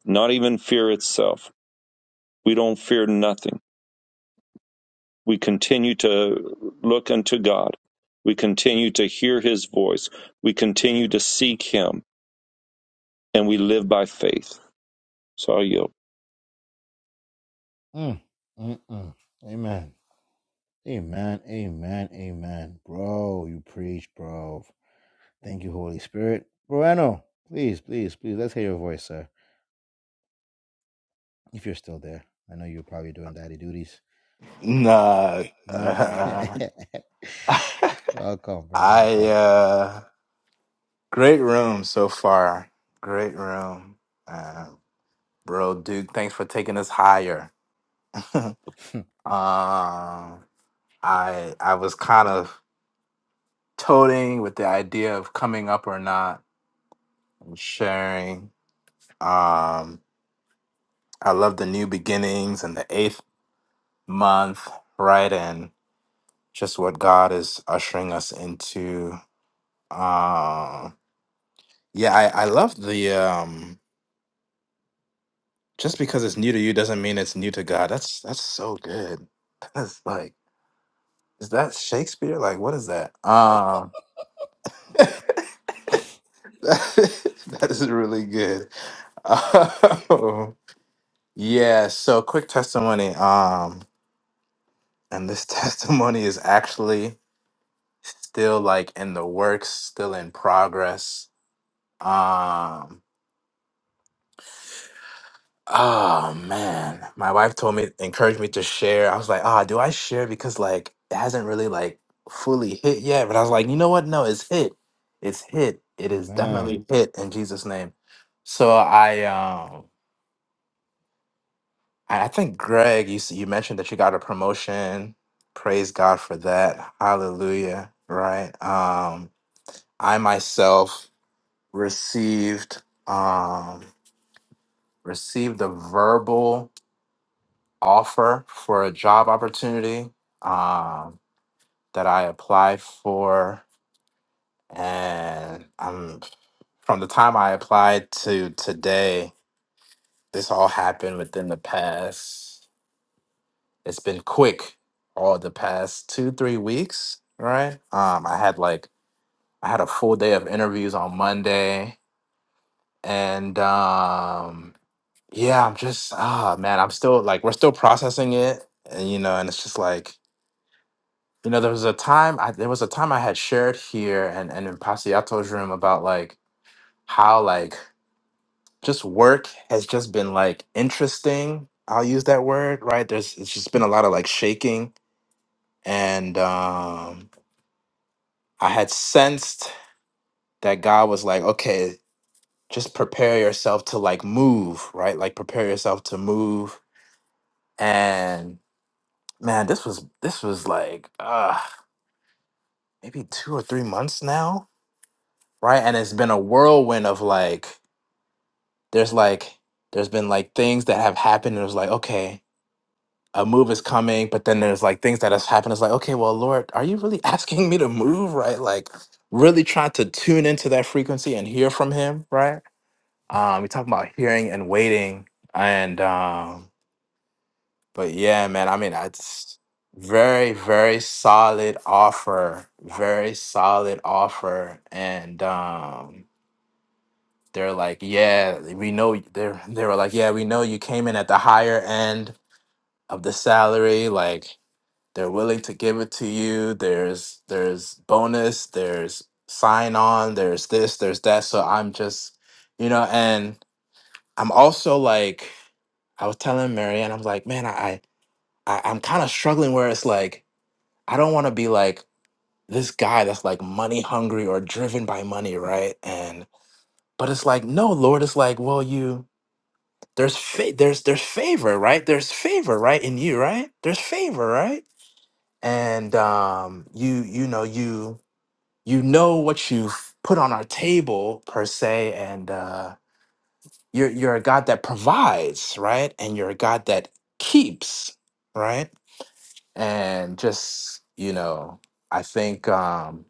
not even fear itself. We don't fear nothing. We continue to look unto God. We continue to hear his voice. We continue to seek him and we live by faith. So I yield.
Mm, mm, mm. Amen. Amen. Amen. Amen. Bro, you preach, bro. Thank you, Holy Spirit. Moreno, please, please, please, let's hear your voice, sir. If you're still there, I know you're probably doing daddy duties.
Nah,
Nah.
uh,
welcome, bro.
I
Welcome.
uh, great room so far. Great room, uh, bro. Duke, thanks for taking us higher. um, I I was kind of toting with the idea of coming up or not and sharing. Um, I love the new beginnings and the eighth month, right? And just what God is ushering us into. Um, Yeah, I, I love the um just because it's new to you doesn't mean it's new to God. That's that's so good. That's like is that Shakespeare? Like what is that? Um that is really good. Um, yeah, so quick testimony. Um and this testimony is actually still like in the works, still in progress. Um Oh man, my wife told me, encouraged me to share. I was like, ah, do I share? Because like it hasn't really like fully hit yet. But I was like, you know what? No, it's hit. It's hit. It is
Amen.
definitely hit in Jesus' name. So I, um, I I think Greg, you s- you mentioned that you got a promotion. Praise God for that. Hallelujah. Right. Um, I myself received um received a verbal offer for a job opportunity um, that I applied for, and um, from the time I applied to today, this all happened within the past. It's been quick, all the past two three weeks, right? Um, I had like I had a full day of interviews on Monday, and um, yeah, I'm just ah man, I'm still like we're still processing it, and you know, and it's just like You know, there was a time I there was a time I had shared here and, and in Pasiato's room about like how like just work has just been like interesting. I'll use that word, right? There's it's just been a lot of like shaking and um I had sensed that God was like, okay, just prepare yourself to like move, right? Like prepare yourself to move. And man, this was this was like uh maybe two or three months now, right? And it's been a whirlwind of like there's like there's been like things that have happened and it was like okay a move is coming but then there's like things that has happened it's like okay well lord are you really asking me to move right like really try to tune into that frequency and hear from him right um we talk about hearing and waiting and um but yeah man i mean it's very very solid offer very solid offer and um they're like, yeah, we know y- they're they were like, yeah, we know you came in at the higher end of the salary. Like they're willing to give it to you. There's there's bonus, there's sign on, there's this, there's that. So I'm just, you know, and I'm also like, I was telling Marianne, I'm like, man, I, I I'm kind of struggling where it's like, I don't want to be like this guy that's like money hungry or driven by money, right? And but it's like, no, Lord, it's like, well, you there's fa- there's there's favor right there's favor right in you right there's favor right and um you you know you you know what you've put on our table per se and uh you're you're a god that provides right and you're a god that keeps right and just you know i think um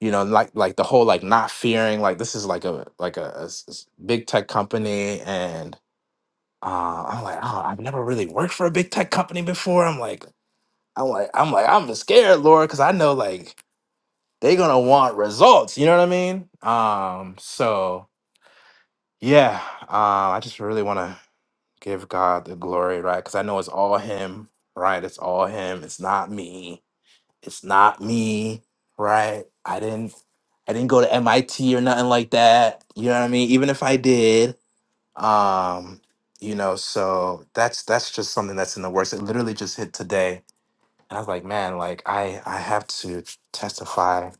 you know like like the whole like not fearing like this is like a like a, a s- s- big tech company and uh, I'm like, oh, I've never really worked for a big tech company before. I'm like, I'm like, I'm like, I'm scared, Laura, because I know like they're gonna want results. You know what I mean? Um, so yeah, uh, I just really want to give God the glory, right? Because I know it's all Him, right? It's all Him. It's not me. It's not me, right? I didn't, I didn't go to MIT or nothing like that. You know what I mean? Even if I did, um, you know, so that's that's just something that's in the works. It literally just hit today, and I was like, man, like I I have to testify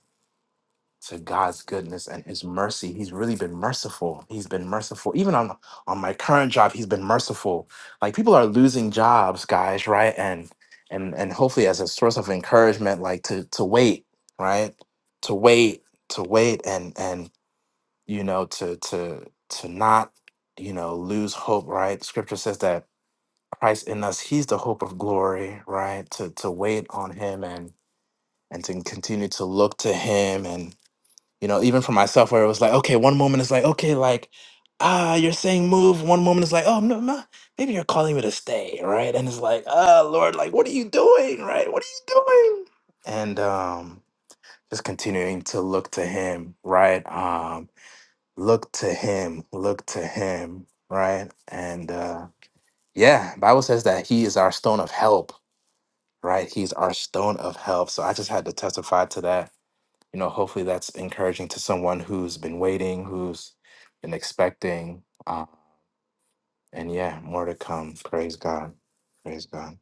to God's goodness and His mercy. He's really been merciful. He's been merciful. Even on on my current job, He's been merciful. Like people are losing jobs, guys, right? And and and hopefully as a source of encouragement, like to to wait, right? To wait, to wait, and and you know to to to not you know lose hope right scripture says that christ in us he's the hope of glory right to to wait on him and and to continue to look to him and you know even for myself where it was like okay one moment it's like okay like ah you're saying move one moment it's like oh no, no maybe you're calling me to stay right and it's like ah lord like what are you doing right what are you doing and um just continuing to look to him right Um look to him look to him right and uh yeah bible says that he is our stone of help right he's our stone of help so i just had to testify to that you know hopefully that's encouraging to someone who's been waiting who's been expecting uh, and yeah more to come praise god praise god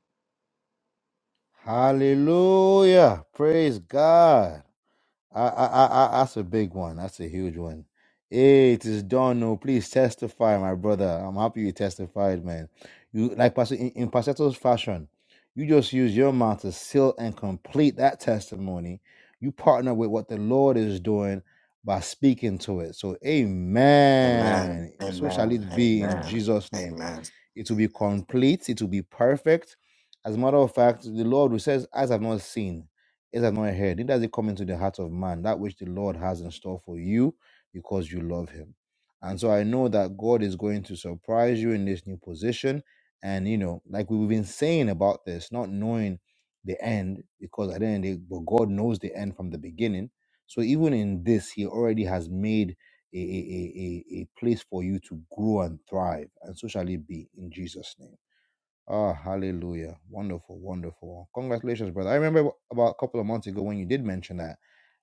Hallelujah. Praise God. I, I, I, I- that's a big one. That's a huge one. Hey, it is Dono. Please testify, my brother. I'm happy you testified, man. You like Pastor in, in Pastor's fashion. You just use your mouth to seal and complete that testimony. You partner with what the Lord is doing by speaking to it. So,
amen
Amen. So shall
amen
it be in
amen
Jesus' name.
amen
It will be complete. It will be perfect. As a matter of fact, the Lord who says, Eyes have not seen, ears have not heard, neither has it come into the heart of man, that which the Lord has in store for you because you love him. And so I know that God is going to surprise you in this new position. And, you know, like we've been saying about this, not knowing the end, because at the end, of the day, but God knows the end from the beginning. So even in this, He already has made a, a, a, a, place for you to grow and thrive. And so shall it be in Jesus' name. Ah, hallelujah. Wonderful, wonderful. Congratulations, brother. I remember about a couple of months ago when you did mention that.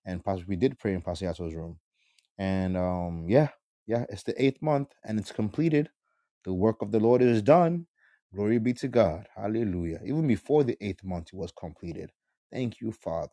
And Pastor, we did pray in Pastor Yato's room. And um, yeah, yeah, it's the eighth month and it's completed. The work of the Lord is done. Glory be to God. Hallelujah. Even before the eighth month, it was completed. Thank you, Father.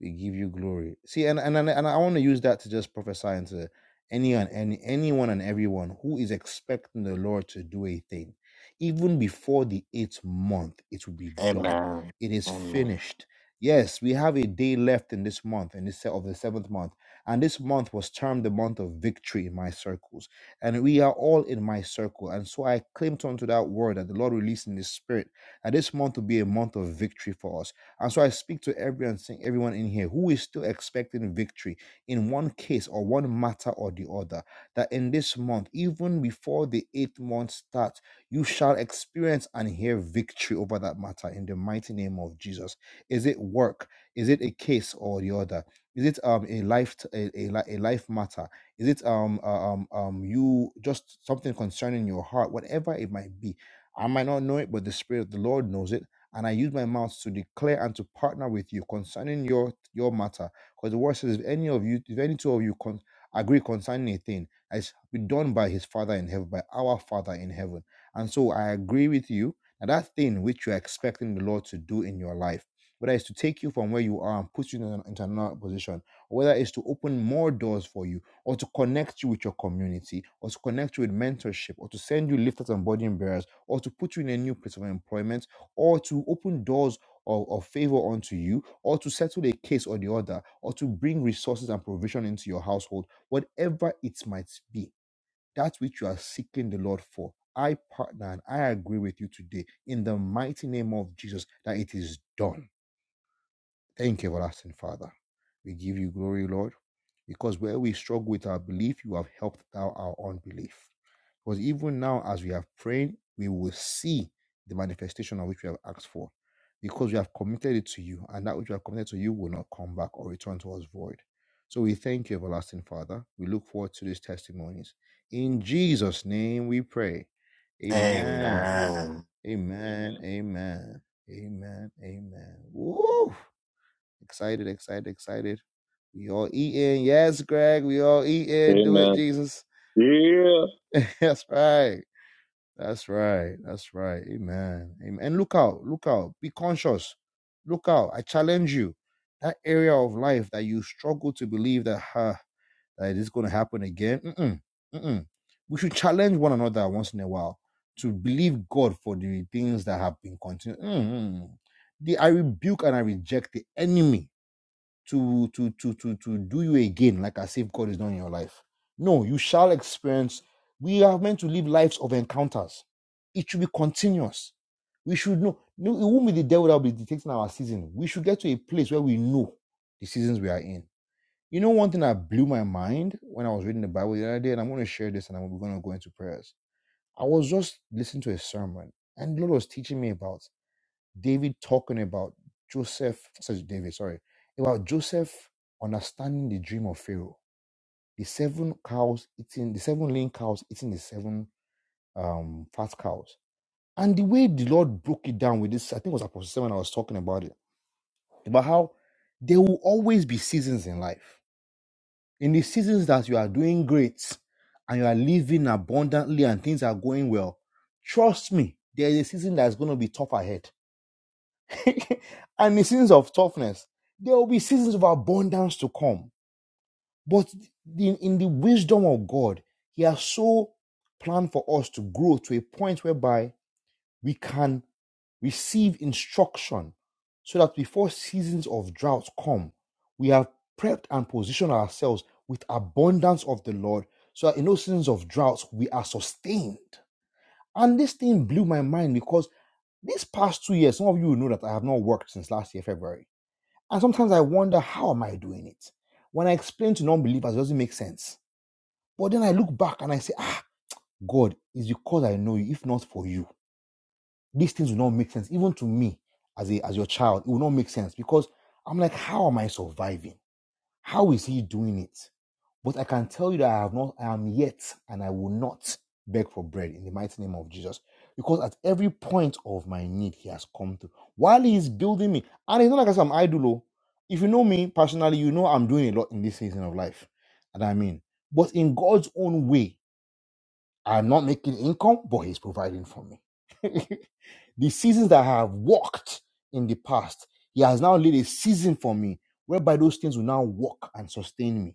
We give you glory. See, and and and, and I want to use that to just prophesy into any and any anyone and everyone who is expecting the Lord to do a thing, even before the eighth month, it will be done.
amen
It is
amen
finished. Yes, we have a day left in this month, in this se- of the seventh month, and this month was termed the month of victory in my circles, and we are all in my circle, and so I claimed onto that word that the Lord released in His Spirit that this month will be a month of victory for us and so I speak to everyone, saying, everyone in here who is still expecting victory in one case or one matter or the other, that in this month, even before the eighth month starts, you shall experience and hear victory over that matter in the mighty name of Jesus. Is it work? Is it a case or the other? Is it um a life t- a, a, li- a life matter? Is it um uh, um um you just something concerning your heart, whatever it might be? I might not know it, but the Spirit of the Lord knows it and I use my mouth to declare and to partner with you concerning your your matter. Because the word says, if any of you, if any two of you con- agree concerning a thing, it's be done by his Father in heaven, by our Father in heaven. And so I agree with you that that thing which you are expecting the Lord to do in your life, whether it's to take you from where you are and put you in an, into another position, or whether it's to open more doors for you, or to connect you with your community, or to connect you with mentorship, or to send you lifters and burden bearers, or to put you in a new place of employment or to open doors of, of favor unto you, or to settle a case or the other, or to bring resources and provision into your household, whatever it might be, that which you are seeking the Lord for. I partner and I agree with you today in the mighty name of Jesus that it is done Thank you, everlasting Father. We give you glory, Lord, because where we struggle with our belief, you have helped out our unbelief. Because even now, as we have prayed, we will see the manifestation of which we have asked for, because we have committed it to you, and that which we have committed to you will not come back or return to us void. So we thank you, everlasting Father. We look forward to these testimonies. In Jesus' name we pray. Amen.
amen
Amen. Amen. Amen. Amen. Woo! Excited, excited, excited. We all eating. Yes, Greg, we all eating. Do it,
Amen.
Jesus.
Yeah.
That's right. That's right. That's right. Amen. Amen. And look out. Look out. Be conscious. Look out. I challenge you. That area of life that you struggle to believe that, huh, that it is going to happen again. Mm-mm. Mm-mm. We should challenge one another once in a while to believe God for the things that have been continued. mm mm. The, I rebuke and I reject the enemy to to to to to do you again, like as if God is not in your life. No, you shall experience. We are meant to live lives of encounters. It should be continuous. We should know. No, it won't be the devil that will be dictating our season. We should get to a place where we know the seasons we are in. You know, one thing that blew my mind when I was reading the Bible the other day, and I'm going to share this, and I'm going to go into prayers. I was just listening to a sermon, and the Lord was teaching me about. David talking about Joseph, says David, sorry, about Joseph understanding the dream of Pharaoh. The seven cows eating, the seven lean cows eating the seven um, fat cows. And the way the Lord broke it down with this, I think it was Apostle 7 I was talking about it, about how there will always be seasons in life. In the seasons that you are doing great and you are living abundantly and things are going well, trust me, there is a season that's going to be tough ahead and in seasons of toughness, there will be seasons of abundance to come. But in, in the wisdom of God, He has so planned for us to grow to a point whereby we can receive instruction so that before seasons of drought come, we have prepped and positioned ourselves with abundance of the Lord so that in those seasons of droughts, we are sustained. And this thing blew my mind because these past two years, some of you will know that I have not worked since last year, February and sometimes I wonder, how am I doing it? When I explain to non believers, it doesn't make sense. But then I look back and I say, ah, God, it's because I know you. If not for you, these things will not make sense. Even to me as, a, as your child, it will not make sense because I'm like, how am I surviving? How is he doing it? But I can tell you that I have not, I am yet, and I will not beg for bread in the mighty name of Jesus. Because at every point of my need, he has come to. While he is building me, and it's not like I am idle. oh. If you know me personally, you know I'm doing a lot in this season of life. And I mean, but in God's own way, I'm not making income, but he's providing for me. the seasons that I have walked in the past, he has now laid a season for me whereby those things will now work and sustain me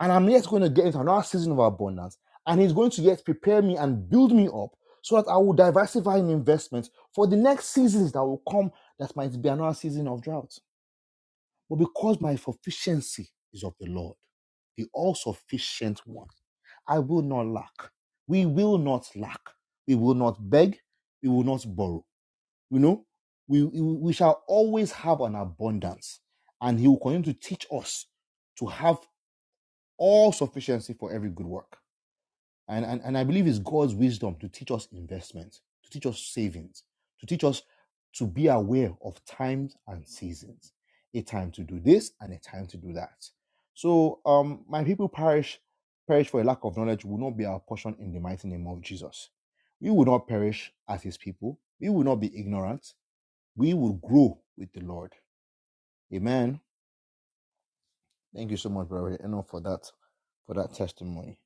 and I'm yet going to get into another season of abundance. And he's going to yet prepare me and build me up so that I will diversify in investments for the next seasons that will come that might be another season of drought. But because my sufficiency is of the Lord, the all sufficient one, I will not lack. We will not lack. We will not beg. We will not borrow. You know, we, we shall always have an abundance. And he will continue to teach us to have all sufficiency for every good work. And, and, and I believe it's God's wisdom to teach us investment, to teach us savings, to teach us to be aware of times and seasons, a time to do this and a time to do that. So, um, my people perish, perish for a lack of knowledge will not be our portion in the mighty name of Jesus. We will not perish as his people. We will not be ignorant. We will grow with the Lord. Amen. Thank you so much, Brother Enough, for that, for that testimony.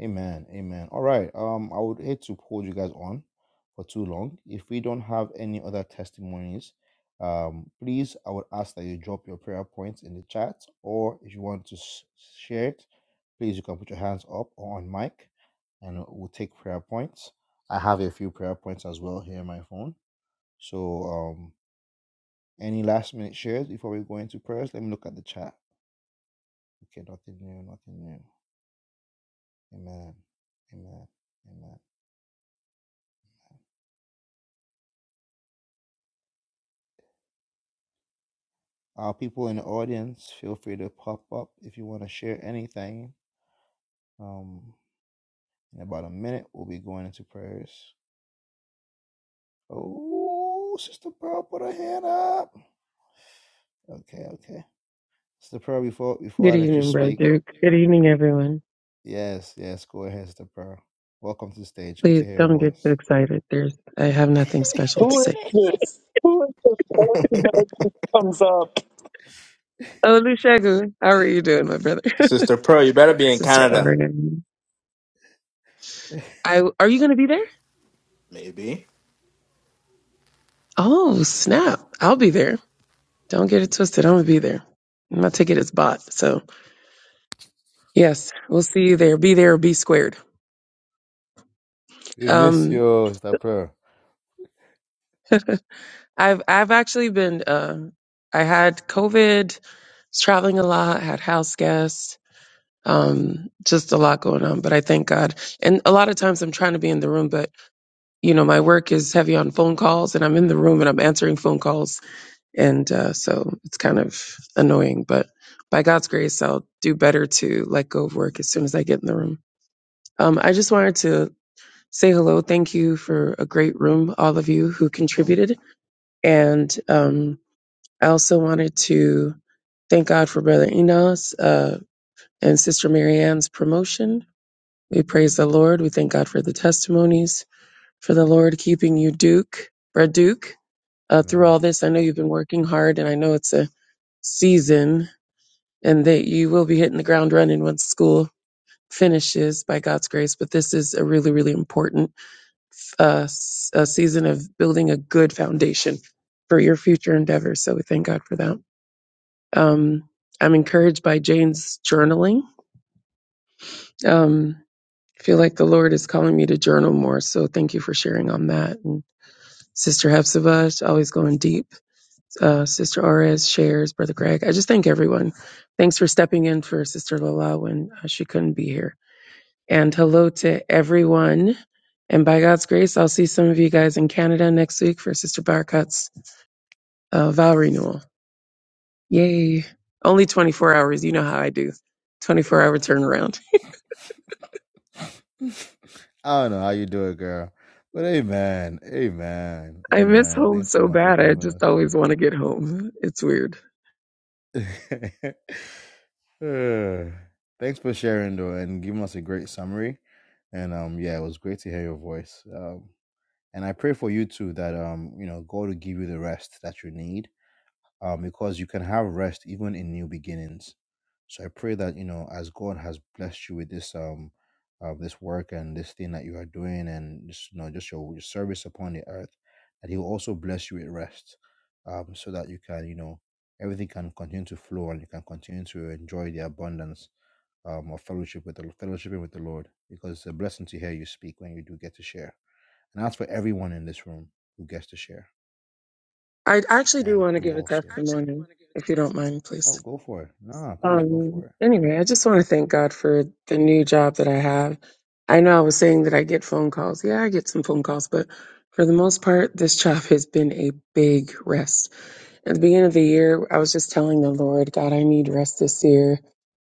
Amen. Amen. All right. Um, I would hate to hold you guys on for too long. If we don't have any other testimonies, um, please, I would ask that you drop your prayer points in the chat, or if you want to s- share it, please you can put your hands up or on mic, and we'll take prayer points. I have a few prayer points as well here on my phone. So, um, any last minute shares before we go into prayers? Let me look at the chat. Okay, nothing new, nothing new. Amen. Amen. Amen. Uh, people in the audience, feel free to pop up if you want to share anything. Um, in about a minute, we'll be going into prayers. Oh, Sister Pearl, put her hand up. Okay, okay. Sister Pearl, before
Good
before
evening, brother. Good evening, everyone.
yes, yes, go ahead, Sister Pearl. Welcome to the stage. Good to
Please
hear your
don't get too
voice.
excited. There's, I have nothing special to
Who is
say.
this? Who is this person that just comes up?
Oh, Lushagu, how are you doing, my brother?
sister pearl you better be in
Sister
canada
Oregon. I, are you going to be there?
maybe
Oh, snap. I'll be there. Don't get it twisted. I'm going to be there. My ticket is bought. So yes, we'll see you there. Be there or be squared.
We miss
Um,
you, Sister Pearl.
I've, I've actually been, uh, I had COVID, was traveling a lot, had house guests um, just a lot going on. But I thank God. And a lot of times I'm trying to be in the room, but you know, my work is heavy on phone calls, and I'm in the room and I'm answering phone calls, and uh, so it's kind of annoying. But by God's grace, I'll do better to let go of work as soon as I get in the room. Um, I just wanted to say hello. Thank you for a great room, all of you who contributed, and um, I also wanted to thank God for Brother Enos uh, and Sister Marianne's promotion We praise the Lord. We thank God for the testimonies, for the Lord keeping you, Duke, Brad Duke, uh, through
Amen.
all this. I know you've been working hard, and I know it's a season, and that you will be hitting the ground running once school finishes by God's grace. But this is a really, really important uh, s- a season of building a good foundation for your future endeavors. So we thank God for that. Um, I'm encouraged by Jane's journaling. Um, I feel like the Lord is calling me to journal more. So thank you for sharing on that. And Sister Hepzibah, always going deep. Uh, Sister Orez shares, Brother Greg. I just thank everyone. Thanks for stepping in for Sister Lola when uh, she couldn't be here. And hello to everyone. And by God's grace, I'll see some of you guys in Canada next week for Sister Barkat's uh, vow renewal. Yay. Only 24 hours. You know how I do. 24 hour turnaround.
I don't know how you do it, girl, but amen, amen,
I miss
amen.
home
Thanks so
so
much for
bad. I
coming on
just always
stage.
want to get home. It's weird.
Uh, Thanks for sharing though and giving us a great summary. And um yeah, it was great to hear your voice. Um and I pray for you too that um you know God will give you the rest that you need. Um because you can have rest even in new beginnings. So I pray that you know, as God has blessed you with this um, uh, this work and this thing that you are doing, and just you know, just your, your service upon the earth, that He will also bless you with rest, um, so that you can you know everything can continue to flow and you can continue to enjoy the abundance um, of fellowship with the fellowshiping with the Lord, because it's a blessing to hear you speak when you do get to share. And that's for everyone in this room who gets to share
I actually do
and
want to
who
give a
also
testimony, if you don't mind,
oh,
please.
go for it. Nah, please go for
Um,
it.
anyway, I just want to thank God for the new job that I have. I know I was saying that I get phone calls. Yeah, I get some phone calls, but for the most part, this job has been a big rest. At the beginning of the year, I was just telling the Lord, God, I need rest this year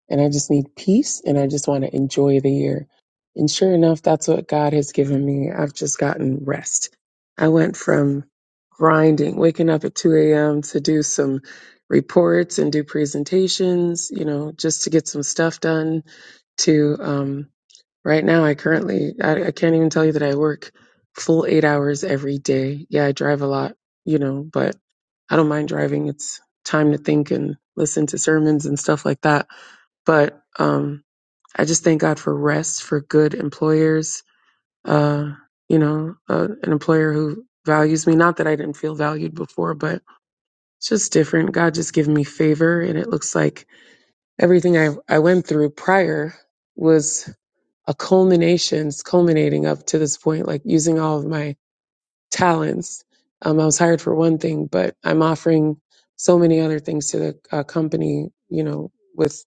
and I just need peace and I just want to enjoy the year. And sure enough, that's what God has given me. I've just gotten rest. I went from grinding, waking up at 2 a.m. to do some reports and do presentations, you know, just to get some stuff done to, um, Right now, I currently, I, I can't even tell you that I work full eight hours every day. Yeah, I drive a lot, you know, but I don't mind driving. It's time to think and listen to sermons and stuff like that. But um, I just thank God for rest, for good employers, uh, you know, uh, an employer who values me. Not that I didn't feel valued before, but it's just different. God just given me favor. And it looks like everything I, I went through prior was a culmination, it's culminating up to this point, like using all of my talents. Um, I was hired for one thing, but I'm offering so many other things to the uh, company, you know, with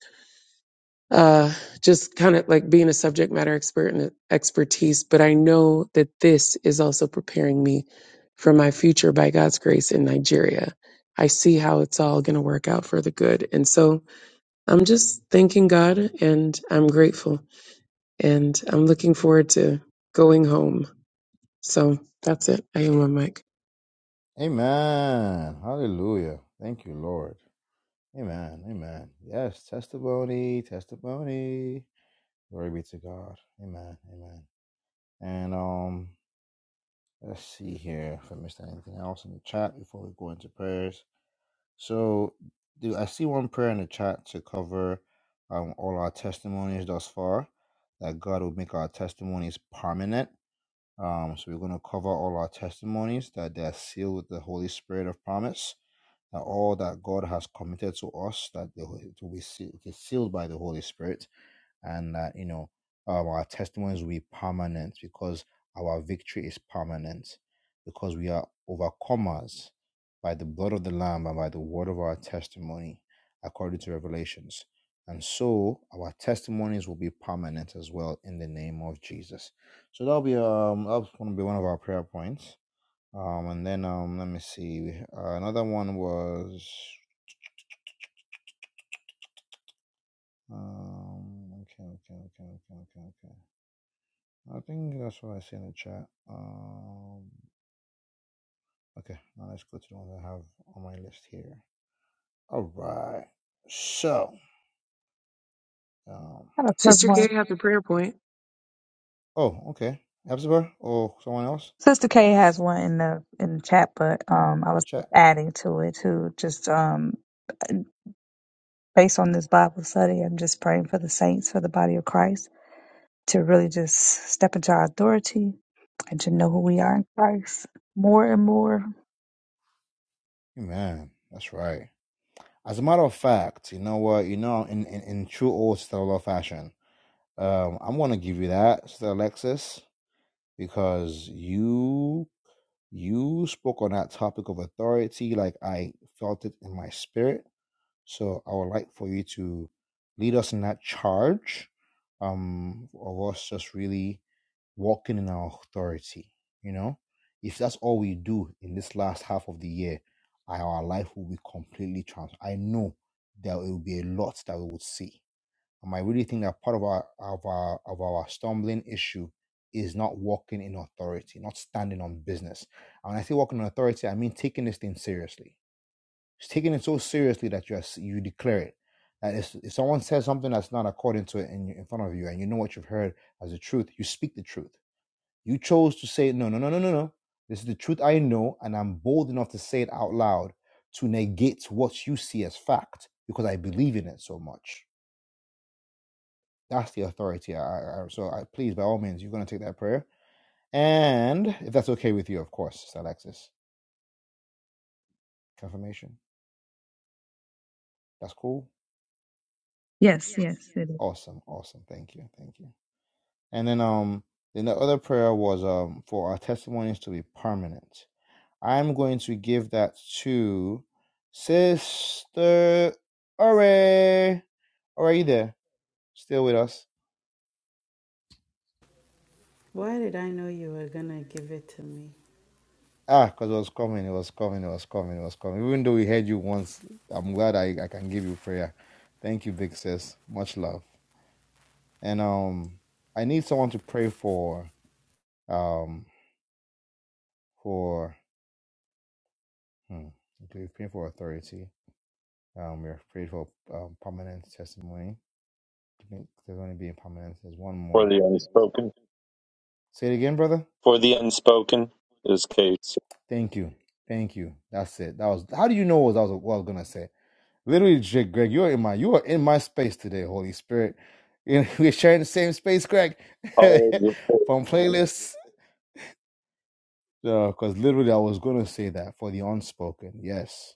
uh, just kind of like being a subject matter expert and expertise. But I know that this is also preparing me for my future by God's grace in Nigeria. I see how it's all going to work out for the good. And so I'm just thanking God and I'm grateful and I'm looking forward to going home. So that's it. I am on mic.
Amen. Hallelujah. Thank you, Lord. Amen. Amen. Yes, testimony, testimony. Glory be to God. Amen. Amen. And um, let's see here if I missed anything else in the chat before we go into prayers. So, do I see one prayer in the chat to cover um, all our testimonies thus far? That God will make our testimonies permanent. Um, so we're going to cover all our testimonies that they're sealed with the Holy Spirit of promise that all that God has committed to us, that the, it will be seal- it is sealed by the Holy Spirit, and that you know um, our testimonies will be permanent because our victory is permanent, because we are overcomers by the blood of the Lamb and by the word of our testimony, according to Revelations. And so our testimonies will be permanent as well in the name of Jesus. So that'll be um that's gonna be one of our prayer points um, and then um, let me see. we- Uh, another one was um, okay, okay, okay, okay, okay, okay. I think that's what I see in the chat. Um, okay, now let's go to the one I have on my list here. All right. So, um,
I have a quick
Sister
one.
Carrie has a prayer point.
oh, okay, Abzibur or someone else
Sister K has one in the in the chat, but um, I was just
chat.
adding to it too. Just um, based on this Bible study, I'm just praying for the saints, for the body of Christ, to really just step into our authority and to know
All
who we are in Christ more and more.
right. Man, that's right. As a matter of fact, you know what? You know, in in, in true old stellar fashion, um, I'm gonna give you that, Sir Alexis. because you you spoke on that topic of authority like I felt it in my spirit. So I would like for you to lead us in that charge um, of us just really walking in our authority. You know, if that's all we do in this last half of the year, our life will be completely transformed. I know there will be a lot that we would see. Um, I really think that part of our of our of our stumbling issue is not walking in authority, not standing on business. And when I say walking in authority, I mean taking this thing seriously. It's taking it so seriously that you are, you declare it. That if, if someone says something that's not according to it in, in front of you, and you know what you've heard as the truth, you speak the truth. You chose to say no, no, no, no, no, no. This is the truth I know, and I'm bold enough to say it out loud to negate what you see as fact because I believe in it so much that's the authority. I, I, so I, please, by all means, you're going to take that prayer. And if that's okay with you, of course, Sister Alexis, confirmation. That's cool.
Yes, yes, it is.
Awesome. Awesome. Thank you. Thank you. And then, um, then the other prayer was um for our testimonies to be permanent. I'm going to give that to Sister Ore. Ore, are you there? Still with us?
Why did I know you were gonna give it to me?
Ah, because it was coming, it was coming, it was coming, it was coming. Even though we heard you once, I'm glad I, I can give you prayer. Thank you, big sis. Much love. And um, I need someone to pray for um for hmm, okay, we pray for authority. Um, we're praying for um, permanent testimony. I think There's going to be a permanent. There's one
For
more.
the unspoken.
Say it again, brother.
For the unspoken is Kate.
Thank you, thank you. That's it. That was. How do you know what I was what I was gonna say? Literally, Jake, Greg, you are in my you are in my space today, Holy Spirit. And we're sharing the same space, Greg.
Always the Kate.
From playlists. because literally I was gonna say that for the unspoken. Yes.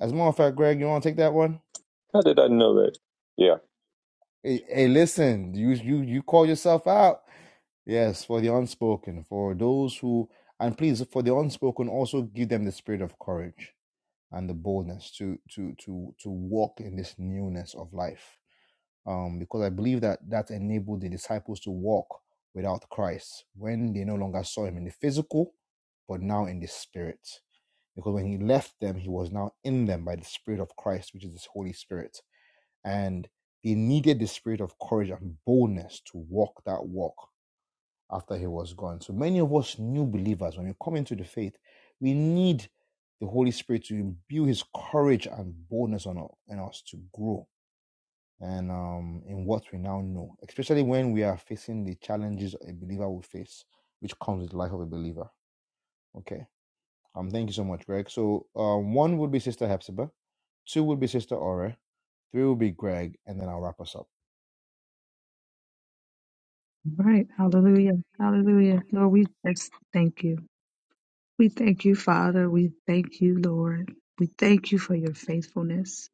As a matter of fact, Greg, you wanna take that one?
How did I know that? Yeah.
Hey, hey listen, you you you call yourself out. Yes, for the unspoken, for those who and please for the unspoken also give them the spirit of courage and the boldness to to to to walk in this newness of life um, because I believe that that enabled the disciples to walk without Christ when they no longer saw him in the physical, but now in the spirit. Because when he left them, he was now in them by the Spirit of Christ, which is his Holy Spirit. And they needed the spirit of courage and boldness to walk that walk after he was gone. So many of us new believers, when we come into the faith, we need the Holy Spirit to imbue his courage and boldness on u- in us to grow and um, in what we now know, especially when we are facing the challenges a believer will face, which comes with the life of a believer. Okay. Um, thank you so much, Greg. So um, one would be Sister Hepzibah, two would be Sister Ore, three would be Greg, and then I'll wrap us up.
Right. Hallelujah. Hallelujah. Lord, we just thank you. We thank you, Father. We thank you, Lord. We thank you for your faithfulness.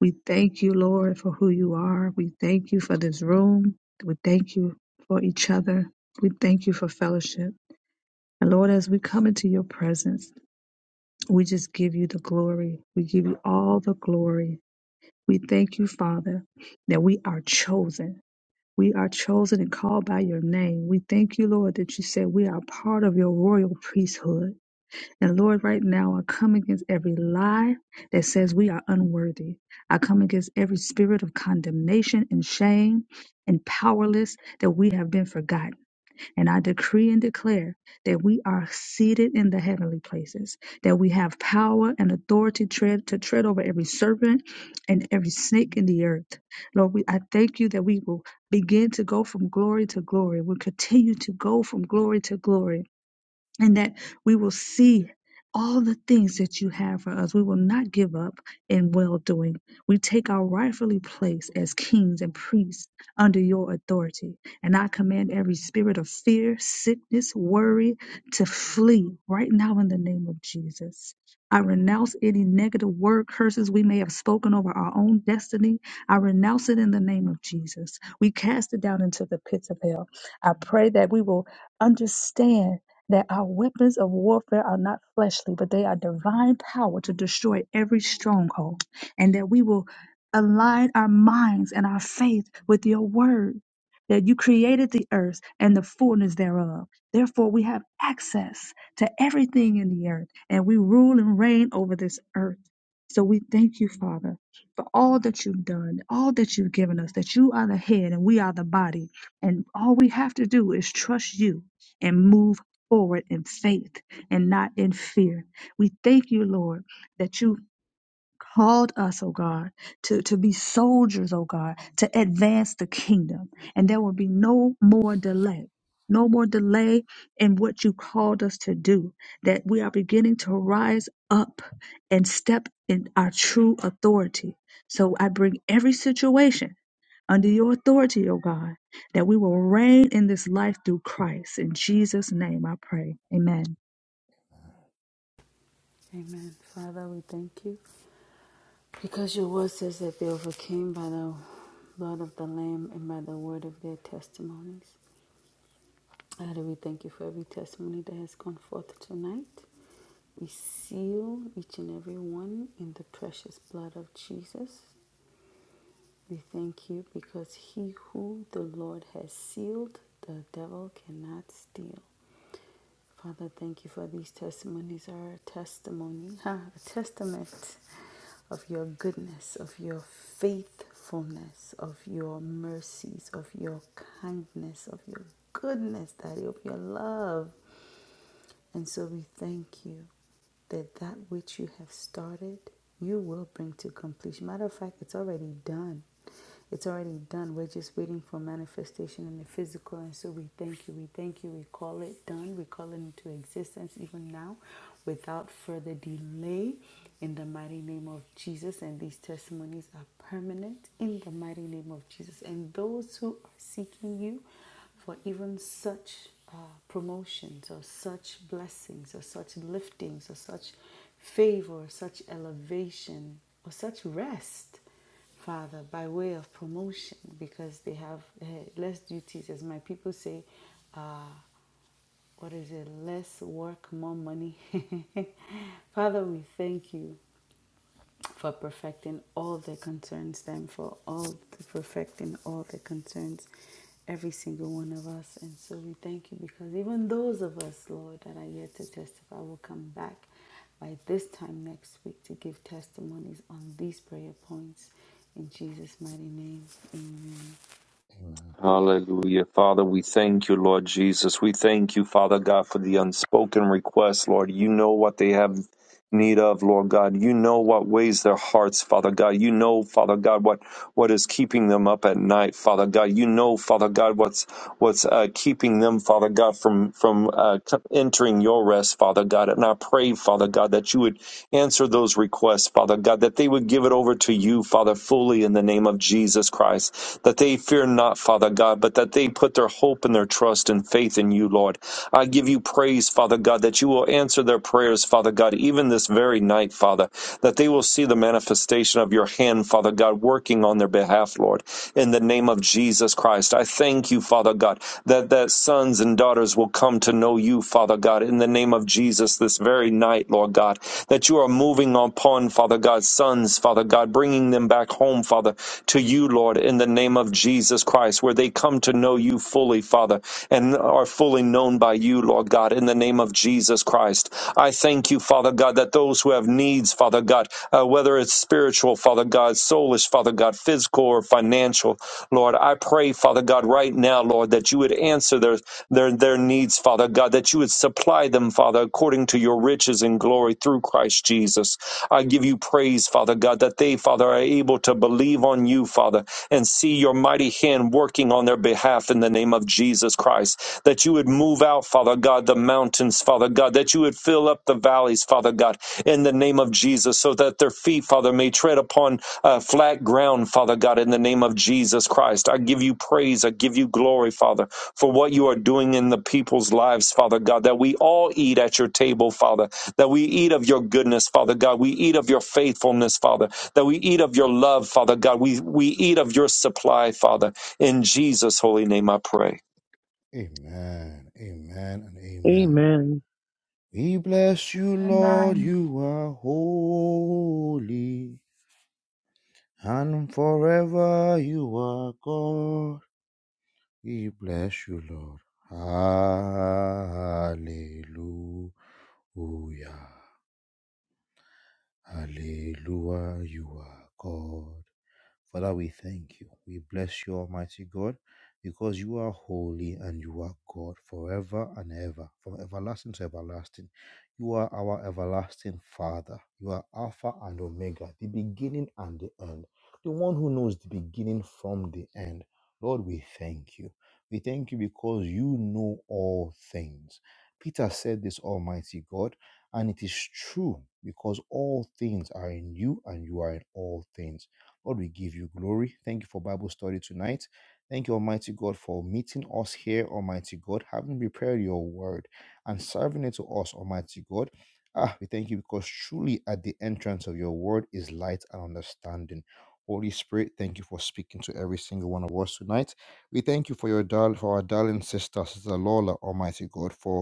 We thank you, Lord, for who you are. We thank you for this room. We thank you for each other. We thank you for fellowship. And Lord, as we come into your presence, we just give you the glory. We give you all the glory. We thank you, Father, that we are chosen. We are chosen and called by your name. We thank you, Lord, that you said we are part of your royal priesthood. And Lord, right now, I come against every lie that says we are unworthy. I come against every spirit of condemnation and shame and powerless that we have been forgotten. And I decree and declare that we are seated in the heavenly places, that we have power and authority tread, to tread over every serpent and every snake in the earth. Lord, we, I thank you that we will begin to go from glory to glory. We'll continue to go from glory to glory and that we will see all the things that you have for us. We will not give up in well doing. We take our rightfully place as kings and priests under your authority. And I command every spirit of fear, sickness, worry to flee right now in the name of Jesus. I renounce any negative word curses we may have spoken over our own destiny. I renounce it in the name of Jesus. We cast it down into the pits of hell. I pray that we will understand that our weapons of warfare are not fleshly, but they are divine power to destroy every stronghold, and that we will align our minds and our faith with your word, that you created the earth and the fullness thereof. Therefore, we have access to everything in the earth, and we rule and reign over this earth. So we thank you, Father, for all that you've done, all that you've given us, that you are the head and we are the body. And all we have to do is trust you and move forward in faith and not in fear. We thank you, Lord, that you called us, oh God, to, to be soldiers, oh God, to advance the kingdom. And there will be no more delay. No more delay in what you called us to do, that we are beginning to rise up and step in our true authority. So I bring every situation under your authority, O God, that we will reign in this life through Christ. In Jesus' name I pray. Amen.
Amen. Father, we thank you. Because your word says that they overcame by the blood of the Lamb and by the word of their testimonies. Father, we thank you for every testimony that has gone forth tonight. We seal each and every one in the precious blood of Jesus. We thank you because he who the Lord has sealed, the devil cannot steal. Father, thank you for these testimonies. Our testimony, ha, a testament of your goodness, of your faithfulness, of your mercies, of your kindness, of your goodness, Daddy, of your love. And so we thank you that that which you have started, you will bring to completion. Matter of fact, it's already done. It's already done. We're just waiting for manifestation in the physical. And so we thank you. We thank you. We call it done. We call it into existence even now without further delay in the mighty name of Jesus. And these testimonies are permanent in the mighty name of Jesus. And those who are seeking you, for even such uh, promotions or such blessings or such liftings or such favor such elevation or such rest, Father, by way of promotion because they have eh, less duties. As my people say, uh, what is it? Less work, more money. Father, we thank you for perfecting all their concerns, them for all perfecting all their concerns, every single one of us. And so we thank you because even those of us, Lord, that are yet to testify will come back by this time next week to give testimonies on these prayer points. In Jesus' mighty name, amen.
Amen.
Hallelujah. Father, we thank you, Lord Jesus. We thank you, Father God, for the unspoken requests, Lord. You know what they have need of, Lord God. You know what weighs their hearts, Father God. You know, Father God, what, what is keeping them up at night, Father God. You know, Father God, what's what's uh, keeping them, Father God, from from uh, entering your rest, Father God. And I pray, Father God, that you would answer those requests, Father God, that they would give it over to you, Father, fully in the name of Jesus Christ. That they fear not, Father God, but that they put their hope and their trust and faith in you, Lord. I give you praise, Father God, that you will answer their prayers, Father God, even this very night, Father, that they will see the manifestation of your hand, Father God, working on their behalf, Lord, in the name of Jesus. Jesus Christ. I thank you, Father God, that that sons and daughters will come to know you, Father God, in the name of Jesus this very night, Lord God, that you are moving upon, Father God, sons, Father God, bringing them back home, Father, to you, Lord, in the name of Jesus Christ, where they come to know you fully, Father, and are fully known by you, Lord God, in the name of Jesus Christ. I thank you, Father God, that those who have needs, Father God, uh, whether it's spiritual, Father God, soulish, Father God, physical, physical or financial. Lord, I pray, Father God, right now, Lord, that you would answer their, their, their needs, Father God, that you would supply them, Father, according to your riches and glory through Christ Jesus. I give you praise, Father God, that they, Father, are able to believe on you, Father, and see your mighty hand working on their behalf in the name of Jesus Christ. That you would move out, Father God, the mountains, Father God, that you would fill up the valleys, Father God, in the name of Jesus, so that their feet, Father, may tread upon uh, flat ground, Father God, in the name of Jesus Christ. I give you praise. I give you glory, Father, for what you are doing in the people's lives, Father God, that we all eat at your table, Father, that we eat of your goodness, Father God. We eat of your faithfulness, Father, that we eat of your love, Father God. We, we eat of your supply, Father. In Jesus' holy name, I pray.
Amen. Amen and amen.
Amen.
We bless you, Lord.
Amen.
You are holy, and forever you are God. We bless you, Lord. Hallelujah. Hallelujah, you are God. Father, we thank you. We bless you, Almighty God, because you are holy and you are God forever and ever, from everlasting to everlasting. You are our everlasting Father. You are Alpha and Omega, the beginning and the end, the one who knows the beginning from the end. Lord, we thank you. We thank you because you know all things. Peter said this, Almighty God. And it is true because all things are in you and you are in all things. Lord, we give you glory. Thank you for Bible study tonight. Thank you, Almighty God, for meeting us here, Almighty God, having prepared your word and serving it to us, Almighty God. Ah, we thank you because truly at the entrance of your word is light and understanding. Holy Spirit, thank you for speaking to every single one of us tonight. We thank you for your dar- for our darling sister, Sister Lola, Almighty God, for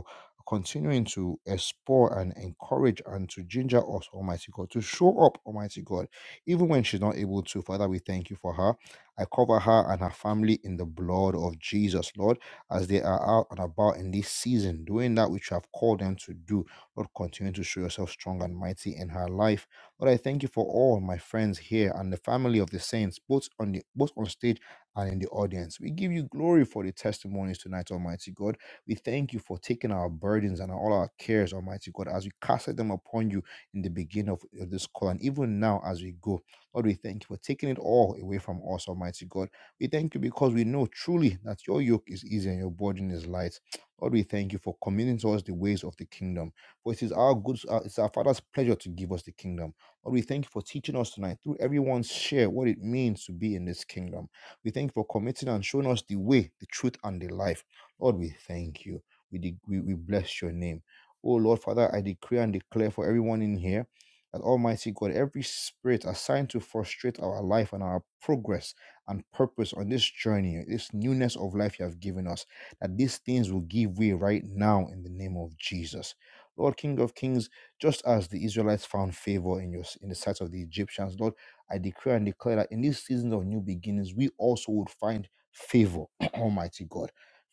continuing to explore and encourage and to ginger us, Almighty God, to show up, Almighty God, even when she's not able to. Father, we thank you for her. I cover her and her family in the blood of Jesus, Lord, as they are out and about in this season, doing that which you have called them to do. Lord, continue to show yourself strong and mighty in her life. Lord, I thank you for all my friends here and the family of the saints, both on the both on stage and in the audience. We give you glory for the testimonies tonight, Almighty God. We thank you for taking our burdens and all our cares, Almighty God, as we casted them upon you in the beginning of of this call. And even now, as we go, Lord, we thank you for taking it all away from us, Almighty God. We thank you because we know truly that your yoke is easy and your burden is light. Lord, we thank you for committing to us the ways of the kingdom. For it is our good, uh, it's our Father's pleasure to give us the kingdom. Lord, we thank you for teaching us tonight through everyone's share what it means to be in this kingdom. We thank you for committing and showing us the way, the truth, and the life. Lord, we thank you. We, de- we, we bless your name. Oh, Lord, Father, I decree and declare for everyone in here that Almighty God, every spirit assigned to frustrate our life and our progress and purpose on this journey, this newness of life you have given us, that these things will give way right now in the name of Jesus. Lord, King of Kings, just as the Israelites found favor in your in the sight of the Egyptians, Lord, I decree and declare that in these seasons of new beginnings, we also would find favor, Almighty God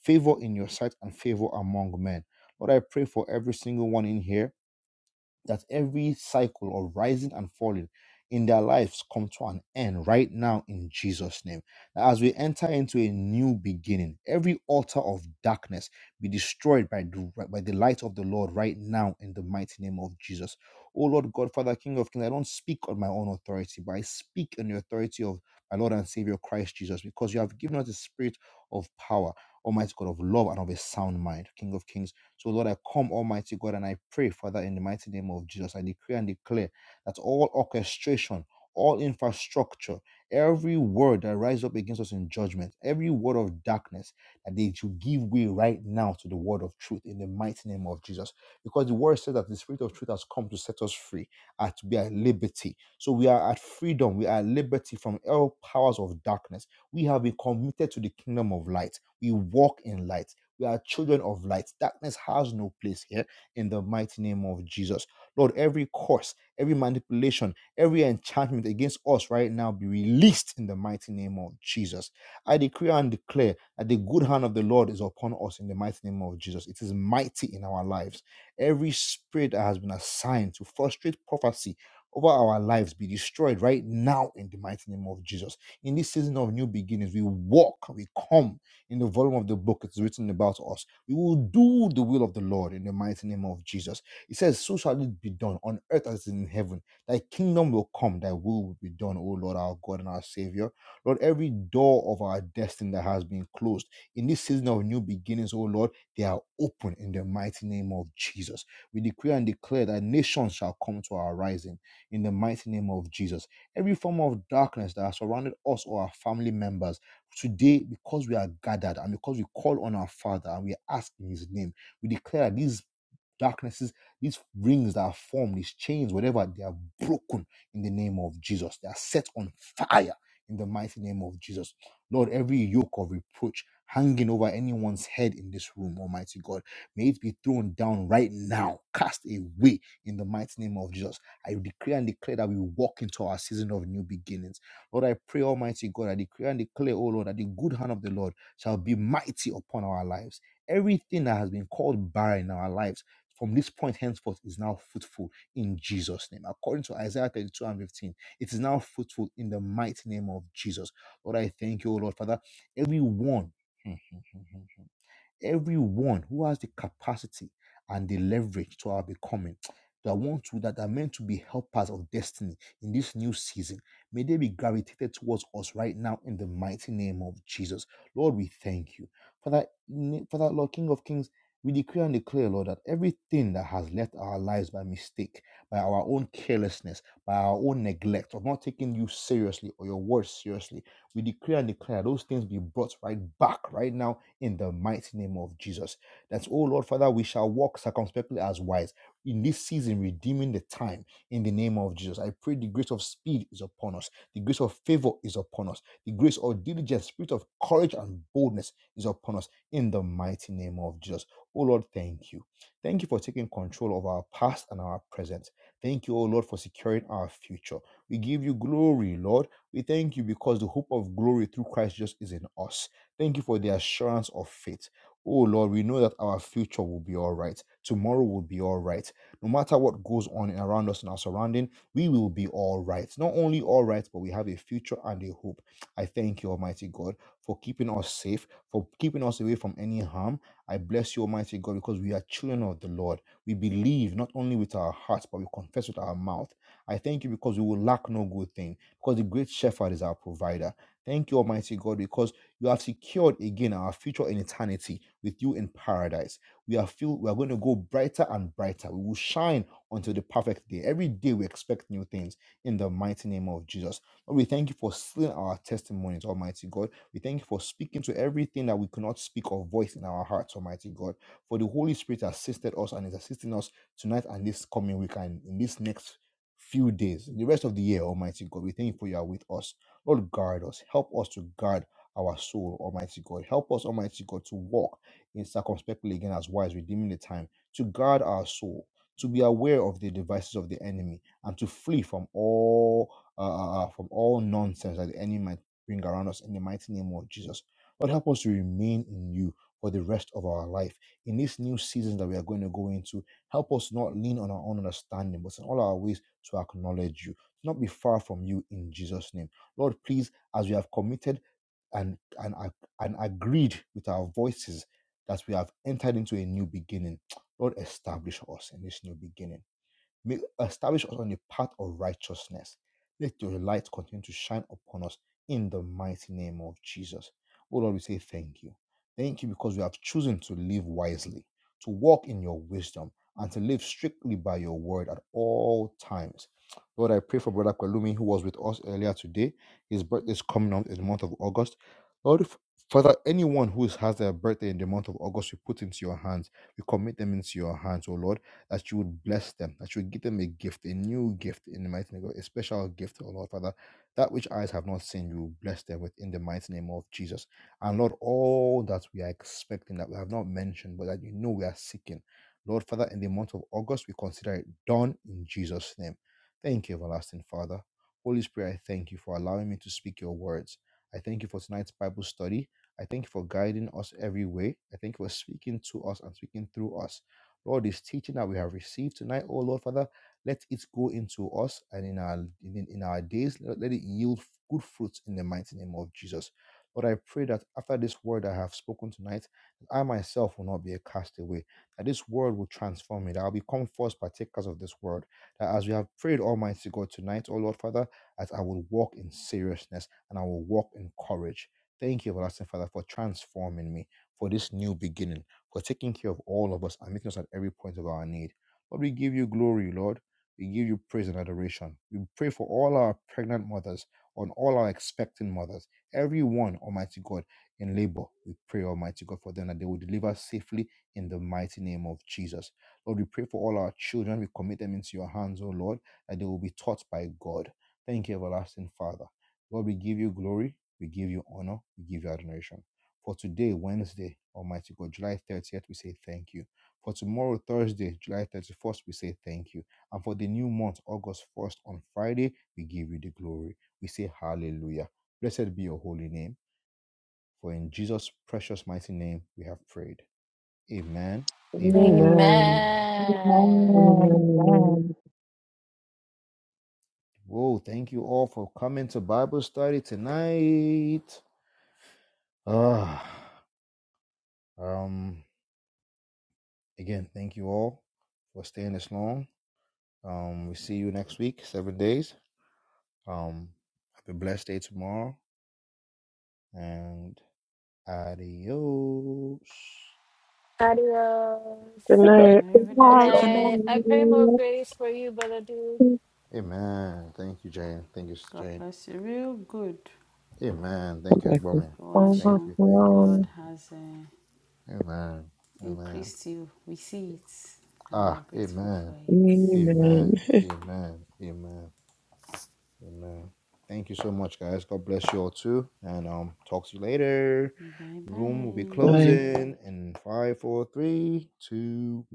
favor in your sight and favor among men. Lord, I pray for every single one in here that every cycle of rising and falling in their lives come to an end right now in Jesus name. That as we enter into a new beginning, every altar of darkness be destroyed by the, by the light of the Lord right now in the mighty name of Jesus. Oh Lord God, Father, King of Kings, I don't speak on my own authority, but I speak on the authority of my Lord and Savior Christ Jesus, because you have given us the spirit of power, Almighty God, of love and of a sound mind, King of Kings. So, Lord, I come, Almighty God, and I pray, Father, in the mighty name of Jesus, I decree and declare that all orchestration, all infrastructure, every word that rises up against us in judgment, every word of darkness, that they should give way right now to the word of truth in the mighty name of Jesus. Because the word says that the spirit of truth has come to set us free and to be at liberty. So we are at freedom, we are at liberty from all powers of darkness. We have been committed to the kingdom of light. We walk in light we are children of light. Darkness has no place here in the mighty name of Jesus. Lord, every curse, every manipulation, every enchantment against us right now be released in the mighty name of Jesus. I decree and declare that the good hand of the Lord is upon us in the mighty name of Jesus. It is mighty in our lives. Every spirit that has been assigned to frustrate prophecy over our lives be destroyed right now in the mighty name of Jesus. In this season of new beginnings, we walk, we come in the volume of the book it's written about us. We will do the will of the Lord in the mighty name of Jesus. It says, So shall it be done on earth as it is in heaven. Thy kingdom will come, thy will will be done, O Lord our God and our Savior. Lord, every door of our destiny that has been closed in this season of new beginnings, O Lord, they are open in the mighty name of Jesus. We decree and declare that nations shall come to our rising in the mighty name of Jesus. Every form of darkness that has surrounded us or our family members. Today, because we are gathered and because we call on our Father and we ask in His name, we declare these darknesses, these rings that are formed, these chains, whatever, they are broken in the name of Jesus. They are set on fire in the mighty name of Jesus. Lord, every yoke of reproach hanging over anyone's head in this room, Almighty God, may it be thrown down right now, cast away in the mighty name of Jesus. I declare and declare that we walk into our season of new beginnings Lord, I pray, Almighty God, I decree and declare, oh Lord, that the good hand of the Lord shall be mighty upon our lives. Everything that has been called barren in our lives from this point henceforth is now fruitful in Jesus' name. According to Isaiah 32 and 15, it is now fruitful in the mighty name of Jesus. Lord, I thank you, oh Lord, Father. Everyone. Everyone who has the capacity and the leverage to our becoming, that want to that are meant to be helpers of destiny in this new season, may they be gravitated towards us right now in the mighty name of Jesus. Lord, we thank you. For that, for that, Lord King of Kings, we declare and declare, Lord, that everything that has left our lives by mistake, by our own carelessness, by our own neglect of not taking you seriously or your word seriously, we declare and declare those things be brought right back right now in the mighty name of Jesus. That's, oh Lord Father, we shall walk circumspectly as wise in this season, redeeming the time in the name of Jesus. I pray the grace of speed is upon us, the grace of favor is upon us, the grace of diligence, spirit of courage and boldness is upon us in the mighty name of Jesus. Oh Lord, thank you. Thank you for taking control of our past and our present. Thank you, O Lord, for securing our future. We give you glory, Lord. We thank you because the hope of glory through Christ Jesus is in us. Thank you for the assurance of faith. Oh Lord, we know that our future will be all right. Tomorrow will be all right. No matter what goes on around us in our surrounding, we will be all right. Not only all right, but we have a future and a hope. I thank you, Almighty God, for keeping us safe, for keeping us away from any harm. I bless you, Almighty God, because we are children of the Lord. We believe not only with our hearts, but we confess with our mouth. I thank you because we will lack no good thing, because the great shepherd is our provider. Thank you, Almighty God, because you have secured again our future in eternity with you in paradise. We are filled, we are going to go brighter and brighter. We will shine until the perfect day. Every day we expect new things in the mighty name of Jesus. Lord, we thank you for sealing our testimonies, Almighty God. We thank you for speaking to everything that we could not speak or voice in our hearts, Almighty God. For the Holy Spirit assisted us and is assisting us tonight and this coming week and in this next few days, the rest of the year, Almighty God. We thank you for you are with us. Lord, guard us. Help us to guard our soul, Almighty God. Help us, Almighty God, to walk in circumspectly again as wise, redeeming the time, to guard our soul, to be aware of the devices of the enemy, and to flee from all uh, uh, uh, from all nonsense that the enemy might bring around us in the mighty name of Jesus. Lord, help us to remain in you for the rest of our life. In this new season that we are going to go into, help us not lean on our own understanding, but in all our ways to acknowledge you, to not be far from you in Jesus' name. Lord, please, as we have committed and and ag- and agreed with our voices that we have entered into a new beginning. Lord, establish us in this new beginning. May establish us on the path of righteousness. Let your light continue to shine upon us in the mighty name of Jesus. Oh Lord, we say thank you. Thank you because we have chosen to live wisely, to walk in your wisdom, and to live strictly by your word at all times. Lord, I pray for Brother Kwelumi, who was with us earlier today. His birthday is coming up in the month of August. Lord, if- Father, anyone who has their birthday in the month of August, we put into your hands. We commit them into your hands, O Lord that you would bless them, that you would give them a gift, a new gift in the mighty name of God, a special gift, O Lord Father. That which eyes have not seen, you will bless them with in the mighty name of Jesus. And Lord, all that we are expecting that we have not mentioned, but that you know we are seeking. Lord Father, in the month of August, we consider it done in Jesus' name. Thank you, everlasting Father. Holy Spirit, I thank you for allowing me to speak your words. I thank you for tonight's Bible study. I thank you for guiding us every way. I thank you for speaking to us and speaking through us. Lord, this teaching that we have received tonight, oh Lord Father, let it go into us and in our in, in our days, let let it yield good fruits in the mighty name of Jesus. Lord, I pray that after this word I have spoken tonight, I myself will not be a castaway, that this word will transform me, that I'll become first partakers of this word, that as we have prayed, Almighty God, tonight, oh Lord Father, that I will walk in seriousness and I will walk in courage. Thank you, everlasting Father, for transforming me for this new beginning for taking care of all of us and meeting us at every point of our need. Lord, we give you glory, Lord. We give you praise and adoration. We pray for all our pregnant mothers, on all our expecting mothers, every one, Almighty God, in labor. We pray, Almighty God, for them that they will deliver safely in the mighty name of Jesus. Lord, we pray for all our children. We commit them into your hands, O Lord, that they will be taught by God. Thank you, everlasting Father. Lord, we give you glory, we give you honor, we give you adoration. For today, Wednesday, Almighty God, July 30th, we say thank you. For tomorrow, Thursday, July 31st, we say thank you. And for the new month, August 1st, on Friday, we give you the glory. We say hallelujah. Blessed be your holy name. For in Jesus' precious mighty name, we have prayed. Amen, amen, and
Amen.
amen.
amen
Amen. Amen.
Whoa, thank you all for coming to Bible study tonight. Ah, um, again, thank you all for staying this long. Um, we see you next week, seven days. Um, have a blessed day tomorrow, and adios.
adios
Good night.
Good
and
night. Good
Arrivederci.
i i pray more
night.
grace for you brother dude
God
Amen. Thank you, Jane. Thank you,
God
Jane.
bless you. Real good.
Amen. Thank you,
bless you.
Egbomi. Thank
Oashion.
you, thank
The
you,
Overflow.
Lord
thank you.
has uh,
Amen. Amen.
increased you. We see it and we
Ah,
are grateful
amen.
for it.
Amen.
Amen. Amen. Amen. Amen. Thank you so much, guys. God bless you all too. And um, talk to you later.
Bye
Room will be
bye.
I
closing in five, four, three, two, one.